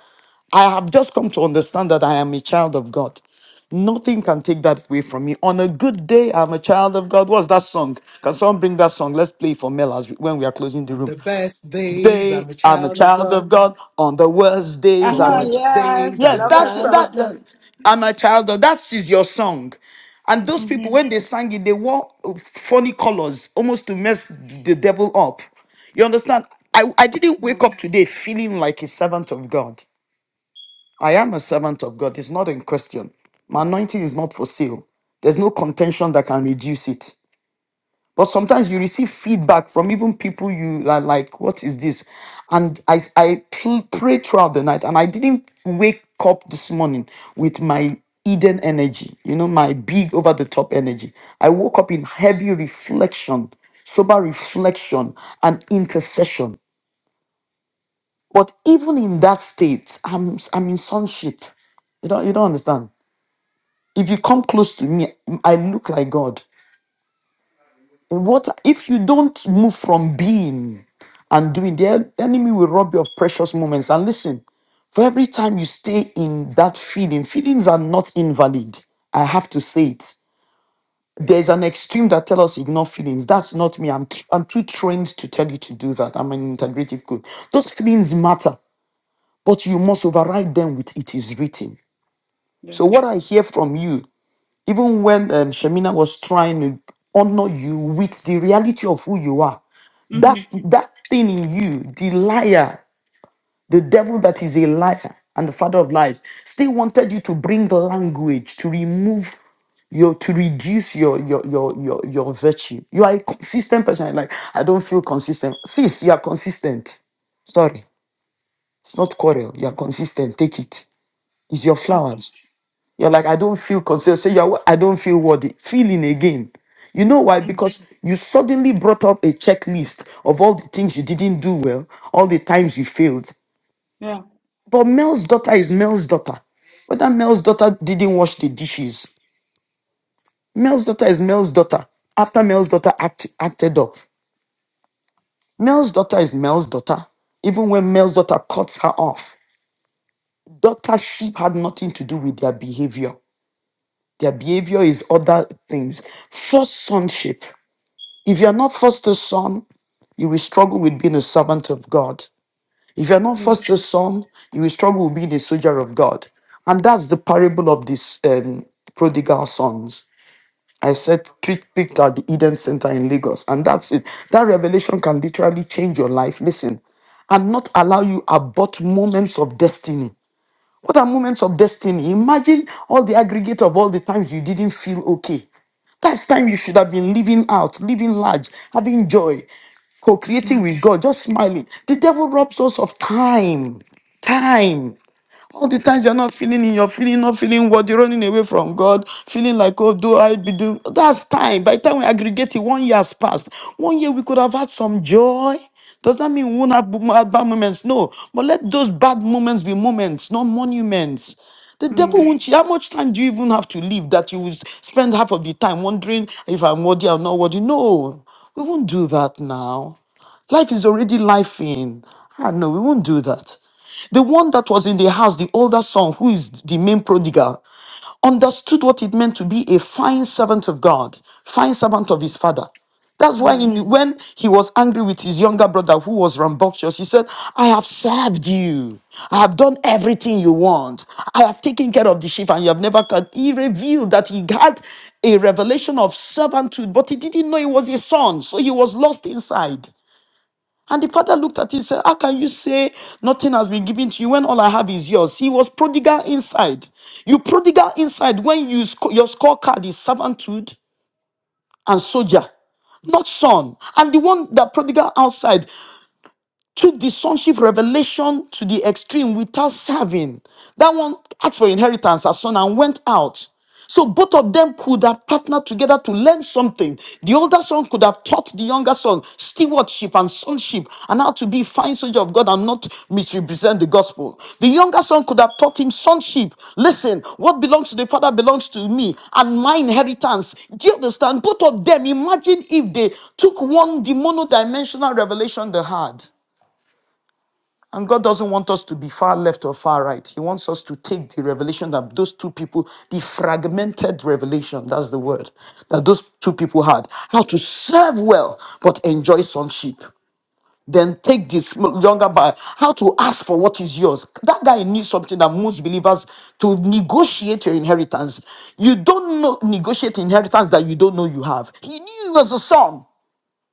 I have just come to understand that I am a child of God. Nothing can take that away from me. On a good day, I'm a child of God. What's that song? Can someone bring that song? Let's play it for Mel as we, when we are closing the On room. the best days, Today I'm a I'm a child of child God. of God. On the worst days The I'm Uh-huh. a child. worst Yes. days, I I'm Yes, a love that's that child that, of song. that. God. I'm a child of that is your song. And those people, hmm when they sang it, they wore funny colors almost to mess the devil up. You understand? I, I didn't Yeah. wake up today feeling like a servant of God. I am a servant of God. It's not in question. My anointing is not for sale. There's no contention that can reduce it but sometimes you receive feedback from even people you like, like what is this and i i pl- prayed throughout the night and i didn't wake up this morning with my eden energy you know my big over the top energy i woke up in heavy reflection sober reflection and intercession but even in that state i'm i'm in sonship you don't you don't understand if you come close to me i look like god What if you don't move from being and doing? The enemy will rob you of precious moments. And listen, for every time you stay in that feeling, feelings are not invalid. I have to say it. There's an extreme that tell us ignore feelings. That's not me. I'm I'm too trained to tell you to do that. I'm an integrative coach. Those feelings matter, but you must override them with it is written. Yes. So what I hear from you even when um, Shemina was trying to honor you with the reality of who you are, that hmm that thing in you, the liar, the devil that is a liar and the father of lies, still wanted you to bring language to remove your to reduce your your your your, your virtue. You are a consistent person. Like I don't feel consistent. Sis, you are consistent. Sorry, it's not quarrel. You are consistent. Take it. It's your Okay. flowers. You're like, I don't feel considered. Say, you're, I don't feel worthy. Feeling again. You know why? Mm. Because you suddenly brought up a checklist of all the things you didn't do well, all the times you failed. Yeah. But Mel's daughter is Mel's daughter. Whether Mel's daughter didn't wash the dishes, Mel's daughter is Mel's daughter. After Mel's daughter act, acted up, Mel's daughter is Mel's daughter. Even when Mel's daughter cuts her off, daughtership had nothing to do with their behavior. Their behavior is other things. First sonship. If you are not first a son, you will struggle with being a servant of God. If you are not Mm. first a son, you will struggle with being a soldier of God. And that's the parable of this um, prodigal sons. I said, treat picked at the Eden Center in Lagos. And that's it. That revelation can literally change your life. Listen, and not allow you abort moments of destiny. What are moments of destiny? Imagine all the aggregate of all the times you didn't feel okay. That's time you should have been living out, living large, having joy, co creating Yeah. with God, just smiling. The devil robs us of time. Time. All the times you're not feeling in are feeling, not feeling what you're running away from God, feeling like, oh, do I be do? That's time. By the time we aggregate it, one year has passed. One year we could have had some joy. Does that mean we won't have bo- had bad moments? No. But let those bad moments be moments, not monuments. The devil Mm. won't. How much time do you even have to live that you will s- spend half of the time wondering if I'm worthy or not worthy? No, we won't do that now. Life is already life in. Ah, no, we won't do that. The one that was in the house, the older son, who is the main prodigal, understood what it meant to be a fine servant of God, fine servant of his father. That's why Mm. in, when he was angry with his younger brother who was rambunctious, he said, I have served you. I have done everything you want. I have taken care of the sheep and you have never cut. He revealed that he had a revelation of servanthood, but he didn't know he was a son, so he was lost inside. And the father looked at him and said, How can you say nothing has been given to you when all I have is yours? He was prodigal inside. You prodigal inside when you sc- your scorecard is servanthood and soldier, not son. And the one that prodigal outside, took the sonship revelation to the extreme without serving. That one asked for inheritance as son and went out. So both of them could have partnered together to learn something. The older son could have taught the younger son stewardship and sonship and how to be a fine soldier of God and not misrepresent the gospel. The younger son could have taught him sonship. Listen, what belongs to the father belongs to me and my inheritance. Do you understand? Both of them, imagine if they took one, the monodimensional revelation they had. And God doesn't want us to be far left or far right. He wants us to take the revelation that those two people, the fragmented revelation, that's the word, that those two people had, how to serve well but enjoy sonship. Then take this m- younger by how to ask for what is yours. That guy knew something that most believers to negotiate your inheritance. You don't know negotiate inheritance that you don't know you have. He knew he was a son.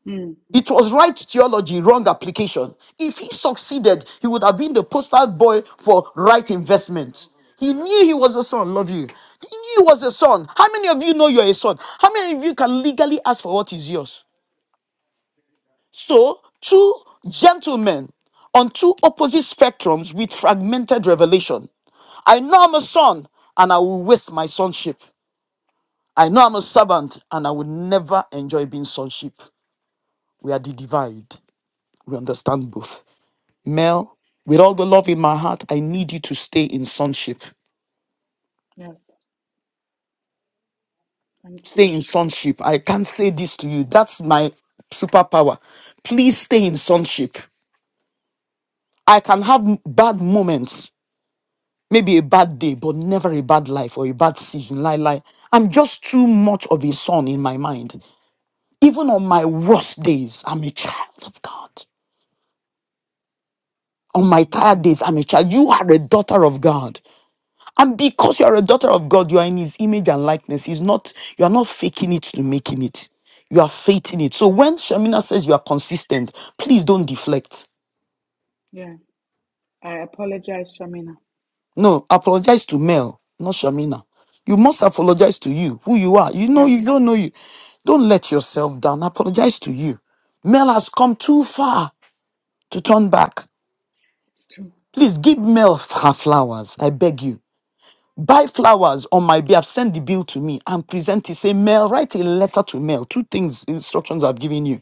Mm. It was right theology, wrong application. If he succeeded, he would have been the poster boy for right investment. He knew he was a son. Love you. He knew he was a son. How many of you know you're a son? How many of you can legally ask for what is yours? So, two gentlemen on two opposite spectrums with fragmented revelation. I know I'm a son and I will waste my sonship. I know I'm a servant and I will never enjoy being sonship. We are the divide. We understand both. Mel, with all the love in my heart, I need you to stay in sonship. Yes. Thank Stay you. in sonship. I can't say this to you. That's my superpower. Please stay in sonship. I can have m- bad moments, maybe a bad day, but never a bad life or a bad season. Lie, lie. I'm just too much of a son in my mind. Even on my worst days, I'm a child of God. On my tired days, I'm a child. You are a daughter of God. And because you are a daughter of God, you are in his image and likeness. He's not, you are not faking it to making it. You are faithing it. So when Shamina says you are consistent, please don't deflect. Yeah. I apologize, Shamina. No, apologize to Mel, not Shamina. You must apologize to you, who you are. You know, Yeah. you don't know you. Don't let yourself down. Apologize to you. Mel has come too far to turn back. It's true. Please give Mel her flowers. I beg you. buy flowers on my behalf, send the bill to me and present it. Say, Mel, write a letter to Mel. Two things, instructions I've given you.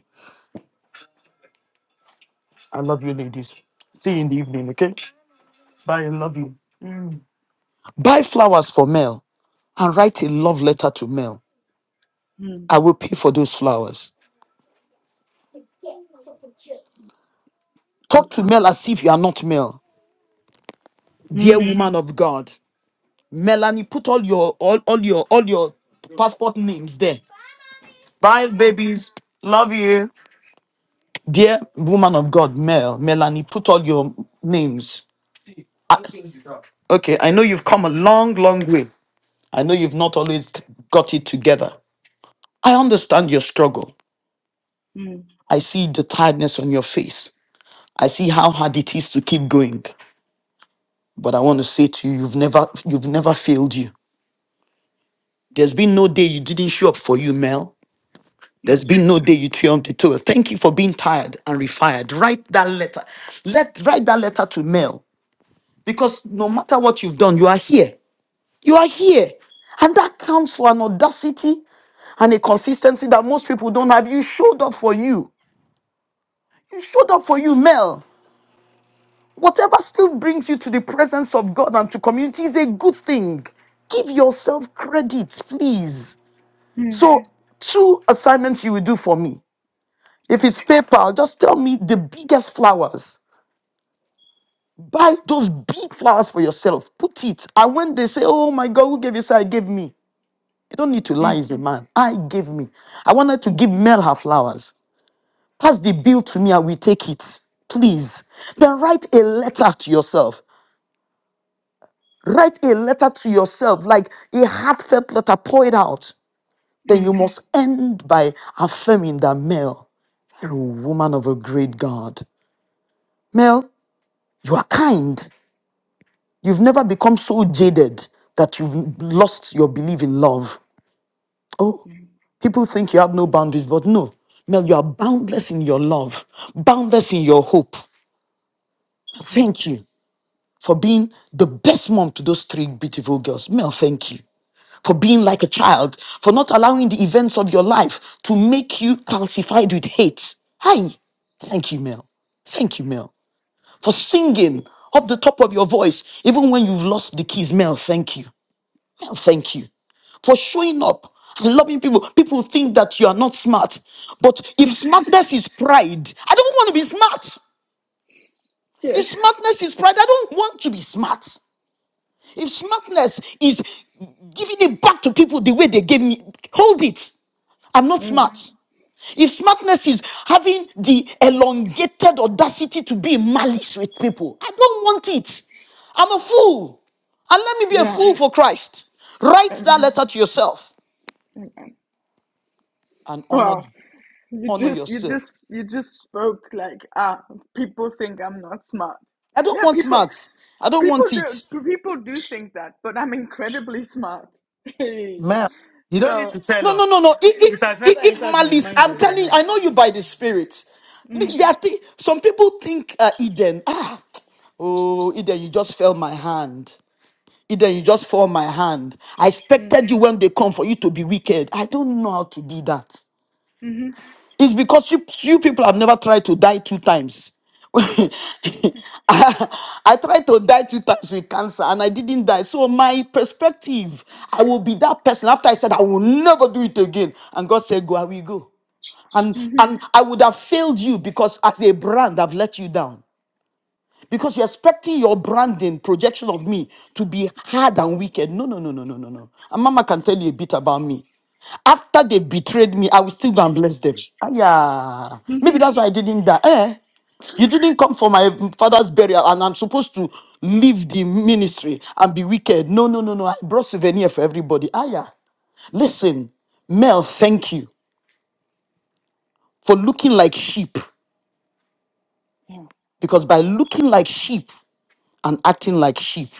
I love you, ladies. See you in the evening, okay? Bye, I love you. Buy flowers for Mel and write a love letter to Mel. Mm. I will pay for those flowers. Talk Okay. to Mel as if you are not Mel. Dear Mm. woman of God. Melanie, put all your all, all your all your passport names there. Bye, babies. Love you. Dear woman of God, Mel, Melanie, put all your names. Okay, I know you've come a long, long way. I know you've not always got it together. I understand your struggle. Mm. I see the tiredness on your face. I see how hard it is to keep going. But I want to say to you, you've never you've never failed you. There's been no day you didn't show up for you, Mel. That's There's been true. no day you triumphed the toil. Thank you for being tired and refired. Write that letter. Let write that letter to Mel. Because no matter what you've done, you are here. You are here. And that counts for an audacity and a consistency that most people don't have. You showed up for you. You showed up for you, Mel. Whatever still brings you to the presence of God and to community is a good thing. Give yourself credit, please. Mm. So, two assignments you will do for me. Yes. If it's PayPal, just tell me the biggest flowers. Buy those big flowers for yourself. Put it. And when they say, Oh my God, who gave you? Say, I gave me. You don't need to lie Mm. as a man. I gave me. I wanted to give Mel her flowers. Pass the bill to me, and we take it. Please. Then write a letter to yourself. Write a letter to yourself, like a heartfelt letter, pour it out. Then you Mm. must end by affirming that Mel, you're a woman of a great God. Mel, you are kind. You've never become so jaded that you've lost your belief in love. Oh, Yeah. people think you have no boundaries, but no. Mel, you are boundless in your love, boundless in your hope. Yes. Thank you. for being the best mom to those three beautiful girls. Mel, thank you. For being like a child, for not allowing the events of your life to make you calcified with hate. Hi. Thank you, Mel. Thank you, Mel. For singing up the top of your voice, even when you've lost the keys. Mel, thank you. Mel, thank you for showing up and loving people. People think that you are not smart, but if smartness is pride, I don't want to be smart. If Yes. smartness is pride, I don't want to be smart. If smartness is giving it back to people the way they gave me, hold it. I'm not Mm. smart. If smartness is having the elongated audacity to be in malice with people, I don't want it. I'm a fool. And let me be a Yeah. fool for Christ. Write that Amen. letter to yourself Amen. and honor, Wow. You honor just you yourself. just you just spoke like ah people think I'm not smart. I don't Yeah, want people smart. I don't people want do it. people do think that, but I'm incredibly smart. Hey. Mel, you don't need to So tell No, no, no, us. no. It If, has if, never if entered my malice, mind I'm that you're telling not. I know you by the spirit. mm, The- There are thi- some people think uh, Eden, ah, oh, Eden, you just fell my hand. Eden, you just fall my hand. I mm, expected you when they come for you to be wicked. I don't know how to be that. mm-hmm, It's because you, you people have never tried to die two times. I, I tried to die two times with cancer and I didn't die. So, my perspective, I will be that person. After I said, I will never do it again. And God said, Go, I will go. And, mm-hmm, and I would have failed you because as a brand, I've let you down because you're expecting your branding projection of me to be hard and wicked. No, no, no, no, no, no, no. And mama can tell you a bit about me. After they betrayed me, I will still go and bless them. Ah, yeah. mm-hmm. Maybe that's why I didn't die. Eh? You didn't come for my father's burial, and I'm supposed to leave the ministry and be wicked. No, no, no, no. I brought souvenir for everybody. Ah, yeah. Listen, Mel, thank you for looking like sheep. yeah. Because by looking like sheep and acting like sheep,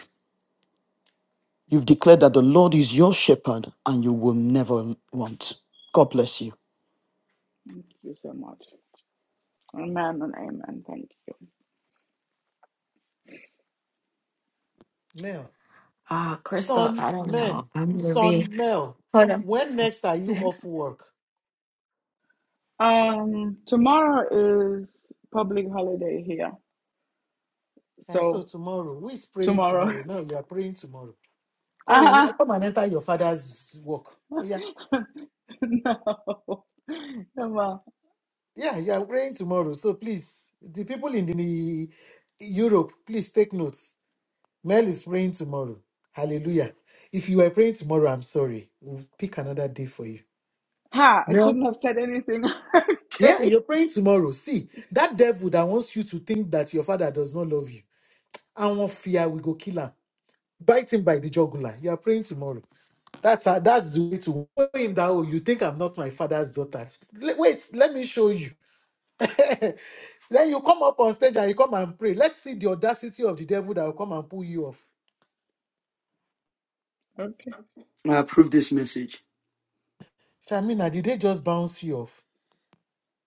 You've declared that the Lord is your shepherd and you will never want. God bless you. Thank you so much. Amen and amen. Thank you. Mel, Oh, Crystal, son, I don't know. men, I'm gonna be. son, Mel, Hold when next are you on. off work? Um, tomorrow is public holiday here, And so so tomorrow, who is praying tomorrow. tomorrow? Mel, you are praying tomorrow. Come and eh, Ah, come and enter your father's work. Oh yeah, no, come on. yeah, you are praying tomorrow. So please, the people in the Europe, please take notes. Mel is praying tomorrow. Hallelujah. If you are praying tomorrow, I'm sorry. We'll pick another day for you. Ha! I Mel, shouldn't have said anything. Yeah, okay, you're praying tomorrow. See, that devil that wants you to think that your father does not love you, I want fear, we go kill him. Bite him by the jugular. You are praying tomorrow. That's how, that's the way to show him that, oh, you think I'm not my father's daughter. Le- Wait, let me show you. then you come up on stage and you come and pray. Let's see the audacity of the devil that will come and pull you off. okay. I approve this message. Shamina, did they just bounce you off?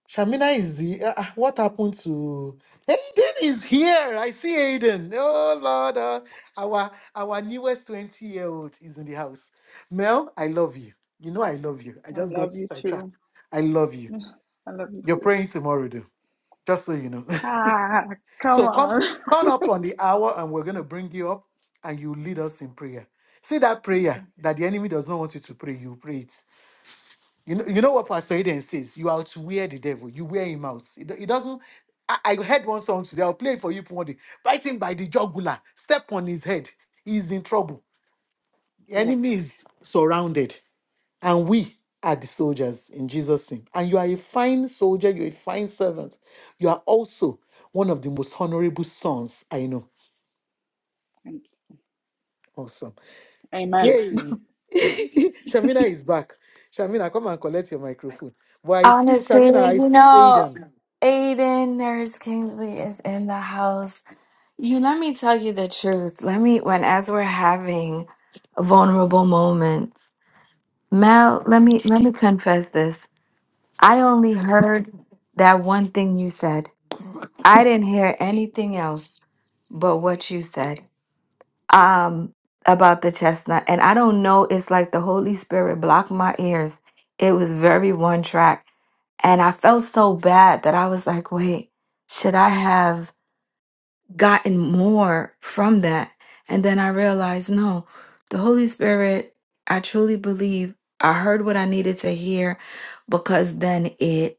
Shamina is the. Uh, uh, what happened to Aiden? Is here? I see Aiden. Oh Lord, uh, our our newest twenty year old is in the house. Mel, I love you. You know I love you. I I just got love you too. sidetracked. I love you. I love you You're too. praying tomorrow, though. Just so you know. Ha! Come so come on. come up on the hour, and we're gonna bring you up, and you lead us in prayer. See that prayer okay. that the enemy does not want you to pray. You pray it. You know, you know what Pastor Eden says? You outwear the devil, you wear him out. It, do- it doesn't. I, I heard one song today, I'll play it for you one day. Bite him by the jugular, step on his head. He's in trouble. The Yes. enemy is surrounded, and we are the soldiers in Jesus' name. And you are a fine soldier, you're a fine servant. You are also one of the most honorable sons I know. Thank you. Awesome. Amen. Yay. Shamina is back. Shamina, come and collect your microphone. But I see Honestly, Shamina, I you see know, Aiden. Aiden Nurse Kingsley is in the house. You let me tell you the truth. Let me when as we're having vulnerable moments, Mel, let me let me confess this. I only heard that one thing you said. I didn't hear anything else but what you said. um about the chestnut and i don't know it's like the holy spirit blocked my ears it was very one track and i felt so bad that i was like wait should i have gotten more from that and then i realized no the holy spirit i truly believe i heard what i needed to hear because then it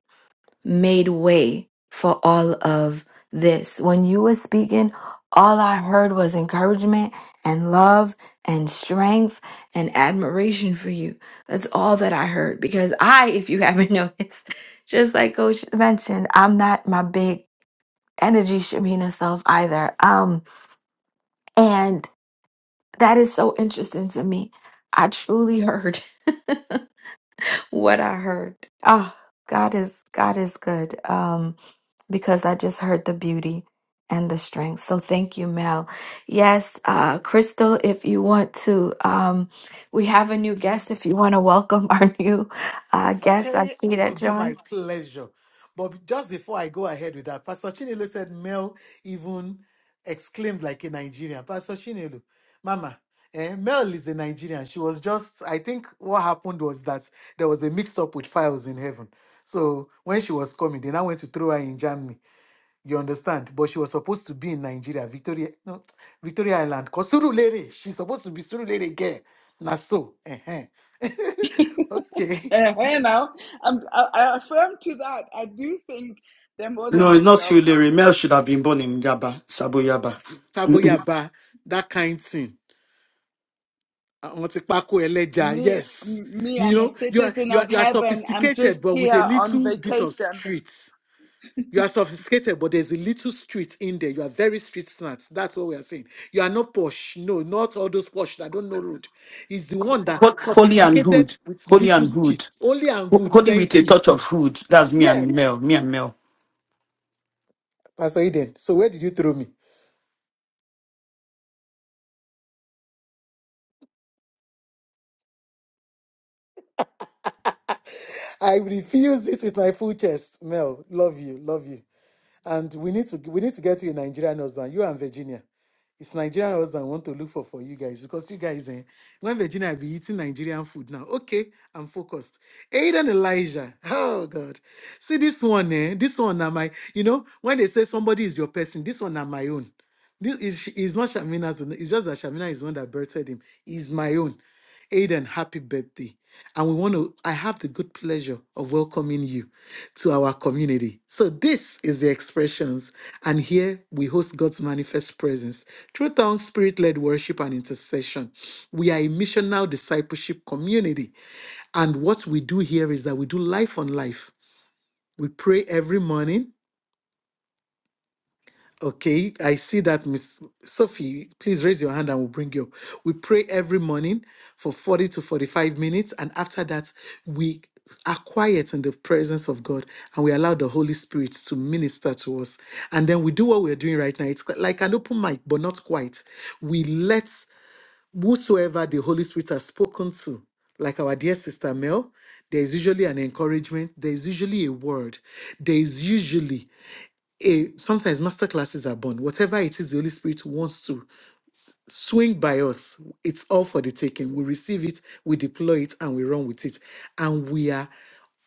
made way for all of this. When you were speaking, all I heard was encouragement and love and strength and admiration for you. That's all that I heard because I, if you haven't noticed, just like coach mentioned, I'm not my big energy Shamina self either. Um and that is so interesting to me. I truly heard what I heard. Oh, God is God is good. Um because I just heard the beauty and the strength. So thank you, Mel. Yes, uh, Crystal, if you want to, um, we have a new guest. If you want to welcome our new uh, guest, I Okay, see it will that, be my John. pleasure. But just before I go ahead with that, Pastor Chinelo said Mel even exclaimed like a Nigerian. Pastor Chinelo, Mama, eh, Mel is a Nigerian. She was just, I think what happened was that there was a mix up with files in heaven. So when she was coming, they now went to throw her in Germany. You understand? But she was supposed to be in Nigeria, Victoria, no, Victoria Island. Because Surulere, she's supposed to be Surulere again. Now so, eh. okay. and now, I'm, I, I affirm to that. I do think there was a No, it's not mix-up you, Larry. Mel should have been born in Yaba, Sabo Yaba. Saboyaba, that kind thing. Àwọn ti pákó ẹlẹ́ja, Me, yes. m- me, You I'm a know, you are, citizen you, are, of you are heaven. I'm sophisticated, just but with a here on little bit of vacation. street. You are sophisticated, but there's a little street in there. You are very street smart. That's what we are saying. You are not posh. No, not all those posh that don't know road. It's the one that Ho- Holy and sophisticated hood. with Holy little and street. hood. Only and Ho- good. Holy with Thank a you. touch of hood. That's me and Mel. Yes. Me and Mel. Pastor Eden, so where did you throw me? I refused it with my full chest. Mel, love you, love you. And we need to we need to get you a Nigerian husband, you and Virginia. It's Nigerian husband I want to look for for you guys because you guys eh, when Virginia be eating Nigerian food now. Okay, I'm focused. Aiden Elijah. Oh God. See this one, eh? This one am I? you know, when they say somebody is your person, this one am my own. This is is not Shamina's own. It's just that Shamina is the one that birthed him. He's my own. Aidan, happy birthday. And we want to, I have the good pleasure of welcoming you to our community. So this is the expressions. And here we host God's manifest presence through tongue, spirit-led worship and intercession. We are a missional discipleship community. And what we do here is that we do life on life. We pray every morning Okay, I see that, Miss Sophie. Please raise your hand and we'll bring you up. We pray every morning for 40 to 45 minutes, and after that, we are quiet in the presence of God and we allow the Holy Spirit to minister to us. And then we do what we're doing right now. It's like an open mic, but not quite. We let whosoever the Holy Spirit has spoken to like our dear sister Mel, there is usually an encouragement, there is usually a word, there is usually a sometimes masterclasses are born. Whatever it is the Holy Spirit wants to swing by us, it's all for the taking. We receive it, we deploy it, and we run with it. And we are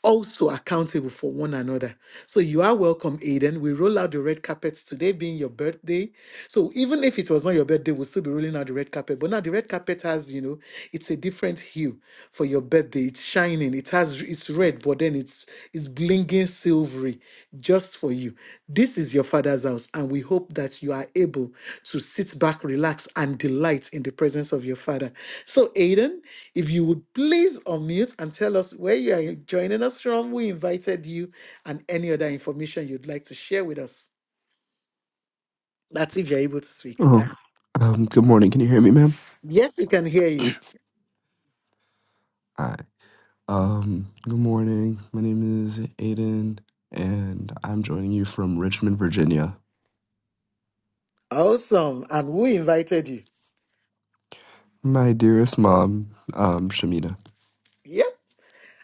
also accountable for one another. So you are welcome, Aiden. We roll out the red carpet today being your birthday. So even if it was not your birthday, we'll still be rolling out the red carpet. But now the red carpet has, you know, it's a different hue for your birthday. It's shining. It has it's red, but then it's it's blinging silvery just for you. This is your father's house, and we hope that you are able to sit back, relax, and delight in the presence of your father. So, Aiden, if you would please unmute and tell us where you are joining us from, we invited you, and any other information you'd like to share with us. That's if you're able to speak. Oh, Yeah. um, good morning. Can you hear me, ma'am? Yes, we can hear you. Hi. Um, good morning. My name is Aiden, and I'm joining you from Richmond, Virginia. Awesome. And we invited you. My dearest mom, um, Shamina. Yeah.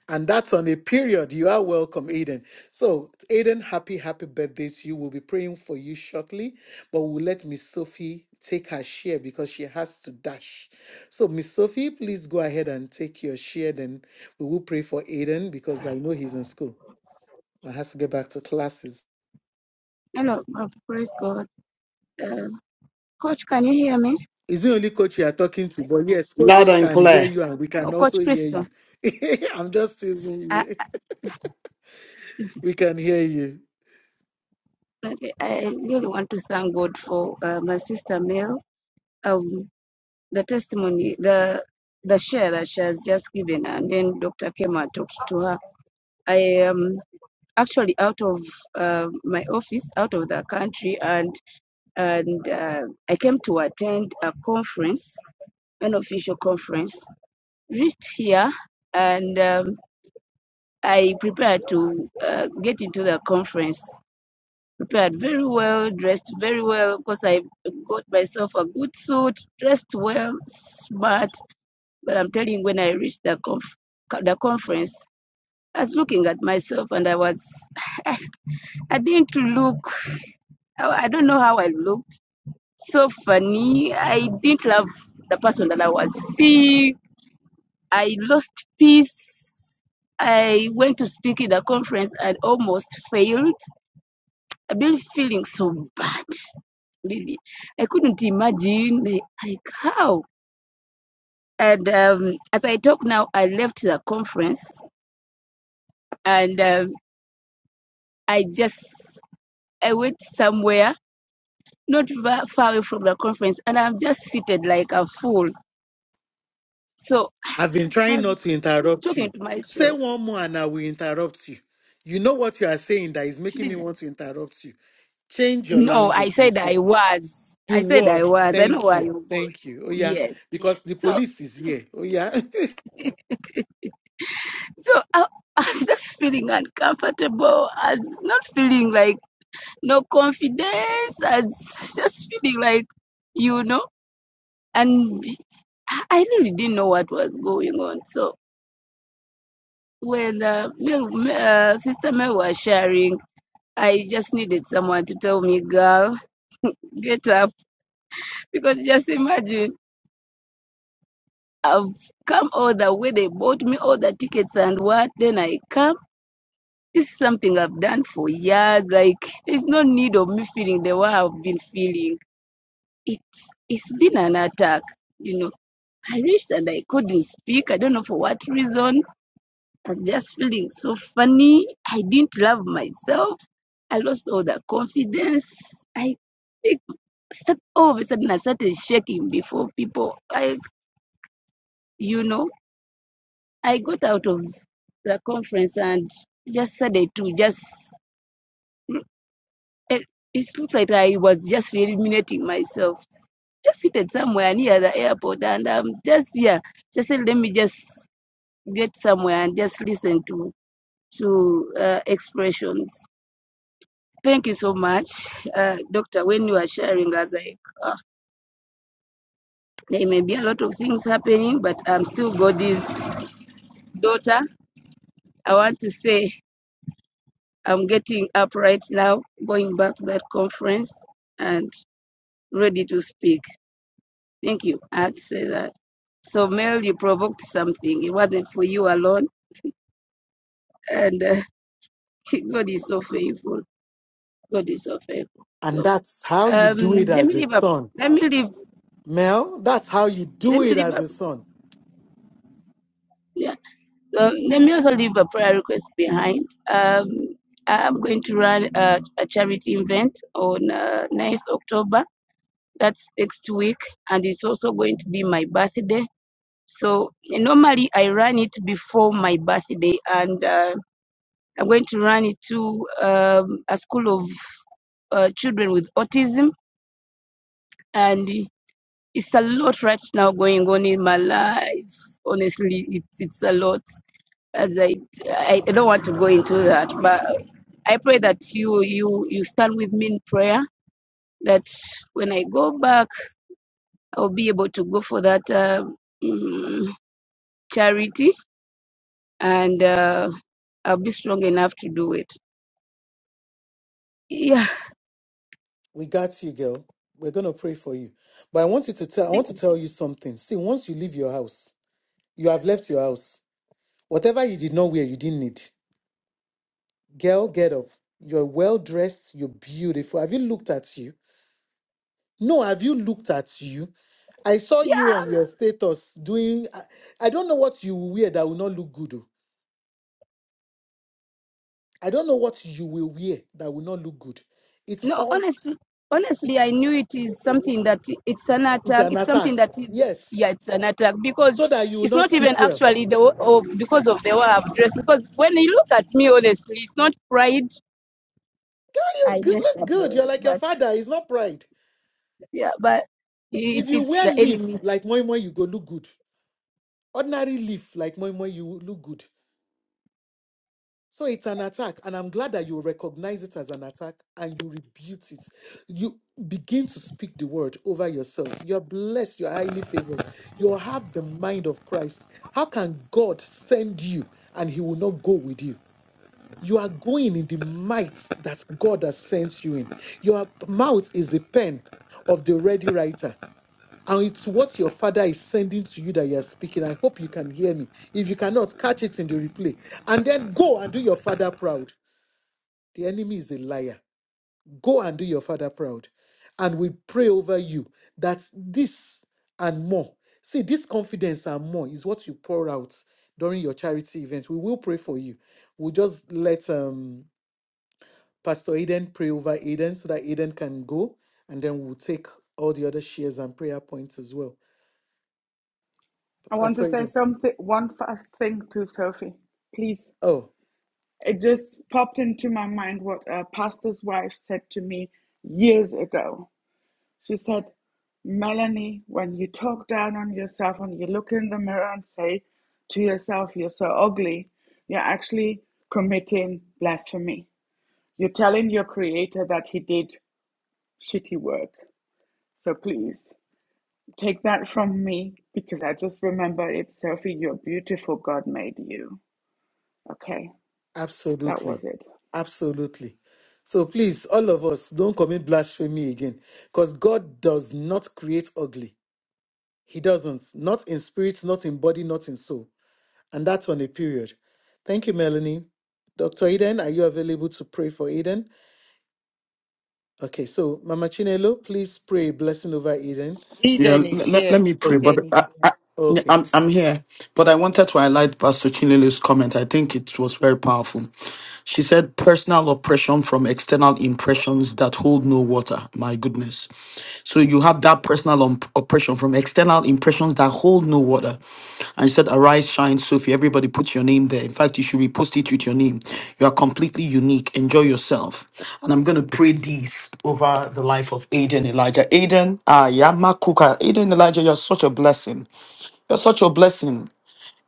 And that's on a period. You are welcome, Aiden. So, Aiden, happy, happy birthday to you. We'll be praying for you shortly, but we'll let Miss Sophie take her share because she has to dash. So, Miss Sophie, please go ahead and take your share. Then we will pray for Aiden because I know he's in school and has to get back to classes. Hello, uh, praise God. Uh, Coach, can you hear me? It's the only coach you are talking to, but yes, Loud coach and can hear clear. you and we Oh, can also Coach hear Christo. you. I'm just teasing I, you. We can hear you. I really want to thank God for uh, my sister Mel, um, the testimony, the the share that she has just given, and then Dr. Kema talked to her. I am actually out of uh, my office, out of the country, and and uh, I came to attend a conference, an official conference. Reached here and. um, I prepared to uh, get into the conference. Prepared very well, dressed very well. Of course, I got myself a good suit, dressed well, smart. But I'm telling you, when I reached the conf- the conference, I was looking at myself and I was, I didn't look, I don't know how I looked. So funny. I didn't love the person that I was seeing. I lost peace. I went to speak in the conference and almost failed I've been feeling so bad, really. I couldn't imagine, like, like how. And um, as I talk now, I left the conference and um, I just, I went somewhere not far away from the conference and I'm just seated like a fool. So I've been I trying not to was interrupt talking you. to Say myself, one more and I will interrupt you. You know what you are saying that is making me please. want to interrupt you. Change your No, I language, Miss said I Sophie. was. You I said I was. was. I know Thank where you. you're going. Thank you. Oh, yeah. Yes. Because the So, police is here. Oh, yeah. so I, I was just feeling uncomfortable. I was not feeling like, no confidence. as just feeling like, you know, and I really didn't know what was going on. So when uh, Mel, uh, Sister Mel was sharing, I just needed someone to tell me, girl, get up. Because just imagine, I've come all the way, they bought me all the tickets and what, then I come. This is something I've done for years. Like, there's no need of me feeling the way I've been feeling. It, it's been an attack you know I reached and I couldn't speak. I don't know for what reason. I was just feeling so funny. I didn't love myself. I lost all the confidence. I think all of a sudden I started shaking before people. Like, you know, I got out of the conference and just started to just, it, it looks like I was just eliminating myself. Just seated somewhere near the airport and I'm um, just yeah, Just said, let me just get somewhere and just listen to to uh, expressions. Thank you so much, uh, Doctor. When you are sharing, I was like, "Ah, there may be a lot of things happening, but I'm still God's daughter. I want to say I'm getting up right now, going back to that conference and ready to speak. Thank you. I had to say that. So, Mel, you provoked something. It wasn't for you alone, and uh, God is so faithful. God is so faithful. So, and that's how you um, do it let me as a leave up. son. Let me leave. Mel, that's how you Let do me it leave as a up. son. So let me also leave a prayer request behind. Um, I'm going to run a, a charity event on uh, 9th October. That's next week, and it's also going to be my birthday. So normally I run it before my birthday, and uh, I'm going to run it to um, a school of uh, children with autism, and it's a lot right now going on in my life. Honestly, it's it's a lot as I I don't want to go into that, but I pray that you you you stand with me in prayer. That when I go back, I'll be able to go for that uh, mm, charity, and uh, I'll be strong enough to do it. Yeah, We got you, girl. We're going to pray for you. But I want you to tell I want to tell you something. See, once you leave your house, you have left your house. Whatever you did not wear, you didn't need. Girl, get up. You're well dressed. You're beautiful. Have you looked at you? No, have you looked at you? I saw yeah. you um, on your status doing. I, I don't know what you will wear that will not look good. oh. I don't know what you will wear that will not look good. It's No, all. honestly, honestly, I knew it is something that it's an It's attack. an It's something attack. that is Yes. yeah, it's an attack because So that you will it's not not even speak well. actually the wa- because of the way I've dressed. Because when you look at me, honestly, it's not pride. Girl, you I good, dressed look up good. You're well, like your but father. It's not pride. yeah, but it, If you it's wear the leaf enemy. like moi moi, you go look good. Ordinary leaf like moi moi, you will look good. So it's an attack, and I'm glad that you recognize it as an attack and you rebuke it. You begin to speak the word over yourself. You're blessed, you're highly favored, you have the mind of Christ. How can God send you and He will not go with you? You are going in the might that God has sent you in. Your mouth is the pen of the ready writer. And it's what your father is sending to you that you are speaking. I hope you can hear me. If you cannot, catch it in the replay. And then go and do your father proud. The enemy is a liar. Go and do your father proud. And we pray over you that this and more. See, this confidence and more is what you pour out during your charity event. We will pray for you. We'll just let um, Pastor Aiden pray over Aiden so that Aiden can go. And then we'll take all the other shares and prayer points as well. I want to Pastor say Aiden. something, one fast thing to Sophie, please. Oh. It just popped into my mind what a pastor's wife said to me years ago. She said, Melanie, when you talk down on yourself and you look in the mirror and say to yourself, you're so ugly, you're actually committing blasphemy. You're telling your creator that he did shitty work. So please. Take that from me because I just remember it, Sophie. You're beautiful. God made you. Okay, that was Absolutely. it. Absolutely. So please, all of us, don't commit blasphemy again. Because God does not create ugly. He doesn't. Not in spirit, not in body, not in soul. And that's on a period. Thank you, Melanie. Dr. Eden, are you available to pray for Eden? Okay, so Mama Chinelo, please pray a blessing over Eden. Yeah, Eden is l- l- let here. me pray, Okay. Eden brother. is Yeah, Okay. I'm I'm here, but I wanted to highlight Pastor Chinelo's comment. I think it was very powerful. She said, "Personal oppression from external impressions that hold no water." My goodness. So you have that personal um, oppression from external impressions that hold no water. And she said, "Arise, shine, Sophie." Everybody put your name there. In fact, you should repost it with your name. You are completely unique. Enjoy yourself. And I'm going to pray these over the life of Aiden Elijah. Aiden, ah, Yamakuka. Aiden Elijah, you're such a blessing. You're such a blessing.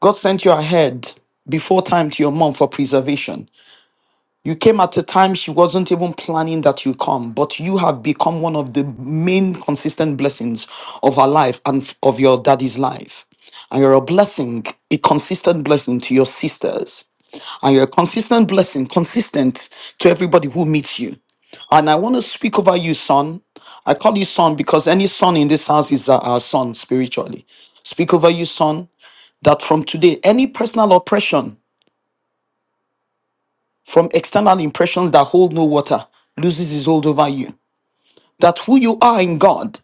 God sent you ahead before time to your mom for preservation. You came at a time she wasn't even planning that you come, but you have become one of the main consistent blessings of her life and f- of your daddy's life. And you're a blessing, a consistent blessing to your sisters. And you're a consistent blessing, consistent to everybody who meets you. And I want to speak over you, son. I call you son because any son in this house is our our son spiritually. Speak over you, son, that from today, any personal oppression from external impressions that hold no water loses its hold over you. That who you are in God,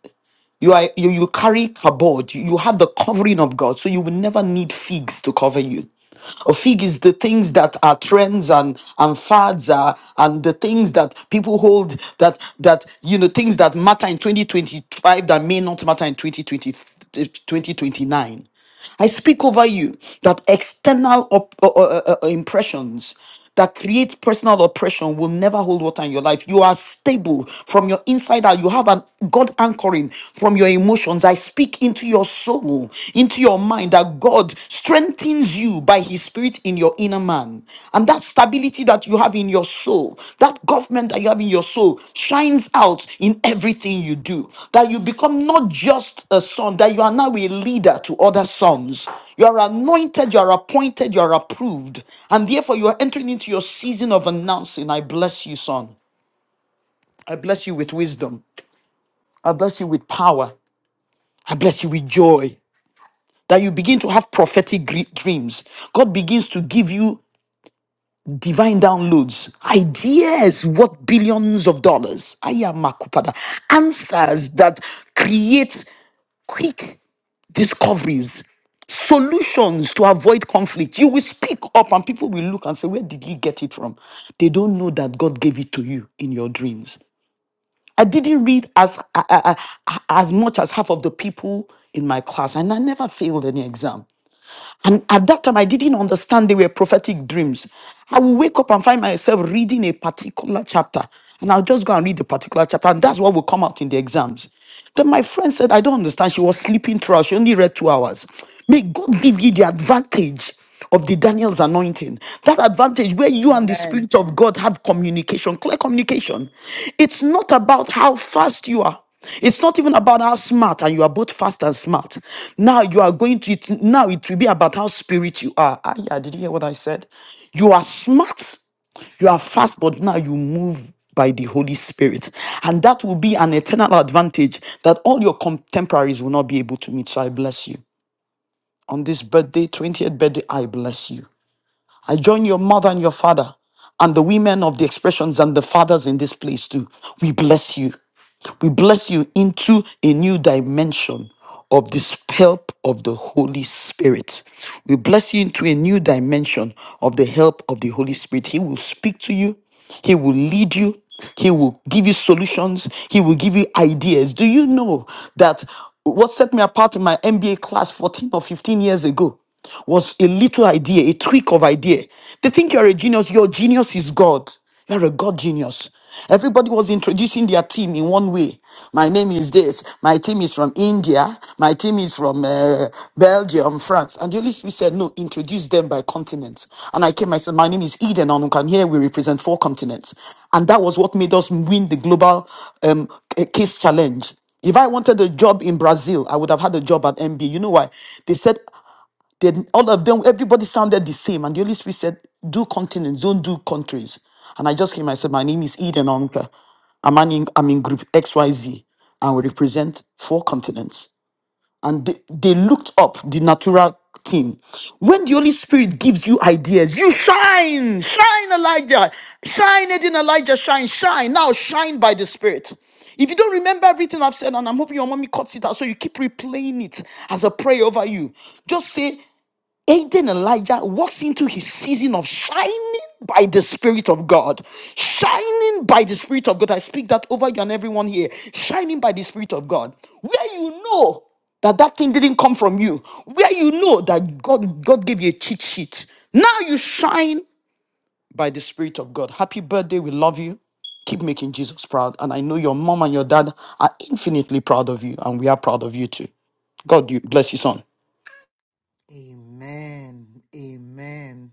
you are you, you carry kabod, you, you have the covering of God, so you will never need figs to cover you. A fig is the things that are trends and and fads are, and the things that people hold that that you know things that matter in 2025 that may not matter in 2020 2029 I speak over you that external op- uh, uh, uh, uh, impressions that create personal oppression will never hold water in your life. You are stable from your inside out. You have a God anchoring from your emotions. I speak into your soul, into your mind, that God strengthens you by His Spirit in your inner man. And that stability that you have in your soul, that government that you have in your soul, shines out in everything you do. That you become not just a son, that you are now a leader to other sons. You are anointed, you are appointed, you are approved. And therefore, you are entering into your season of announcing I bless you, son. I bless you with wisdom. I bless you with power. I bless you with joy. That you begin to have prophetic gre- dreams. God begins to give you divine downloads, ideas worth billions of dollars, ayamakupada, answers that create quick discoveries, solutions to avoid conflict. You will speak up and people will look and say, Where did you get it from? They don't know that God gave it to you in your dreams. I didn't read as, a- a- a- as much as half of the people in my class, and I never failed any exam. And at that time, I didn't understand they were prophetic dreams. I will wake up and find myself reading a particular chapter, and I'll just go and read the particular chapter, and that's what will come out in the exams. Then my friend said, I don't understand. She was sleeping throughout. She only read two hours. May God give you the advantage of the Daniel's anointing. That advantage where you here. and the Amen. Spirit of God have communication, clear communication. It's not about how fast you are. It's not even about how smart, and you are both fast and smart. Now you are going to it. Now it will be about how spirit you are. Ah, yeah, did you hear what I said? You are smart, you are fast, but now you move by the Holy Spirit. And that will be an eternal advantage that all your contemporaries will not be able to meet. So I bless you. On this birthday, 20th birthday, I bless you. I join your mother and your father and the women of the expressions and the fathers in this place too. We bless you. We bless you into a new dimension of this help of the Holy Spirit. We bless you into a new dimension of the help of the Holy Spirit. He will speak to you, He will lead you, He will give you solutions, He will give you ideas. Do you know that what set me apart in my MBA class 14 or 15 years ago? was a little idea, a tweak of idea. They think you're a genius. Your genius is God. You're a God genius. Everybody was introducing their team in one way. My name is this. My team is from India. My team is from uh, Belgium, France. And the Holy Spirit said, no, introduce them by continent. And I came, I said, my name is Eden and here we represent four continents. And that was what made us win the global um, case challenge. If I wanted a job in Brazil, I would have had a job at MB. You know why? They said, they- all of them, everybody sounded the same. And the Holy Spirit said, do continents, don't do countries. And I just came, I said, my name is Eden Onka. I'm, an in, I'm in group XYZ and we represent four continents. And they, they looked up the natural team. When the Holy Spirit gives you ideas, you shine, shine Elijah, shine Eden Elijah, shine, shine. Now shine by the Spirit. If you don't remember everything I've said, and I'm hoping your mommy cuts it out, so you keep replaying it as a prayer over you. Just say, Aiden Elijah walks into his season of shining by the Spirit of God. Shining by the Spirit of God. I speak that over you and everyone here. Shining by the Spirit of God. Where you know that that thing didn't come from you. Where you know that God, God gave you a cheat sheet. Now you shine by the Spirit of God. Happy birthday. We love you. Keep making Jesus proud. And I know your mom and your dad are infinitely proud of you. And we are proud of you too. God bless you, son. Amen. Amen.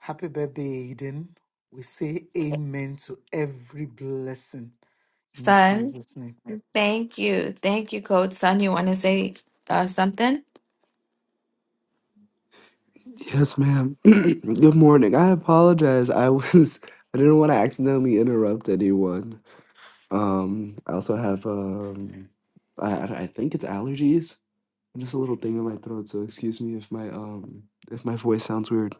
Happy birthday, Aiden! We say amen to every blessing in Son, Jesus' name. thank you. Thank you, Coach Son. You want to say uh, something? Yes, ma'am. good morning. I apologize. I was I didn't want to accidentally interrupt anyone. Um, I also have um, I I I think it's allergies. Just a little thing in my throat, so excuse me if my um if my voice sounds weird.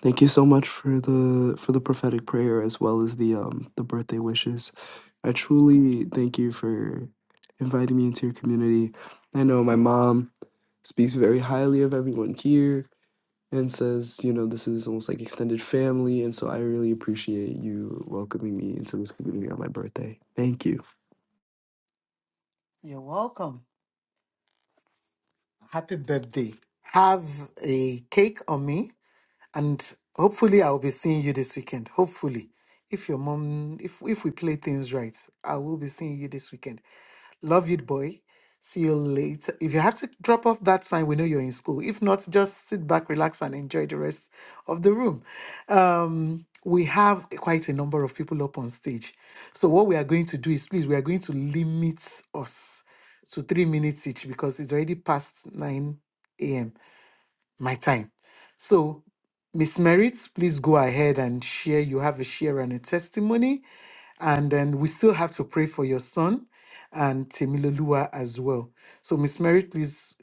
Thank you so much for the for the prophetic prayer as well as the um the birthday wishes. I truly thank you for inviting me into your community. I know my mom speaks very highly of everyone here and says, you know, this is almost like extended family, and so I really appreciate you welcoming me into this community on my birthday. Thank you. You're welcome. Happy birthday. Have a cake on me. And hopefully, I'll be seeing you this weekend. Hopefully, if your mom, if if we play things right, I will be seeing you this weekend. Love you, boy. See you later. If you have to drop off, that's fine. We know you're in school. If not, just sit back, relax, and enjoy the rest of the room. Um, we have quite a number of people up on stage. So, what we are going to do is please, we are going to limit us to three minutes each because it's already past 9 a.m my time. So, Miss Merritt, please go ahead and share. You have a share and a testimony. And then we still have to pray for your son and Temilolua as well. So, Miss Merritt, please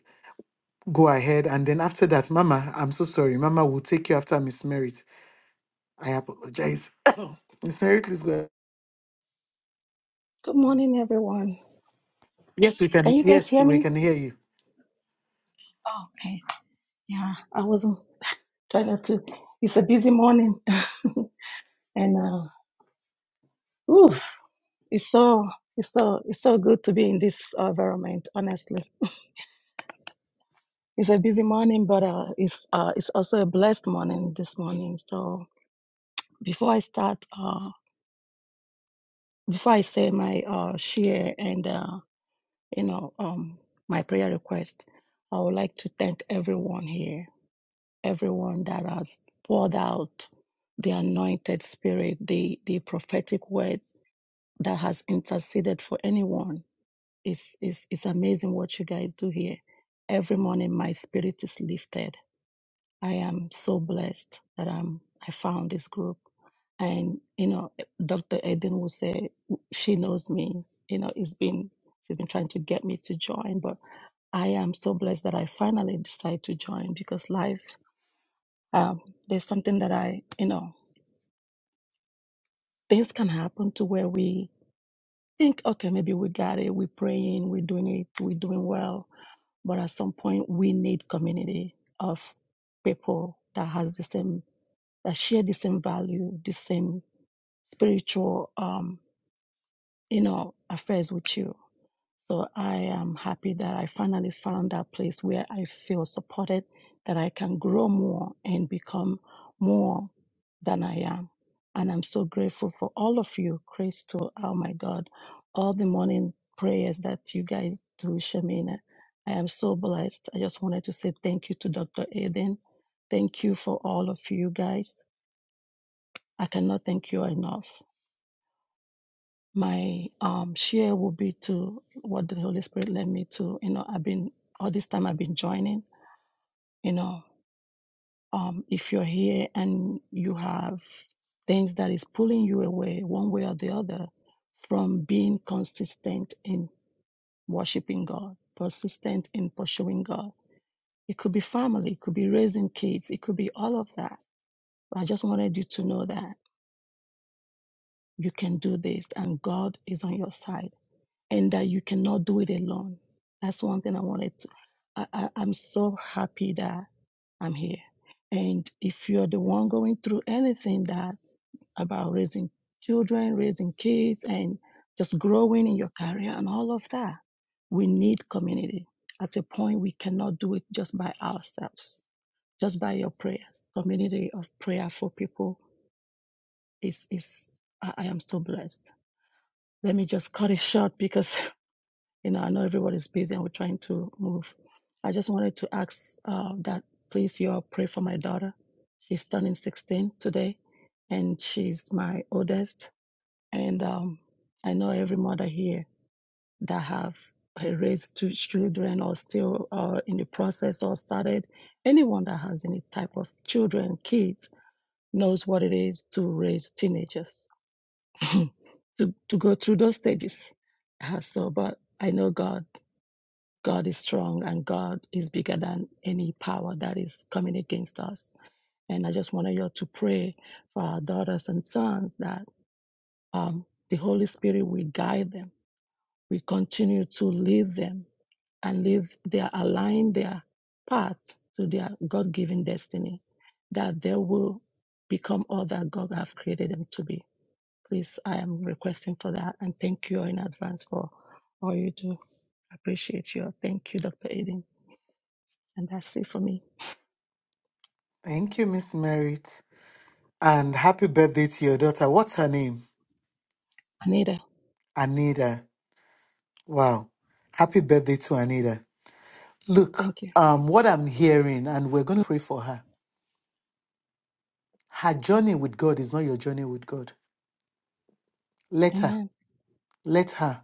go ahead. And then after that, Mama, I'm so sorry. Mama will take you after Miss Merritt. I apologize. Miss Merritt, please go ahead. Good morning, everyone. Yes, we can. Can you guys Yes, hear we me? can hear you. Oh, okay. Yeah, I wasn't trying not to. It's a busy morning, and uh, oof, it's so it's so it's so good to be in this uh, environment. Honestly, it's a busy morning, but uh, it's uh, it's also a blessed morning this morning. So before I start, uh, before I say my uh, share and uh, you know um, my prayer request, I would like to thank everyone here everyone that has poured out the anointed spirit, the, the prophetic words that has interceded for anyone. It's, it's, it's amazing what you guys do here. Every morning, my spirit is lifted. I am so blessed that I'm, I found this group. And, you know, Dr. Eden will say, she knows me. You know, it's been, she's been trying to get me to join, but I am so blessed that I finally decided to join because life um, there's something that I, you know, things can happen to where we think, okay, maybe we got it, we're praying, we're doing it, we're doing well. But at some point, we need community of people that has the same, that share the same value, the same spiritual, um, you know, affairs with you So I am happy that I finally found that place where I feel supported, that I can grow more and become more than I am. And I'm so grateful for all of you, Crystal, oh my God, all the morning prayers that you guys do, Shamina. I am so blessed. I just wanted to say thank you to Dr. Aden. Thank you for all of you guys. I cannot thank you enough my um share will be to what the Holy Spirit led me to. You know, I've been all this time I've been joining. You know, um, if you're here and you have things that is pulling you away one way or the other from being consistent in worshiping God, persistent in pursuing God, it could be family, it could be raising kids, it could be all of that. But I just wanted you to know that you can do this and God is on your side and that you cannot do it alone. That's one thing I wanted to. I, I, I'm so happy that I'm here. And if you're the one going through anything that about raising children, raising kids, and just growing in your career and all of that, we need community. At a point, we cannot do it just by ourselves, just by your prayers. Community of prayer for people is is. I, I am so blessed. Let me just cut it short because You know, I know everybody's busy and we're trying to move. I just wanted to ask uh, that please, you all pray for my daughter. She's turning 16 today, and she's my oldest. And um, I know every mother here that have raised two children or still uh, in the process or started. Anyone that has any type of children, kids, knows what it is to raise teenagers to to go through those stages. Uh, so, but I know God. God is strong and God is bigger than any power that is coming against us. And I just wanted you to pray for our daughters and sons that um, the Holy Spirit will guide them, will continue to lead them and lead their align their path to their God given destiny, that they will become all that God have created them to be. Please, I am requesting for that and thank you in advance for all you do. Appreciate you. Thank you, Dr. Eden. And that's it for me. Thank you, Miss Merritt. And happy birthday to your daughter. What's her name? Anita, Anita. Wow. Happy birthday to Anita. Look, thank you. um, what I'm hearing, and we're going to pray for her. Her journey with God is not your journey with God. Let her, Amen. let her.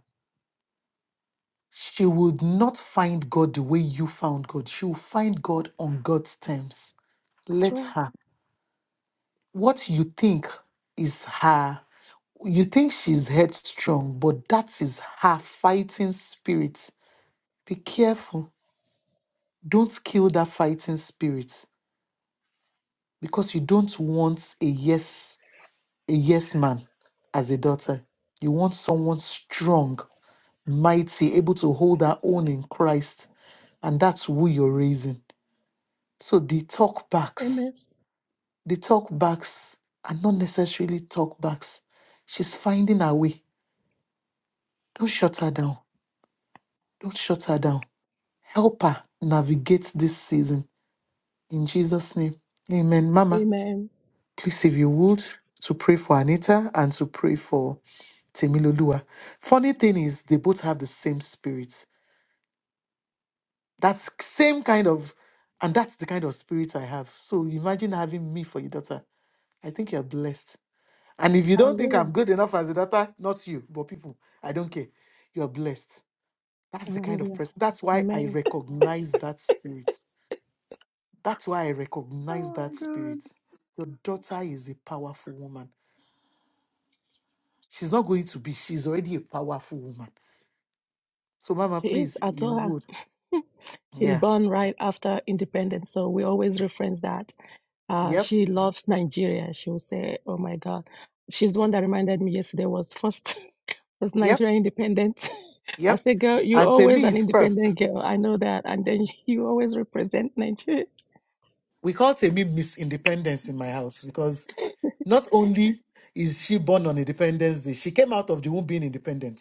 She will not find God the way you found God. She will find God on God's terms. That's Let right. her. What you think is her, you think she's headstrong, but that is her fighting spirit. Be careful. Don't kill that fighting spirit because you don't want a yes a yes man as a daughter. You want someone strong, mighty, able to hold her own in Christ. And that's who you're raising. So the talk Amen. backs, the talk backs are not necessarily talk backs. She's finding her way. Don't shut her down. Don't shut her down. Help her navigate this season. In Jesus' name. Amen. Mama, Amen. please, if you would, to pray for Anita and to pray for Temiloluwa. Funny thing is, they both have the same spirit. That's same kind of, and that's the kind of spirit I have. So imagine having me for your daughter. I think you're blessed. And if you don't think Hallelujah. I'm good enough as a daughter, not you, but people, I don't care. You're blessed. That's the kind of Hallelujah. person. That's why I Amen. recognize that spirit. That's why I recognize Oh that my God. spirit. Your daughter is a powerful woman. She's not going to be. She's already a powerful woman. So, Mama, She is. please, I if you told her would. she's Yeah. born right after independence. So we always reference that. Uh, Yep. she loves Nigeria. She will say, Oh my God. She's the one that reminded me yesterday was first was Yep, Nigeria independent. I yep. said, girl, you And always Temi an is first. independent girl. I know that. And then you always represent Nigeria. We call Temi Miss Independence in my house because not only is she born on Independence Day, she came out of the womb being independent.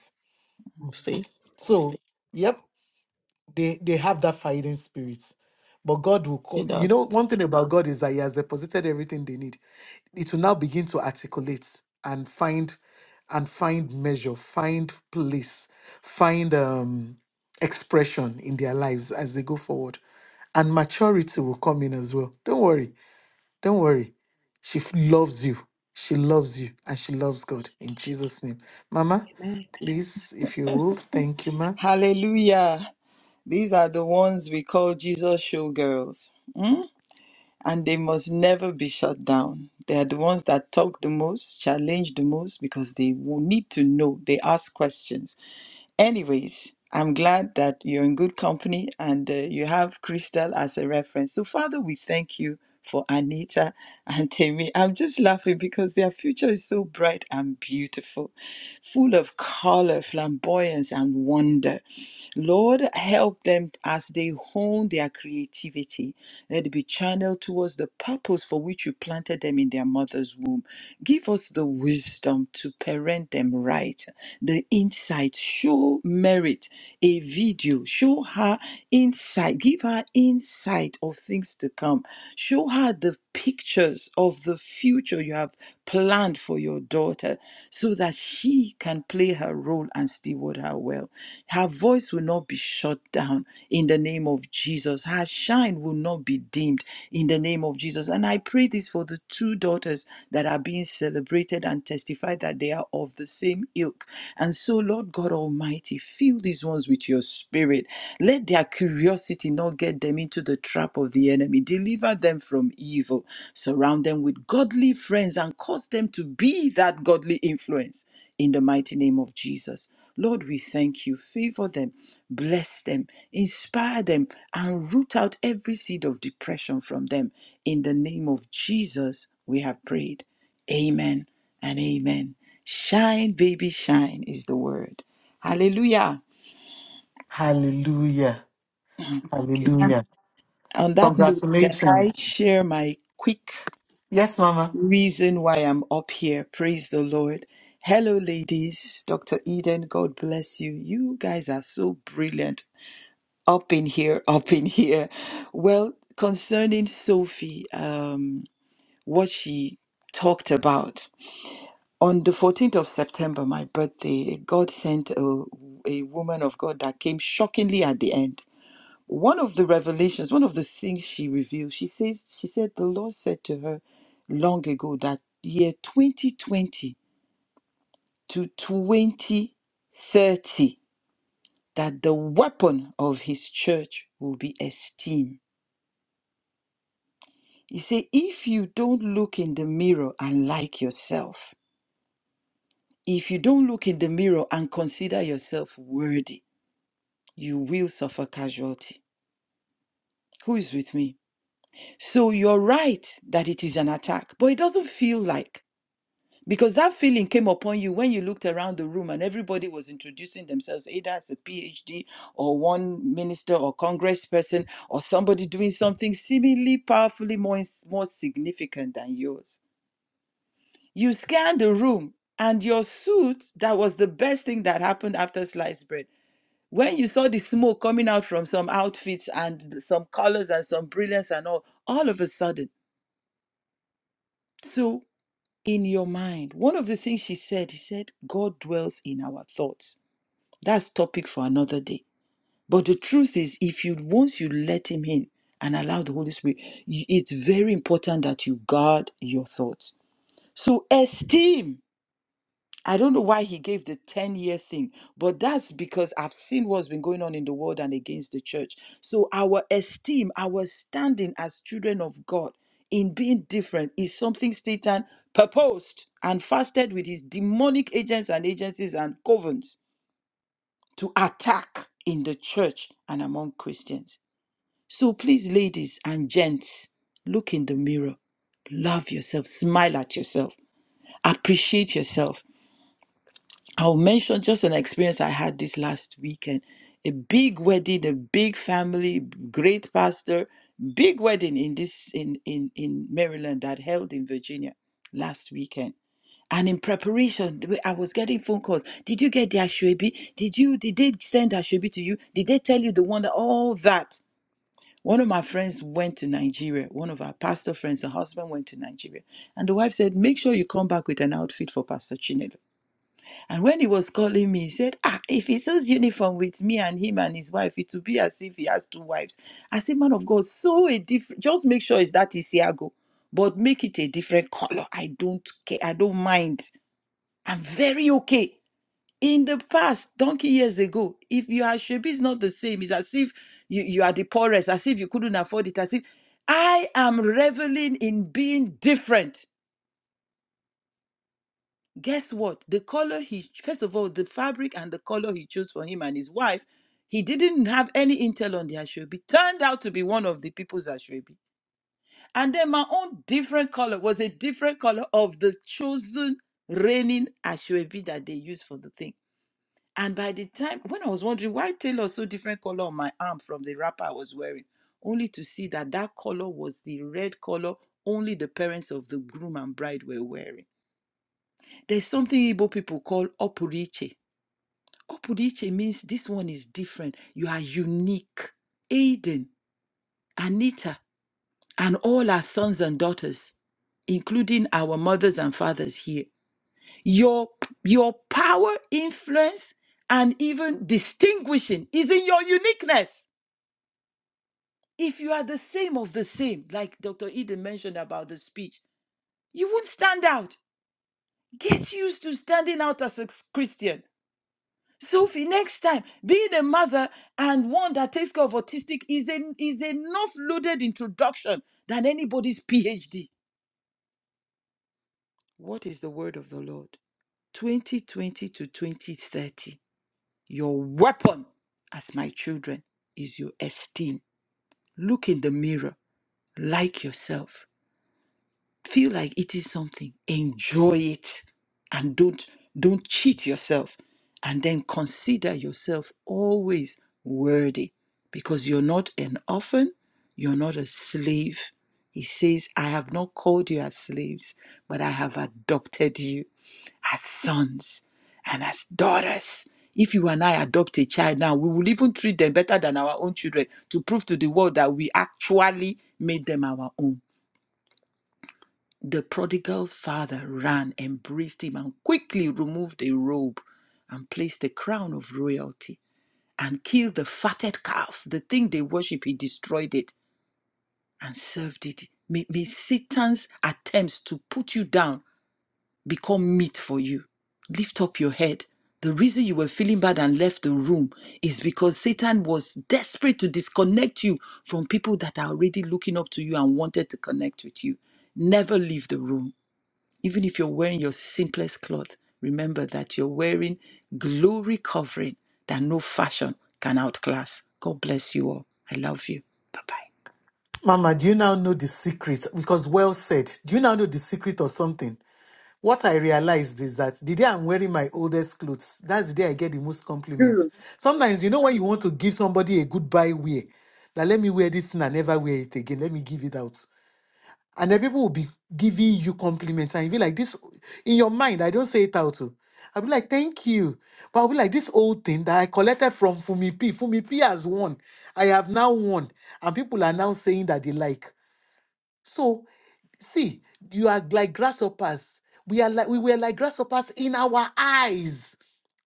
You See, So, yep. they they have that fighting spirit but god will she co- you does. know one thing about god is that he has deposited everything they need it will now begin to articulate and find and find measure find place find um expression in their lives as they go forward and maturity will come in as well don't worry don't worry she f- loves you she loves you and she loves god in jesus name mama please if you would thank you ma Hallelujah. These are the ones we call Jesus showgirls. Mm? And they must never be shut down. They are the ones that talk the most, challenge the most, because they will need to know. They ask questions. Anyways, I'm glad that you're in good company and uh, you have Crystal as a reference. So, Father, we thank you for Anita and Temi. I'm just laughing because their future is so bright and beautiful, full of color, flamboyance, and wonder. Lord, help them as they hone their creativity. Let it be channeled towards the purpose for which you planted them in their mother's womb. Give us the wisdom to parent them right, the insight. Show merit a video. Show her insight. Give her insight of things to come. Show her the pictures of the future you have planned for your daughter so that she can play her role and steward her well. Her voice will not be shut down in the name of Jesus. Her shine will not be dimmed in the name of Jesus. And I pray this for the two daughters that are being celebrated and testified that they are of the same ilk. And so, Lord God Almighty, fill these ones with your spirit. Let their curiosity not get them into the trap of the enemy Deliver them from evil. Surround them with godly friends and cause them to be that godly influence in the mighty name of Jesus. Lord, we thank you. Favor them, bless them, inspire them, and root out every seed of depression from them. In the name of Jesus, we have prayed. Amen and amen. Shine, baby, shine is the word. Hallelujah. hallelujah Hallelujah. On that note, can I Congratulations. share my quick? Yes, Mama. reason why I'm up here. Praise the Lord. Hello, ladies. Dr. Eden, God bless you. You guys are so brilliant. Up in here, up in here. Well, concerning Sophie, um, what she talked about. On the 14th of September, my birthday, God sent a, a woman of God that came shockingly at the end one of the revelations, one of the things she revealed, she says, she said, the Lord said to her long ago that year 2020 to 2030, that the weapon of his church will be esteemed. He said, if you don't look in the mirror and like yourself, if you don't look in the mirror and consider yourself worthy, you will suffer casualty. Who is with me? So you're right that it is an attack, but it doesn't feel like Because that feeling came upon you when you looked around the room and everybody was introducing themselves, either as a PhD or one minister or congressperson or somebody doing something seemingly powerfully more, ins- more significant than yours. You scanned the room and your suit, that was the best thing that happened after sliced bread. When you saw the smoke coming out from some outfits and th- some colors and some brilliance and all, all of a sudden. So in your mind. One of the things she said, he said, God dwells in our thoughts. That's topic for another day. But the truth is, if you once you let him in and allow the Holy Spirit, you- it's very important that you guard your thoughts. So esteem I don't know why he gave the 10 year thing, but that's because I've seen what's been going on in the world and against the church. So, our esteem, our standing as children of God in being different is something Satan purposed and fasted with his demonic agents and agencies and covens to attack in the church and among Christians. So, please, ladies and gents, look in the mirror, love yourself, smile at yourself, appreciate yourself. I'll mention just an experience I had this last weekend. A big wedding, a big family, great pastor, big wedding in this in in in Maryland that held in Virginia last weekend. And in preparation, the way I was getting phone calls. Did you get the Ashwebi? Did you did they send Ashwebi to you? Did they tell you the one that all that? One of my friends went to Nigeria. One of our pastor friends, the husband went to Nigeria. And the wife said, Make sure you come back with an outfit for Pastor Chinelo and when he was calling me, he said, Ah, if he sells uniform with me and him and his wife, it will be as if he has two wives. I said, Man of God, so a different, just make sure it's that Isiago, but make it a different color. I don't care. I don't mind. I'm very okay. In the past, donkey years ago, if your Ashebi is not the same, it's as if you, you are the poorest, as if you couldn't afford it, as if I am reveling in being different guess what the color he first of all the fabric and the color he chose for him and his wife he didn't have any intel on the ashobi turned out to be one of the people's ashobi and then my own different color was a different color of the chosen reigning ashobi that they used for the thing and by the time when i was wondering why taylor so different color on my arm from the wrapper i was wearing only to see that that color was the red color only the parents of the groom and bride were wearing there's something Igbo people call opuriche. Opuriche means this one is different. You are unique. Aiden, Anita, and all our sons and daughters, including our mothers and fathers here, your your power, influence, and even distinguishing is in your uniqueness. If you are the same of the same, like Dr. Eden mentioned about the speech, you won't stand out. Get used to standing out as a Christian. Sophie, next time, being a mother and one that takes care of autistic is a, is a enough loaded introduction than anybody's PhD. What is the word of the Lord? 2020 to 2030. Your weapon, as my children, is your esteem. Look in the mirror, like yourself. feel like eating something enjoy it and don't don't cheat yourself and then consider yourself always worthy because you're not an orphan you're not a slave he says i have not called you as slaves but i have adopted you as sons and as daughters if you and i adopt a child now we will even treat them better than our own children to prove to the world that we actually made them our own the prodigal's father ran, embraced him, and quickly removed the robe and placed the crown of royalty and killed the fatted calf. The thing they worship, he destroyed it and served it. May, may Satan's attempts to put you down become meat for you. Lift up your head. The reason you were feeling bad and left the room is because Satan was desperate to disconnect you from people that are already looking up to you and wanted to connect with you. Never leave the room even if you're wearing your simplest cloth, remember that you're wearing glory covering that no fashion can outclass. God bless you all. I love you. Bye bye. Mama, do you now know the secret? Because well said. Do you now know the secret of something? What I realized is that the day I'm wearing my oldest clothes, that's the day I get the most compliments. Two. Sometimes, you know, when you want to give somebody a goodbye wear, that let me wear this thing and never wear it again, let me give it out. and then people will be giving you compliments and you'll be like this in your mind i don't say it out to i'll be like thank you but i'll be like this old thing that i collected from fumi p fumi p has won i have now won and people are now saying that they like so see you are like grasshoppers we are like we were like grasshoppers in our eyes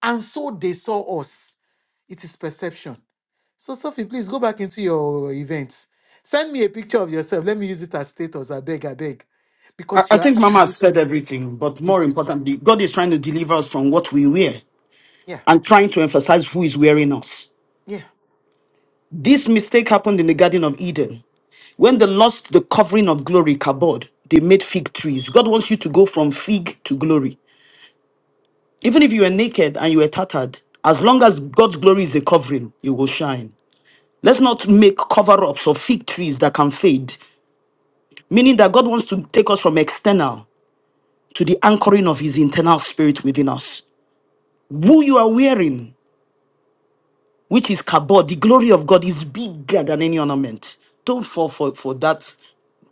and so they saw us it is perception so, Sophie, please go back into your events. Send me a picture of yourself. Let me use it as status. I beg, I beg. I, Because I you are think Mama has said absolutely everything, but more beautiful. importantly, God is trying to deliver us from what we wear Yeah, and trying to emphasize who is wearing us. yeah. This mistake happened in the Garden of Eden. When they lost the covering of glory, kabod, they made fig trees. God wants you to go from fig to glory. Even if you are naked and you are tattered, as long as God's glory is a covering, you will shine. Let's not make cover ups of fig trees that can fade, meaning that God wants to take us from external to the anchoring of his internal spirit within us. Who you are wearing, which is kabod, the glory of God is bigger than any ornament. Don't fall for, for that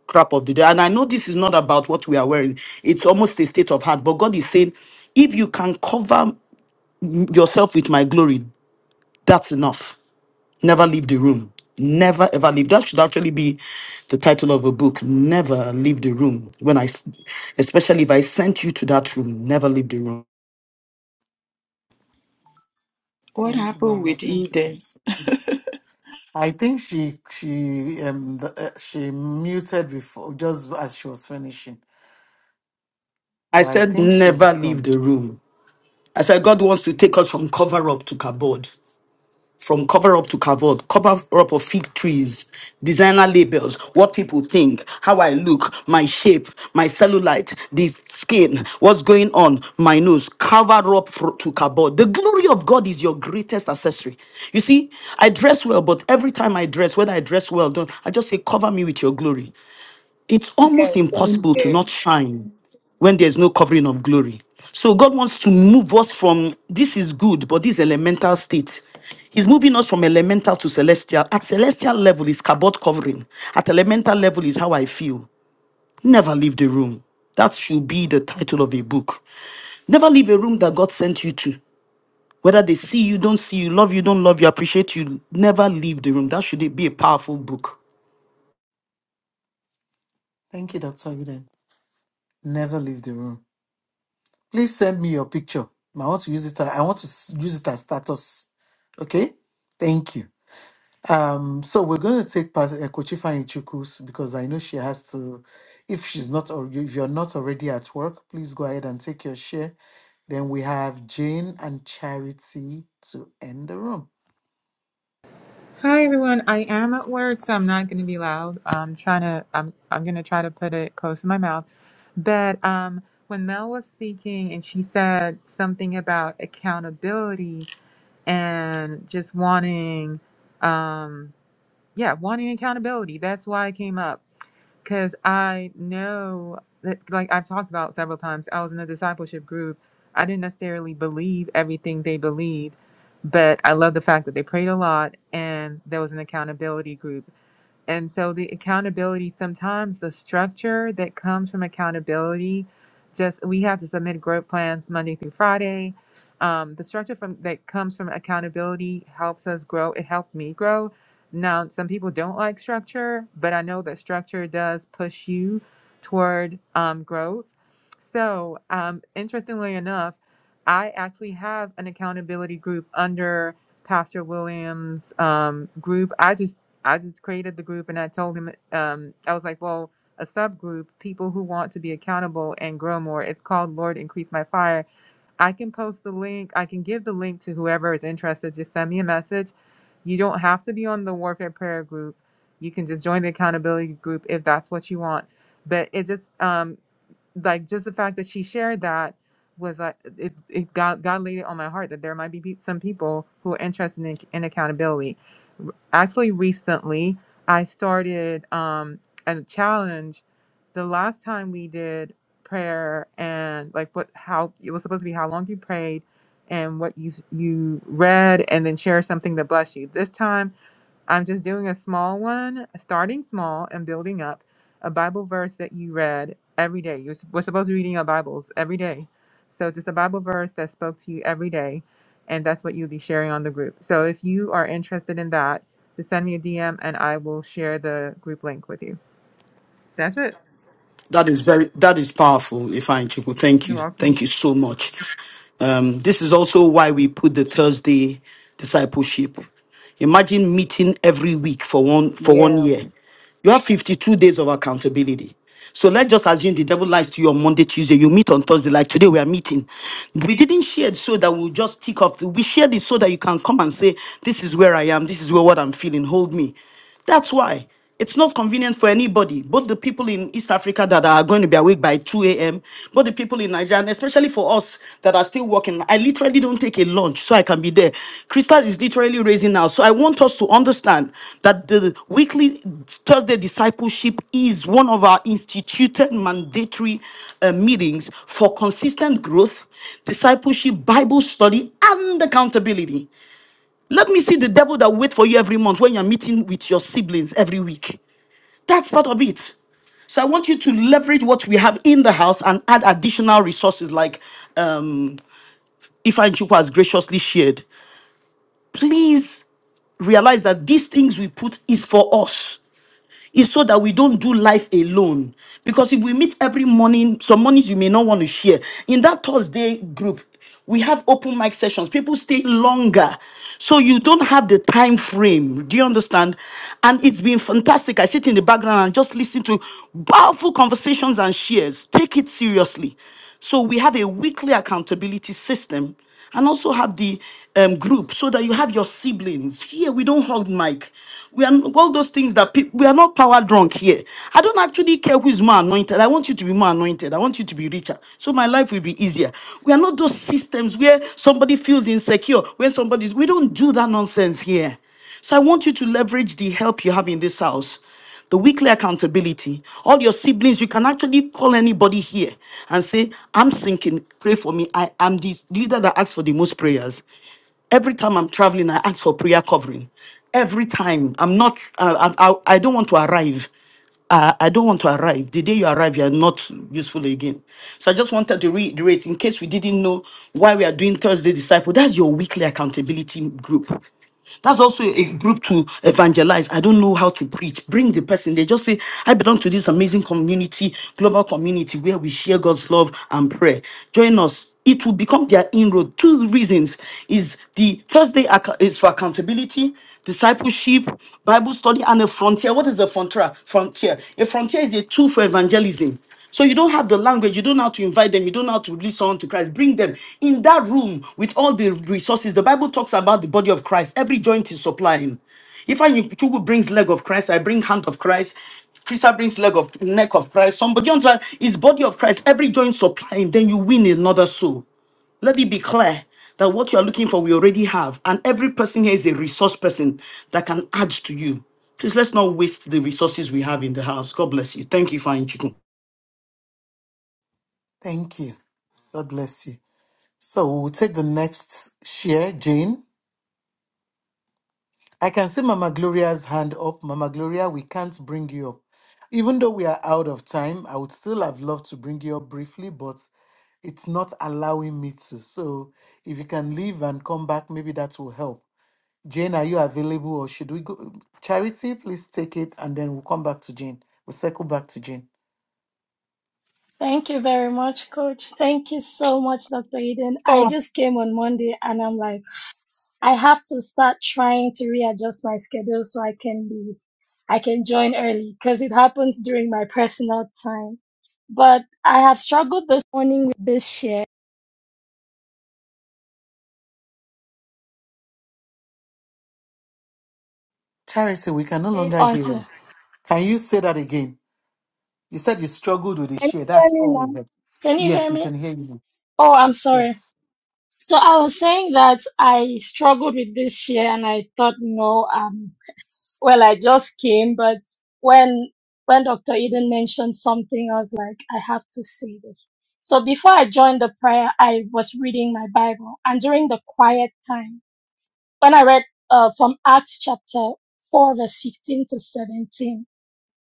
crap of the day. And I know this is not about what we are wearing, it's almost a state of heart. But God is saying, if you can cover yourself with my glory, that's enough. Never leave the room. Never ever leave. That should actually be the title of a book. Never leave the room. When I, s- especially if I sent you to that room, never leave the room. What Thank you, happened Mama. with Thank you. for Eden? I think she she um the, uh, she muted before just as she was finishing, I but I said, think she's never leave done. the room. I said, God wants to take us from cover up to cupboard, from cover up to cupboard, cover up of fig trees, designer labels, what people think, how I look, my shape, my cellulite, the skin, what's going on, my nose, cover up for, to cupboard. The glory of God is your greatest accessory. You see, I dress well, but every time I dress, whether I dress well, or not I just say, cover me with your glory it's almost impossible to not shine when there's no covering of glory. So God wants to move us from this is good, but this elemental state. He's moving us from elemental to celestial. At celestial level is kabod covering. At elemental level is how I feel. Never leave the room. That should be the title of a book. Never leave a room that God sent you to. Whether they see you, don't see you, love you, don't love you, appreciate you. Never leave the room. That should be a powerful book. Thank you, Doctor Eden. Never leave the room. Please send me your picture. I want to use it. I want to s- use it as status. Okay. Thank you. Um, so we're going to take part uh, Kochifa Chukwu's because I know she has to. If she's not, or if you're not already at work, please go ahead and take your share. Then we have Jane and Charity to end the room. Hi everyone. I am at work, so I'm not going to be loud. I'm trying to. I'm. I'm going to try to put it close to my mouth. But um, when Mel was speaking and she said something about accountability and just wanting, um, yeah, wanting accountability. That's why I came up because I know that, like I've talked about several times, I was in a discipleship group. I didn't necessarily believe everything they believed, but I love the fact that they prayed a lot and there was an accountability group. And so the accountability, sometimes the structure that comes from accountability, just we have to submit growth plans Monday through Friday. Um, the structure from that comes from accountability helps us grow. It helped me grow. Now, some people don't like structure, but I know that structure does push you toward um, growth. So, um, interestingly enough, I actually have an accountability group under Pastor Williams' um, group. I just I just created the group and I told him, um, I was like, well, a subgroup, people who want to be accountable and grow more. It's called Lord Increase My Fire. I can post the link. I can give the link to whoever is interested. Just send me a message. You don't have to be on the Warfare Prayer group. You can just join the accountability group if that's what you want. But it just um, like just the fact that she shared that was like it, it got God laid it on my heart that there might be peop some people who are interested in, in accountability. Actually, recently I started um, a challenge. The last time we did prayer and like what how it was supposed to be how long you prayed and what you you read and then share something that blessed you. This time I'm just doing a small one, starting small and building up. A Bible verse that you read every day. You're, s- we're supposed to be reading our Bibles every day. So just a Bible verse that spoke to you every day. And that's what you'll be sharing on the group. So if you are interested in that, just send me a DM and I will share the group link with you. That's it. That is very that is powerful, If I Chiku. Thank You're you. welcome. Thank you so much. Um, this is also why we put the Thursday discipleship. Imagine meeting every week for one for one Yeah, well, year. You have 52 days of accountability. So let's just assume the devil lies to you on Monday, Tuesday. You meet on Thursday, like today we are meeting. We didn't share it so that we'll just tick off. We shared it so that you can come and say, This is where I am, this is where what I'm feeling. Hold me. That's why it's not convenient for anybody, both the people in East Africa that are going to be awake by 2 a.m., both the people in Nigeria, and especially for us that are still working. I literally don't take a lunch so I can be there. Crystal is literally raising now. So I want us to understand that the weekly Thursday discipleship is one of our instituted mandatory uh, meetings for consistent growth, discipleship, Bible study, and accountability. Let me see the devil that wait for you every month when you're meeting with your siblings every week. That's part of it. So I want you to leverage what we have in the house and add additional resources like um, Ifa and Chukwu has graciously shared. Please realize that these things we put is for us is so that we don't do life alone. Because if we meet every morning, some mornings you may not want to share. In that Thursday group, we have open mic sessions. People stay longer. So you don't have the time frame. Do you understand? And it's been fantastic. I sit in the background and just listen to powerful conversations and shares. Take it seriously. So we have a weekly accountability system and also have the um, group so that you have your siblings here we don't hold mic we are all those things that peop we are not power drunk here i don't actually care who is more anointed i want you to be more anointed i want you to be richer so my life will be easier we are not those systems where somebody feels insecure Where somebody's we don't do that nonsense here so I want you to leverage the help you have in this house. The weekly accountability. All your siblings, you can actually call anybody here and say, I'm sinking, pray for me. I am the leader that asks for the most prayers. Every time I'm traveling, I ask for prayer covering. Every time I'm not, I, I, I don't want to arrive. I, I don't want to arrive. The day you arrive, you are not useful again. So I just wanted to reiterate in case we didn't know why we are doing Thursday Disciple. That's your weekly accountability group. That's also a group to evangelize. I don't know how to preach. Bring the person. They just say, I belong to this amazing community, global community, where we share God's love and prayer. Join us. It will become their inroad. Two reasons is the Thursday acco- is for accountability discipleship, Bible study, and a frontier. What is a frontier? Frontier. A frontier is a tool for evangelism. So you don't have the language, you don't know how to invite them, you don't know how to lead someone to Christ. Bring them in that room with all the resources. The Bible talks about the body of Christ. Every joint is supplying. If I Chugu brings leg of Christ, I bring hand of Christ. Krista brings leg of neck of Christ. Somebody on is body of Christ. Every joint supplying, then you win another soul. Let it be clear that what you're looking for, we already have. And every person here is a resource person that can add to you. Please let's not waste the resources we have in the house. God bless you. Thank you, Fine Chiku. Thank you. God bless you. So we'll take the next share, Jane. I can see Mama Gloria's hand up. Mama Gloria, we can't bring you up. Even though we are out of time, I would still have loved to bring you up briefly, but it's not allowing me to. So if you can leave and come back, maybe that will help. Jane, are you available or should we go? Charity, please take it and then we'll come back to Jane. We'll circle back to Jane. Thank you very much, Coach. Thank you so much, Dr. Eden. I Oh, just came on Monday and I'm like, I have to start trying to readjust my schedule so I can be, I can join early because it happens during my personal time. But I have struggled this morning with this share. Charity, we can no Paid longer hear onto. you. Can you say that again? You said you struggled with the Can you share. hear That's me all now? we heard. Can you hear Yes, we me? can hear you. now. Oh, I'm sorry. Yes. So I was saying that I struggled with this share and I thought, no, um. Well, I just came, but when when Dr. Eden mentioned something, I was like, I have to say this. So before I joined the prayer, I was reading my Bible, and during the quiet time, when I read uh, from Acts chapter four, verse fifteen to seventeen,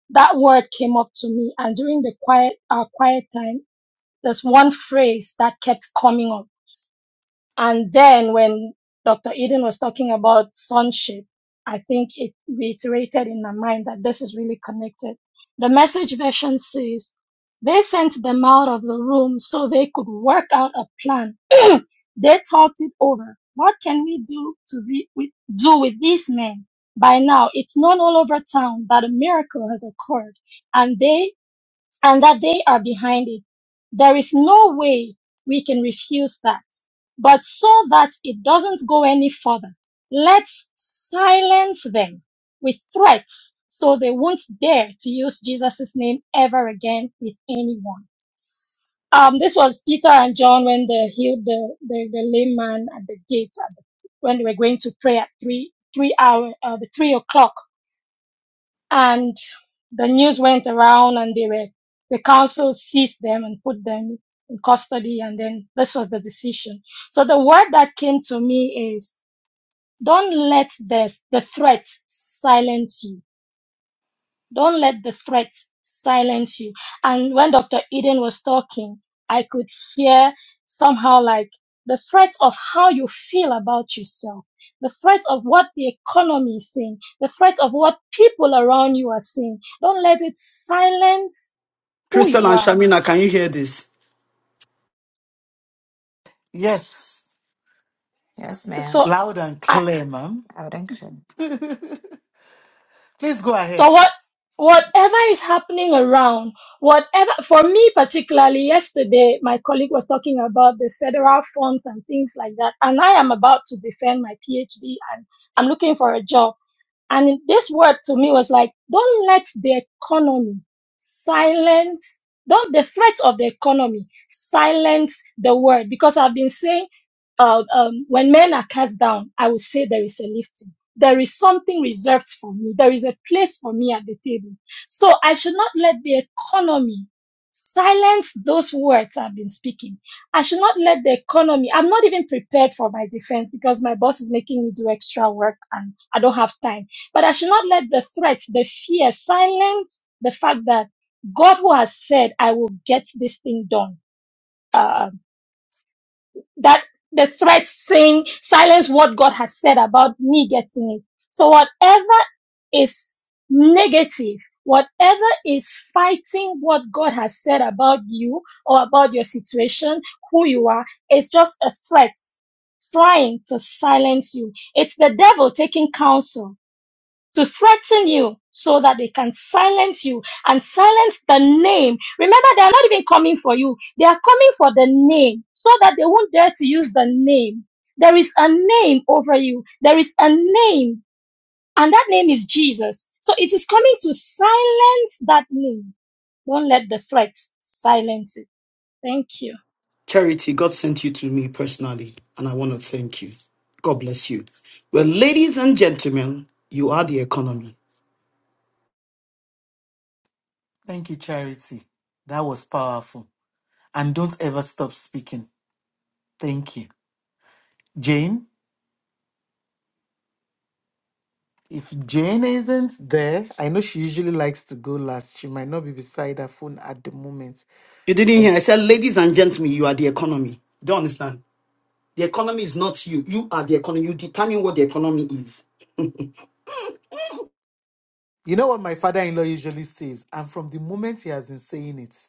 that word came up to me, and during the quiet uh, quiet time, there's one phrase that kept coming up. And then when Dr. Eden was talking about sonship, I think it reiterated in my mind that this is really connected. The message version says, they sent them out of the room so they could work out a plan. They talked it over. What can we do to be, with, do with these men? By now, it's known all over town that a miracle has occurred, and they and that they are behind it. There is no way we can refuse that. But so that it doesn't go any further, let's silence them with threats so they won't dare to use Jesus' name ever again with anyone. Um, this was Peter and John when they healed the, the, the lame man at the gate at the, when they were going to pray at three, three hour, uh, the three o'clock and the news went around and they were the council seized them and put them in custody and then this was the decision so the word that came to me is don't let the, the threat silence you don't let the threats silence you. And when Dr. Eden was talking, I could hear somehow like the threat of how you feel about yourself, the threat of what the economy is saying, the threat of what people around you are saying. Don't let it silence who Crystal you and are. Shamina, can you hear this? Yes. Yes, ma'am. So Loud and clear, ma'am. I would encourage. Please go So ahead. what whatever is happening around, whatever for me particularly yesterday my colleague was talking about the federal funds and things like that and I am about to defend my PhD and I'm looking for a job and this word to me was like, don't let the economy silence, don't the threat of the economy silence the word. Because I've been saying, uh, um, when men are cast down, I will say there is a lifting. There is something reserved for me. There is a place for me at the table. So I should not let the economy silence those words I've been speaking. I should not let the economy, I'm not even prepared for my defense because my boss is making me do extra work and I don't have time but I should not let the threat, the fear, silence the fact that God who has said, I will get this thing done. Uh, that the threat saying, silence what God has said about me getting it. So whatever is negative, whatever is fighting what God has said about you or about your situation, who you are, is just a threat trying to silence you. It's the devil taking counsel to threaten you so that they can silence you and silence the name. Remember, they are not even coming for you, they are coming for the name so that they won't dare to use the name. There is a name over you, there is a name, and that name is Jesus. So it is coming to silence that name. Don't let the threats silence it. Thank you. Charity, God sent you to me personally, and I want to thank you. God bless you. Well, ladies and gentlemen, you are the economy. Thank you, Charity. That was powerful. And don't ever stop speaking. Thank you. Jane, if Jane isn't there, I know she usually likes to go last. She might not be beside her phone at the moment. You didn't hear. I You said, ladies and gentlemen, you are the economy. You don't understand. The economy is not you. You are the economy. You determine what the economy is. know what my father in law usually says? And from the moment he has been saying it.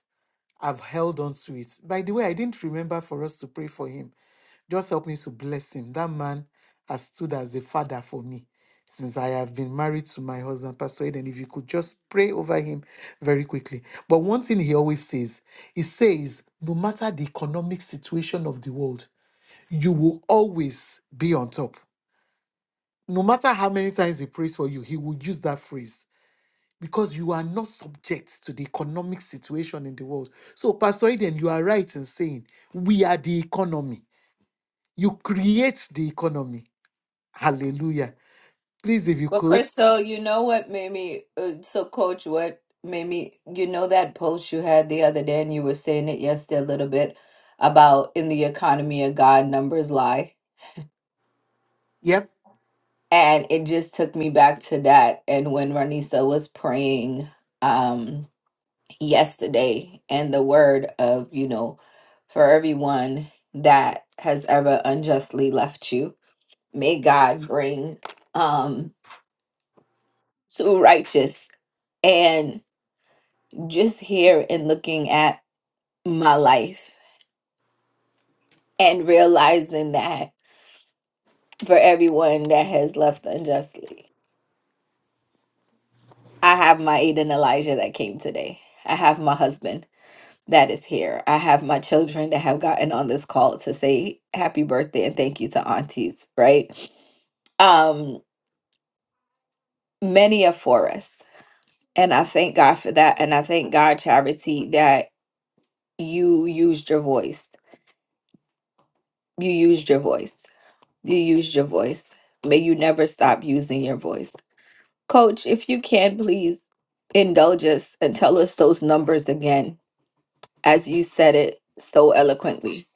I've held on to it. By the way, I didn't remember for us to pray for him. Just help me to bless him. That man has stood as a father for me since I have been married to my husband, Pastor Eden. If you could just pray over him very quickly. But one thing he always says, he says, no matter the economic situation of the world, you will always be on top. No matter how many times he prays for you, he will use that phrase because you are not subject to the economic situation in the world. So, Pastor Eden, you are right in saying we are the economy. You create the economy. Hallelujah. Please, if you Well, could. Crystal, you know what made me uh, so coach what made me you know that post you had the other day and you were saying it yesterday a little bit about in the economy of God numbers lie. Yep. And it just took me back to that and when Ranisa was praying um yesterday and the word of, you know, for everyone that has ever unjustly left you, may God bring um two righteous. And just here and looking at my life and realizing that for everyone that has left unjustly, I have my Aiden Elijah that came today. I have my husband that is here. I have my children that have gotten on this call to say happy birthday and thank you to aunties, right? Um, many are for us. And I thank God for that. And I thank God, Charity, that you used your voice. You used your voice You used your voice. May you never stop using your voice. Coach, if you can, please indulge us and tell us those numbers again, as you said it so eloquently.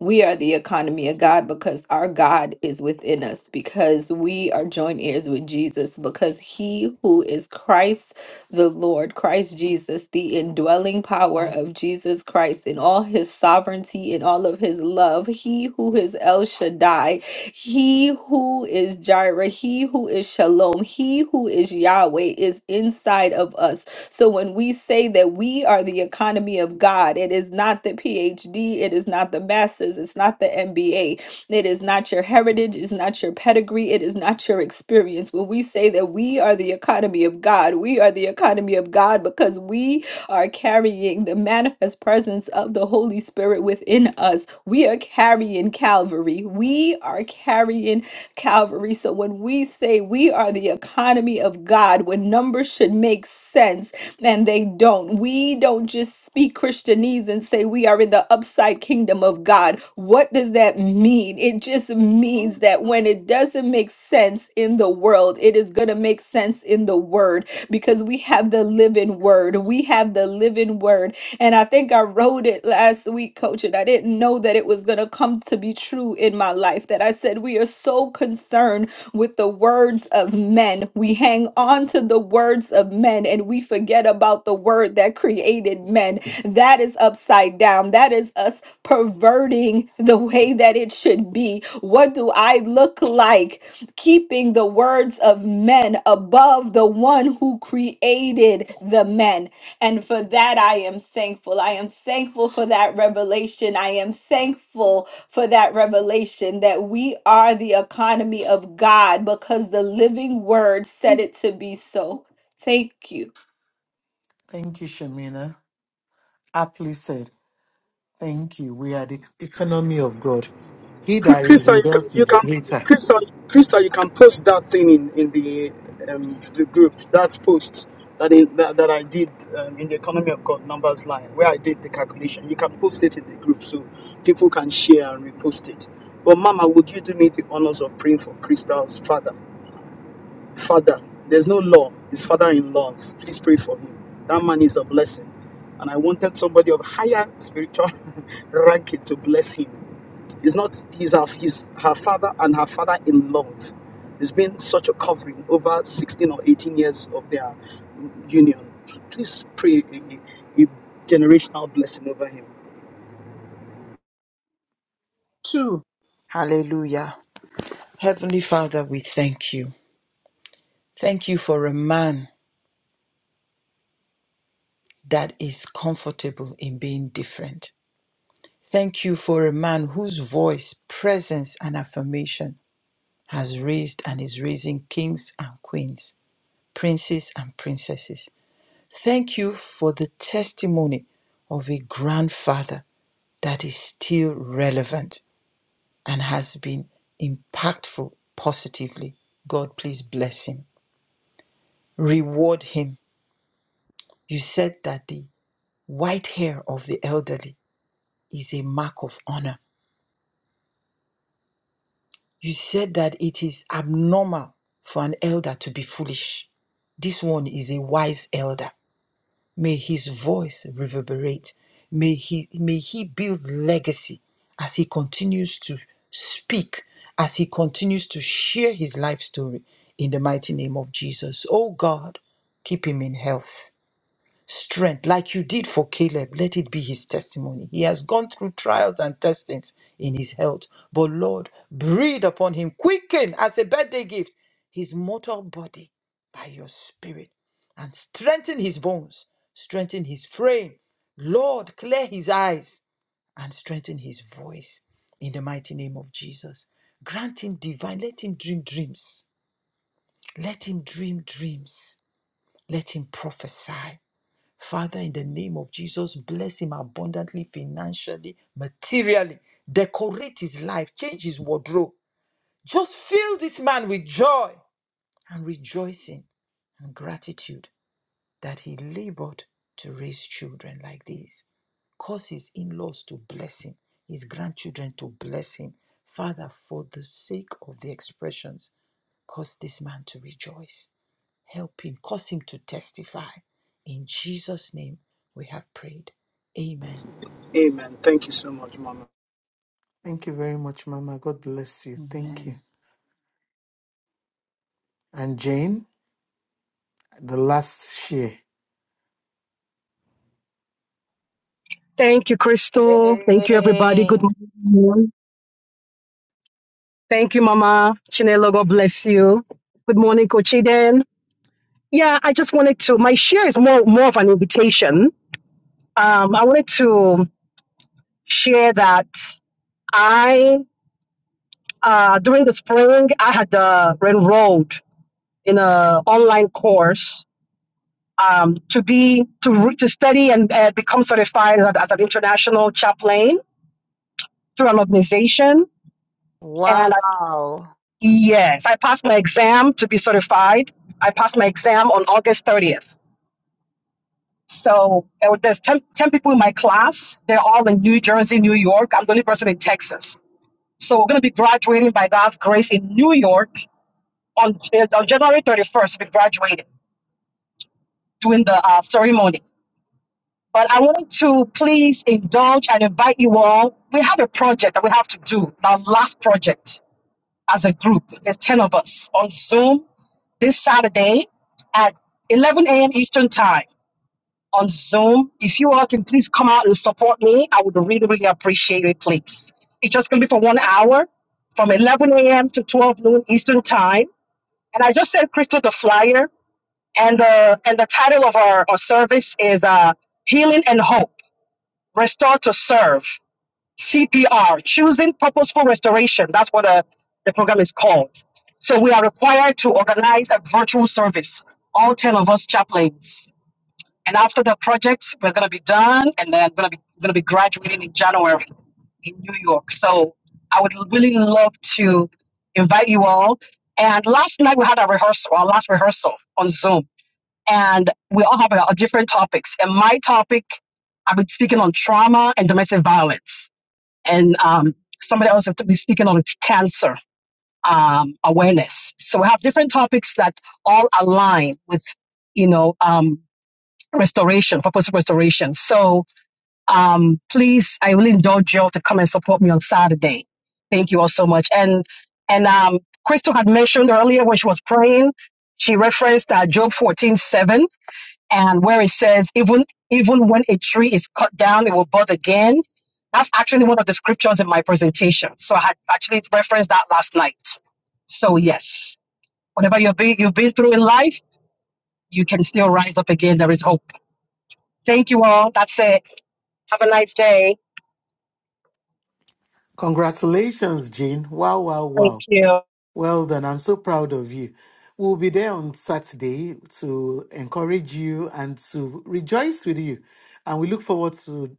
We are the economy of God because our God is within us, because we are joint heirs with Jesus, because he who is Christ the Lord, Christ Jesus, the indwelling power of Jesus Christ in all his sovereignty, in all of his love, he who is El Shaddai he who is Jireh, he who is Shalom, he who is Yahweh is inside of us. So when we say that we are the economy of God, it is not the PhD, it is not the master's, it's not the MBA, it is not your heritage, it's not your pedigree, it is not your experience. When we say that we are the economy of God, we are the economy of God because we are carrying the manifest presence of the Holy Spirit within us. We are carrying Calvary. We are carrying Calvary. So when we say we are the economy of God, when numbers should make sense and they don't, we don't just speak Christianese and say we are in the upside kingdom of God. What does that mean? It just means that when it doesn't make sense in the world, it is going to make sense in the word because we have the living word. We have the living word. And I think I wrote it last week, coach, and I didn't know that it was going to come to be true in my life. That I said, we are so concerned with the words of men. We hang on to the words of men and we forget about the word that created men. That is upside down. That is us perverting the way that it should be. What do I look like? keeping the words of men above the one who created the men. And for that, I am thankful. I am thankful for that revelation. I am thankful for that revelation that we are the economy of God because the living word said it to be so. Thank you. Thank you, Shamina. Aptly said. Thank you. We are the economy of God. He Cr- that is Crystal, you with can, us you is can greater. Crystal, Crystal, you can post that thing in in the um, the group. That post that in, that, that I did um, in the economy of God numbers line, where I did the calculation. You can post it in the group so people can share and repost it. But Mama, would you do me the honors of praying for Crystal's father? Father, there's no law. His father in love. Please pray for him. That man is a blessing and I wanted somebody of higher spiritual ranking to bless him. He's not, he's her, he's her father and her father in love. There's been such a covering over 16 or 18 years of their union. Please pray a, a a generational blessing over him. two. Hallelujah. Heavenly Father, we thank you. Thank you for a man that is comfortable in being different. Thank you for a man whose voice, presence, and affirmation has raised and is raising kings and queens. princes and princesses. Thank you for the testimony of a grandfather that is still relevant and has been impactful positively. God, please bless him. Reward him. You said that the white hair of the elderly is a mark of honor. You said that it is abnormal for an elder to be foolish. This one is a wise elder. May his voice reverberate. May he, may he build legacy as he continues to speak, as he continues to share his life story in the mighty name of Jesus. Oh God, keep him in health strength like you did for Caleb. Let it be his testimony. He has gone through trials and testings in his health. But Lord, breathe upon him, quicken as a birthday gift his mortal body by your spirit and strengthen his bones, strengthen his frame. Lord, clear his eyes and strengthen his voice in the mighty name of Jesus. Grant him divine, let him dream dreams. Let him dream dreams. Let him prophesy. Father, in the name of Jesus, bless him abundantly, financially, materially. Decorate his life, change his wardrobe. Just fill this man with joy and rejoicing and gratitude that he labored to raise children like this. Cause his in laws to bless him, his grandchildren to bless him. Father, for the sake of the expressions, cause this man to rejoice. Help him, cause him to testify. In Jesus' name we have prayed. Amen. Thank you very much, Mama. God bless you. Thank you. Amen. And Jane, the last share. thank you, Crystal. Thank you, everybody. Hey, Good morning. Thank you, Mama. Chinelo, God bless you. Good morning, Coach Eden. Yeah, I just wanted to, my share is more, more of an invitation. Um, I wanted to share that I, uh, during the spring, I had uh, enrolled in a online course um, to be, to, re- to study and uh, become certified as, as an international chaplain through an organization and. wow. Yes, I passed my exam to be certified. I passed my exam on August 30th. So there were- there's 10, ten people in my class. They're all in New Jersey, New York. I'm the only person in Texas. So we're going to be graduating by God's grace in New York on, eh, on January 31st. We'll be graduating, doing the uh, ceremony. But I wanted to please indulge and invite you all. We have a project that we have to do, our last project as a group. There's 10 of us on Zoom this Saturday at 11 a.m. Eastern Time on Zoom. If you all can please come out and support me, I would really, really appreciate it, please. It's just going to be for one hour from 11 a.m. to 12 noon Eastern Time. And I just sent Crystal the flyer, and the, and the title of our, our service is uh, Healing and Hope Restore to Serve. CPR, Choosing Purposeful Restoration. That's what uh, the program is called. So we are required to organize a virtual service, all 10 of us chaplains. And after the project, we're going to be done and then I'm going to be going to be graduating in January in New York. So I would really love to invite you all. And last night we had a rehearsal, our last rehearsal on Zoom. And we all have a a different topics. And my topic, I've been speaking on trauma and domestic violence and um, somebody else will be speaking on cancer um, awareness. So we have different topics that all align with, you know, um, restoration, purposeful restoration. So um, please, I will indulge you all to come and support me on Saturday. Thank you all so much. And and um, Crystal had mentioned earlier when she was praying, she referenced uh, Job fourteen seven and where it says even even when a tree is cut down it will bud again that's actually one of the scriptures in my presentation so i had actually referenced that last night so yes whatever you've been you've been through in life you can still rise up again there is hope thank you all that's it have a nice day Congratulations, Jane. Wow, wow, wow. Yeah. Well done. I'm so proud of you. We'll be there on Saturday to encourage you and to rejoice with you. And we look forward to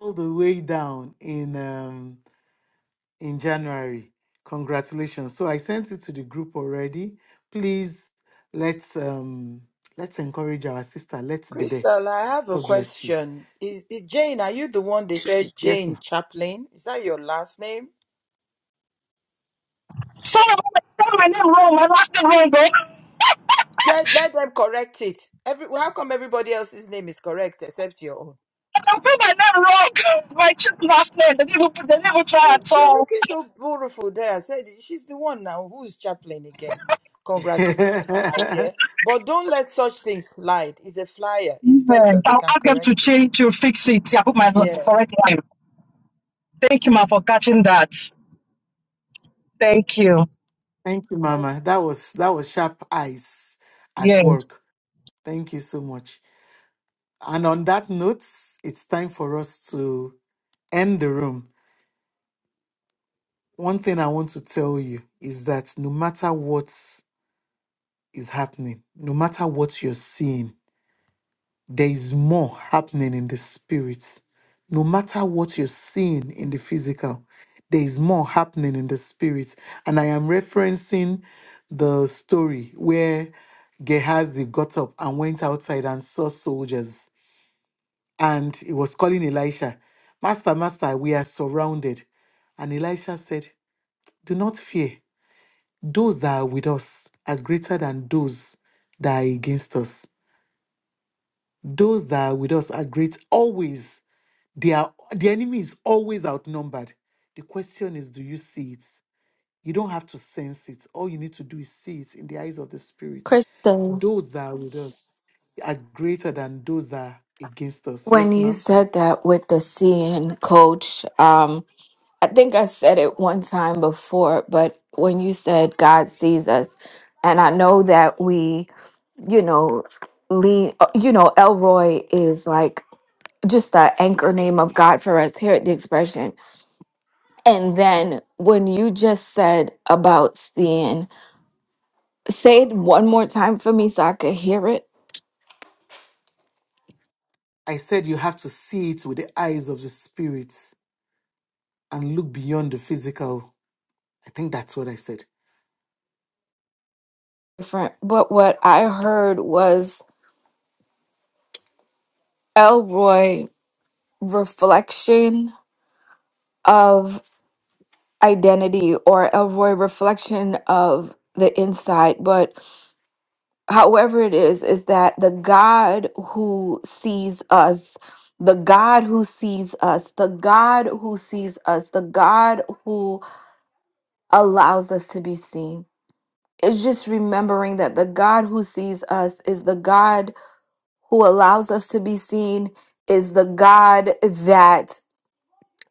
all the way down in um, in January. Congratulations. So I sent it to the group already. Please let's um let's encourage our sister. Let's be there. Crystal, I have a God bless you. question. Is, is Jane, are you the one they said Yes. Jane ma'am. Chaplin? Is that your last name? sorry i put my name wrong my last name wrong bro Yeah, let them correct it. Every, how come everybody else's name is correct except your own? i put my name wrong my last name they didn't even put- they didn't even try at You're all looking so beautiful there. I said, she's the one now who's chaplain again. Congratulations, my dear. But don't let such things slide. It's a flyer. It's Yes. virtual. They I'll can ask them to correct it. change to fix it. Yeah, I put my correct Yes. name. Thank you, ma, for catching that. Thank you. Thank you, Well, Mama. That was that was sharp eyes at Yes. work. Thank you so much. And on that note, it's time for us to end the room. One thing I want to tell you is that no matter what is happening, no matter what you're seeing, there is more happening in the spirit. No matter what you're seeing in the physical, there is more happening in the spirit. And I am referencing the story where Gehazi got up and went outside and saw soldiers and he was calling Elisha, Master, Master, we are surrounded. And Elisha said, Do not fear. Those that are with us are greater than those that are against us. Those that are with us are great always. They are, the enemy is always outnumbered. The question is, do you see it? You don't have to sense it. All you need to do is see it in the eyes of the Spirit. Kristen, Those that are with us are greater than those that are against us. when Yes, you ma'am? said that with the CN coach, um. I think I said it one time before, but when you said God sees us, and I know that we, you know, lean, uh, you know, Elroy is like just the anchor name of God for us here at the expression. And then when you just said about seeing, say it one more time for me so I could hear it I said you have to see it with the eyes of the spirit and look beyond the physical. I think that's what I said. different. But what I heard was Elroy reflection identity or avoid reflection of the inside. But however it is, is that the God who sees us, the God who sees us, the God who sees us, the God who allows us to be seen. It's just remembering that the God who sees us is the God who allows us to be seen, is the God that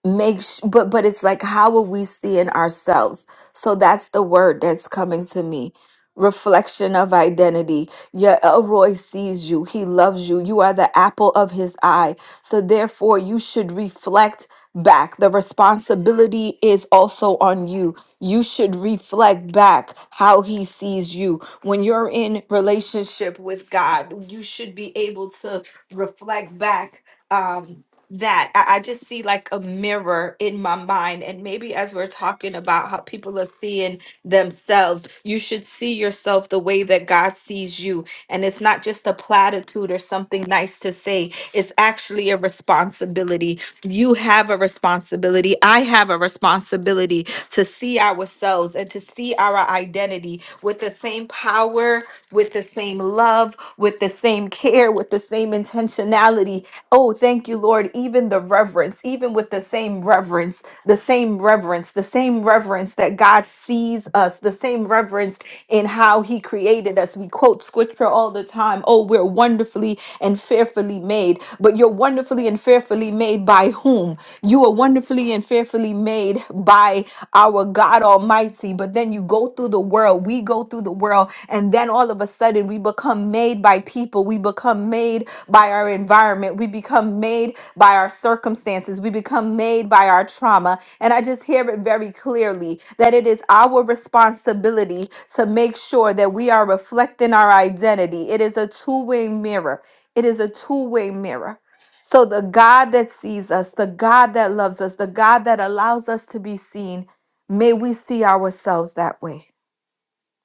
make sh- but but it's like how will we see in ourselves so that's the word that's coming to me reflection of identity yeah elroy sees you he loves you you are the apple of his eye so therefore you should reflect back the responsibility is also on you you should reflect back how he sees you when you're in relationship with god you should be able to reflect back Um that I, I just see like a mirror in my mind and maybe as we're talking about how people are seeing themselves you should see yourself the way that god sees you and it's not just a platitude or something nice to say it's actually a responsibility you have a responsibility i have a responsibility to see ourselves and to see our identity with the same power care, with the same love, with the same care, with the same intentionality. Oh, thank you, Lord. Even the reverence, even with the same reverence, the same reverence, the same reverence that God sees us, the same reverence in how He created us. We quote scripture all the time. Oh, we're wonderfully and fearfully made, but you're wonderfully and fearfully made by whom? You are wonderfully and fearfully literally made by our God Almighty. But then you go through the world, we go through the world, and then all of a sudden we become made by people, we become made by our environment, we become made by our circumstances, we become made by our trauma. And I just hear it very clearly that it is our responsibility to make sure that we are reflecting our identity. It is a two way mirror. It is a two way mirror so, the God that sees us, the God that loves us, the God that allows us to be seen, may we see ourselves that way.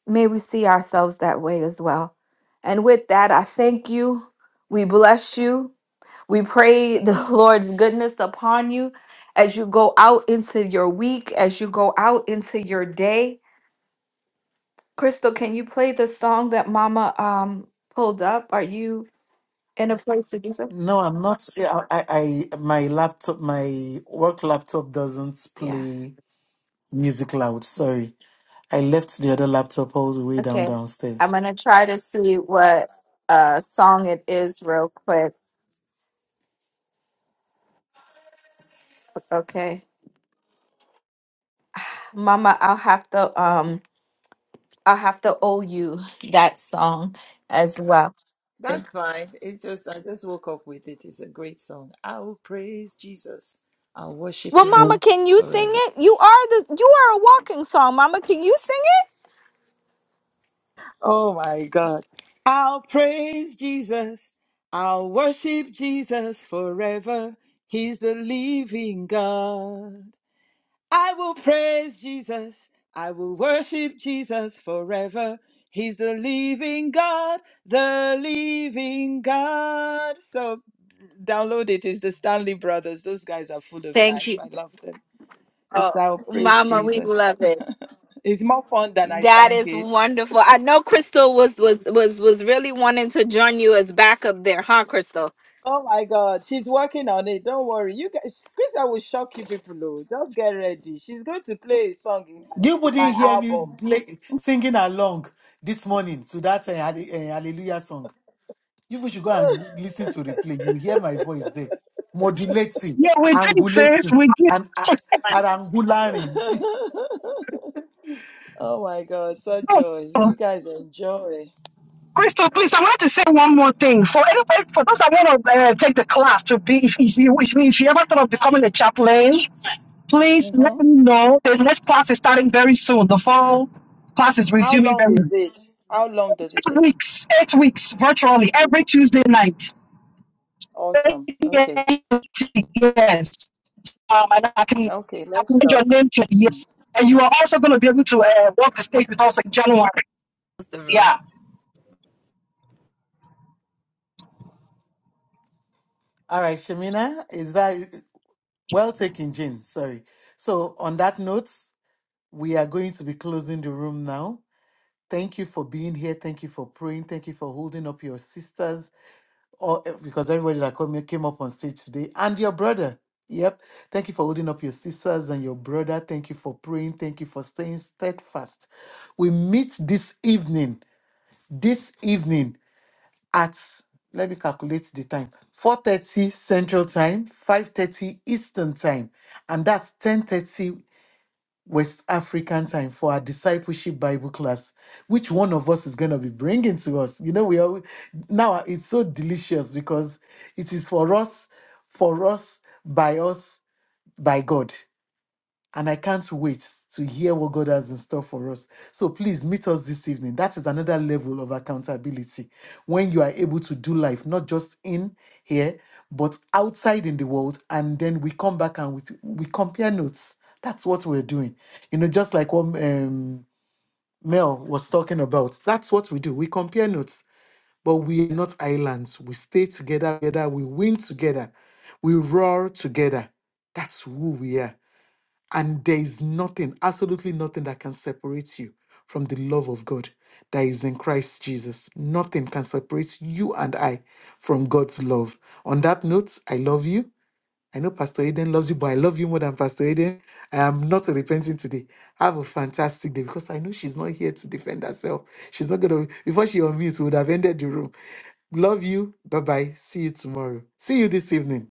May we see ourselves that way as well. And with that, I thank you. We bless you. We pray the Lord's goodness upon you as you go out into your week, as you go out into your day. Crystal, can you play the song that Mama um, pulled up? Are you in a place to do so? No, I'm not. yeah, I, I, I, my laptop, my work laptop doesn't Yeah. play music loud. Sorry, I left the other laptop all the way down Okay. I'm downstairs. going to try to see what uh song it is real quick. Okay. Mama, I'll have to um I'll have to owe you that song as well. Thank- That's fine. It's just I just woke up with it. It's a great song. I will praise Jesus. I'll worship Well, him Mama, can you sing forever. it? You are the you are a walking song, Mama. Can you sing it? Oh my God. I'll praise Jesus. I'll worship Jesus forever. He's the living God. I will praise Jesus. I will worship Jesus forever. He's the living God, the living God. So download it. It's the Stanley Brothers. Those guys are full of Thank life. you. I love them. Oh, It's our praise Mama, we Jesus. love it. it's more fun than I That sang is it. wonderful. I know Crystal was was was was really wanting to join you as backup there, huh, Crystal? Oh my God, she's working on it. Don't worry. You guys, Krista will shock you people. Oh, just get ready. She's going to play a song in my, You in my wouldn't hear me album. play, singing along this morning to that uh, halle- uh, hallelujah song. You people should go and listen to replay. You will hear my voice there, modulating, Yeah, we did, sis. angulating, We did. and uh, and angulating. Oh my God, such No, joy. no. You guys enjoy. Crystal, please, I wanted to say one more thing. For anybody, for those that want to uh, take the class to be, if, if, you, if, you, if you ever thought of becoming a chaplain, please hmm let me know. The next class is starting very soon. The fall class is How resuming long very is soon. it? How long does it eight take? weeks, eight weeks virtually every Tuesday night. Awesome. Okay. Yes. um, and I can Okay, I can let's get talk. your name to yes. And you are also going to be able to uh, walk the stage with us in January. Yeah. All right, Shemina, is that well taken, Jane? Sorry. So on that note, we are going to be closing the room now. Thank you for being here. Thank you for praying. Thank you for holding up your sisters. all because everybody that come, came up on stage today and your brother. Yep. Thank you for holding up your sisters and your brother. Thank you for praying. Thank you for staying steadfast. We meet this evening, this evening at let me calculate the time 4.30 central time 5.30 eastern time and that's 10.30 West African time for our discipleship Bible class, which one of us is going to be bringing to us. You know, we are now it's so delicious because it is for us, for us, by us, by God. And I can't wait to hear what God has in store for us. So please meet us this evening. That is another level of accountability when you are able to do life, not just in here, but outside in the world. And then we come back and we, we compare notes. That's what we're doing. You know, just like what um, Mel was talking about. That's what we do. We compare notes, but we are not islands. We stay together, together. We win together. We roar together. That's who we are. And there is nothing, absolutely nothing that can separate you from the love of God that is in Christ Jesus. Nothing can separate you and I from God's love. On that note, I love you. I know Pastor Aiden loves you, but I love you more than Pastor Aiden. I am not repenting today. Have a fantastic day because I know she's not here to defend herself. She's not going to, before she unmutes, we would have ended the room. Love you. Bye bye. See you tomorrow. See you this evening.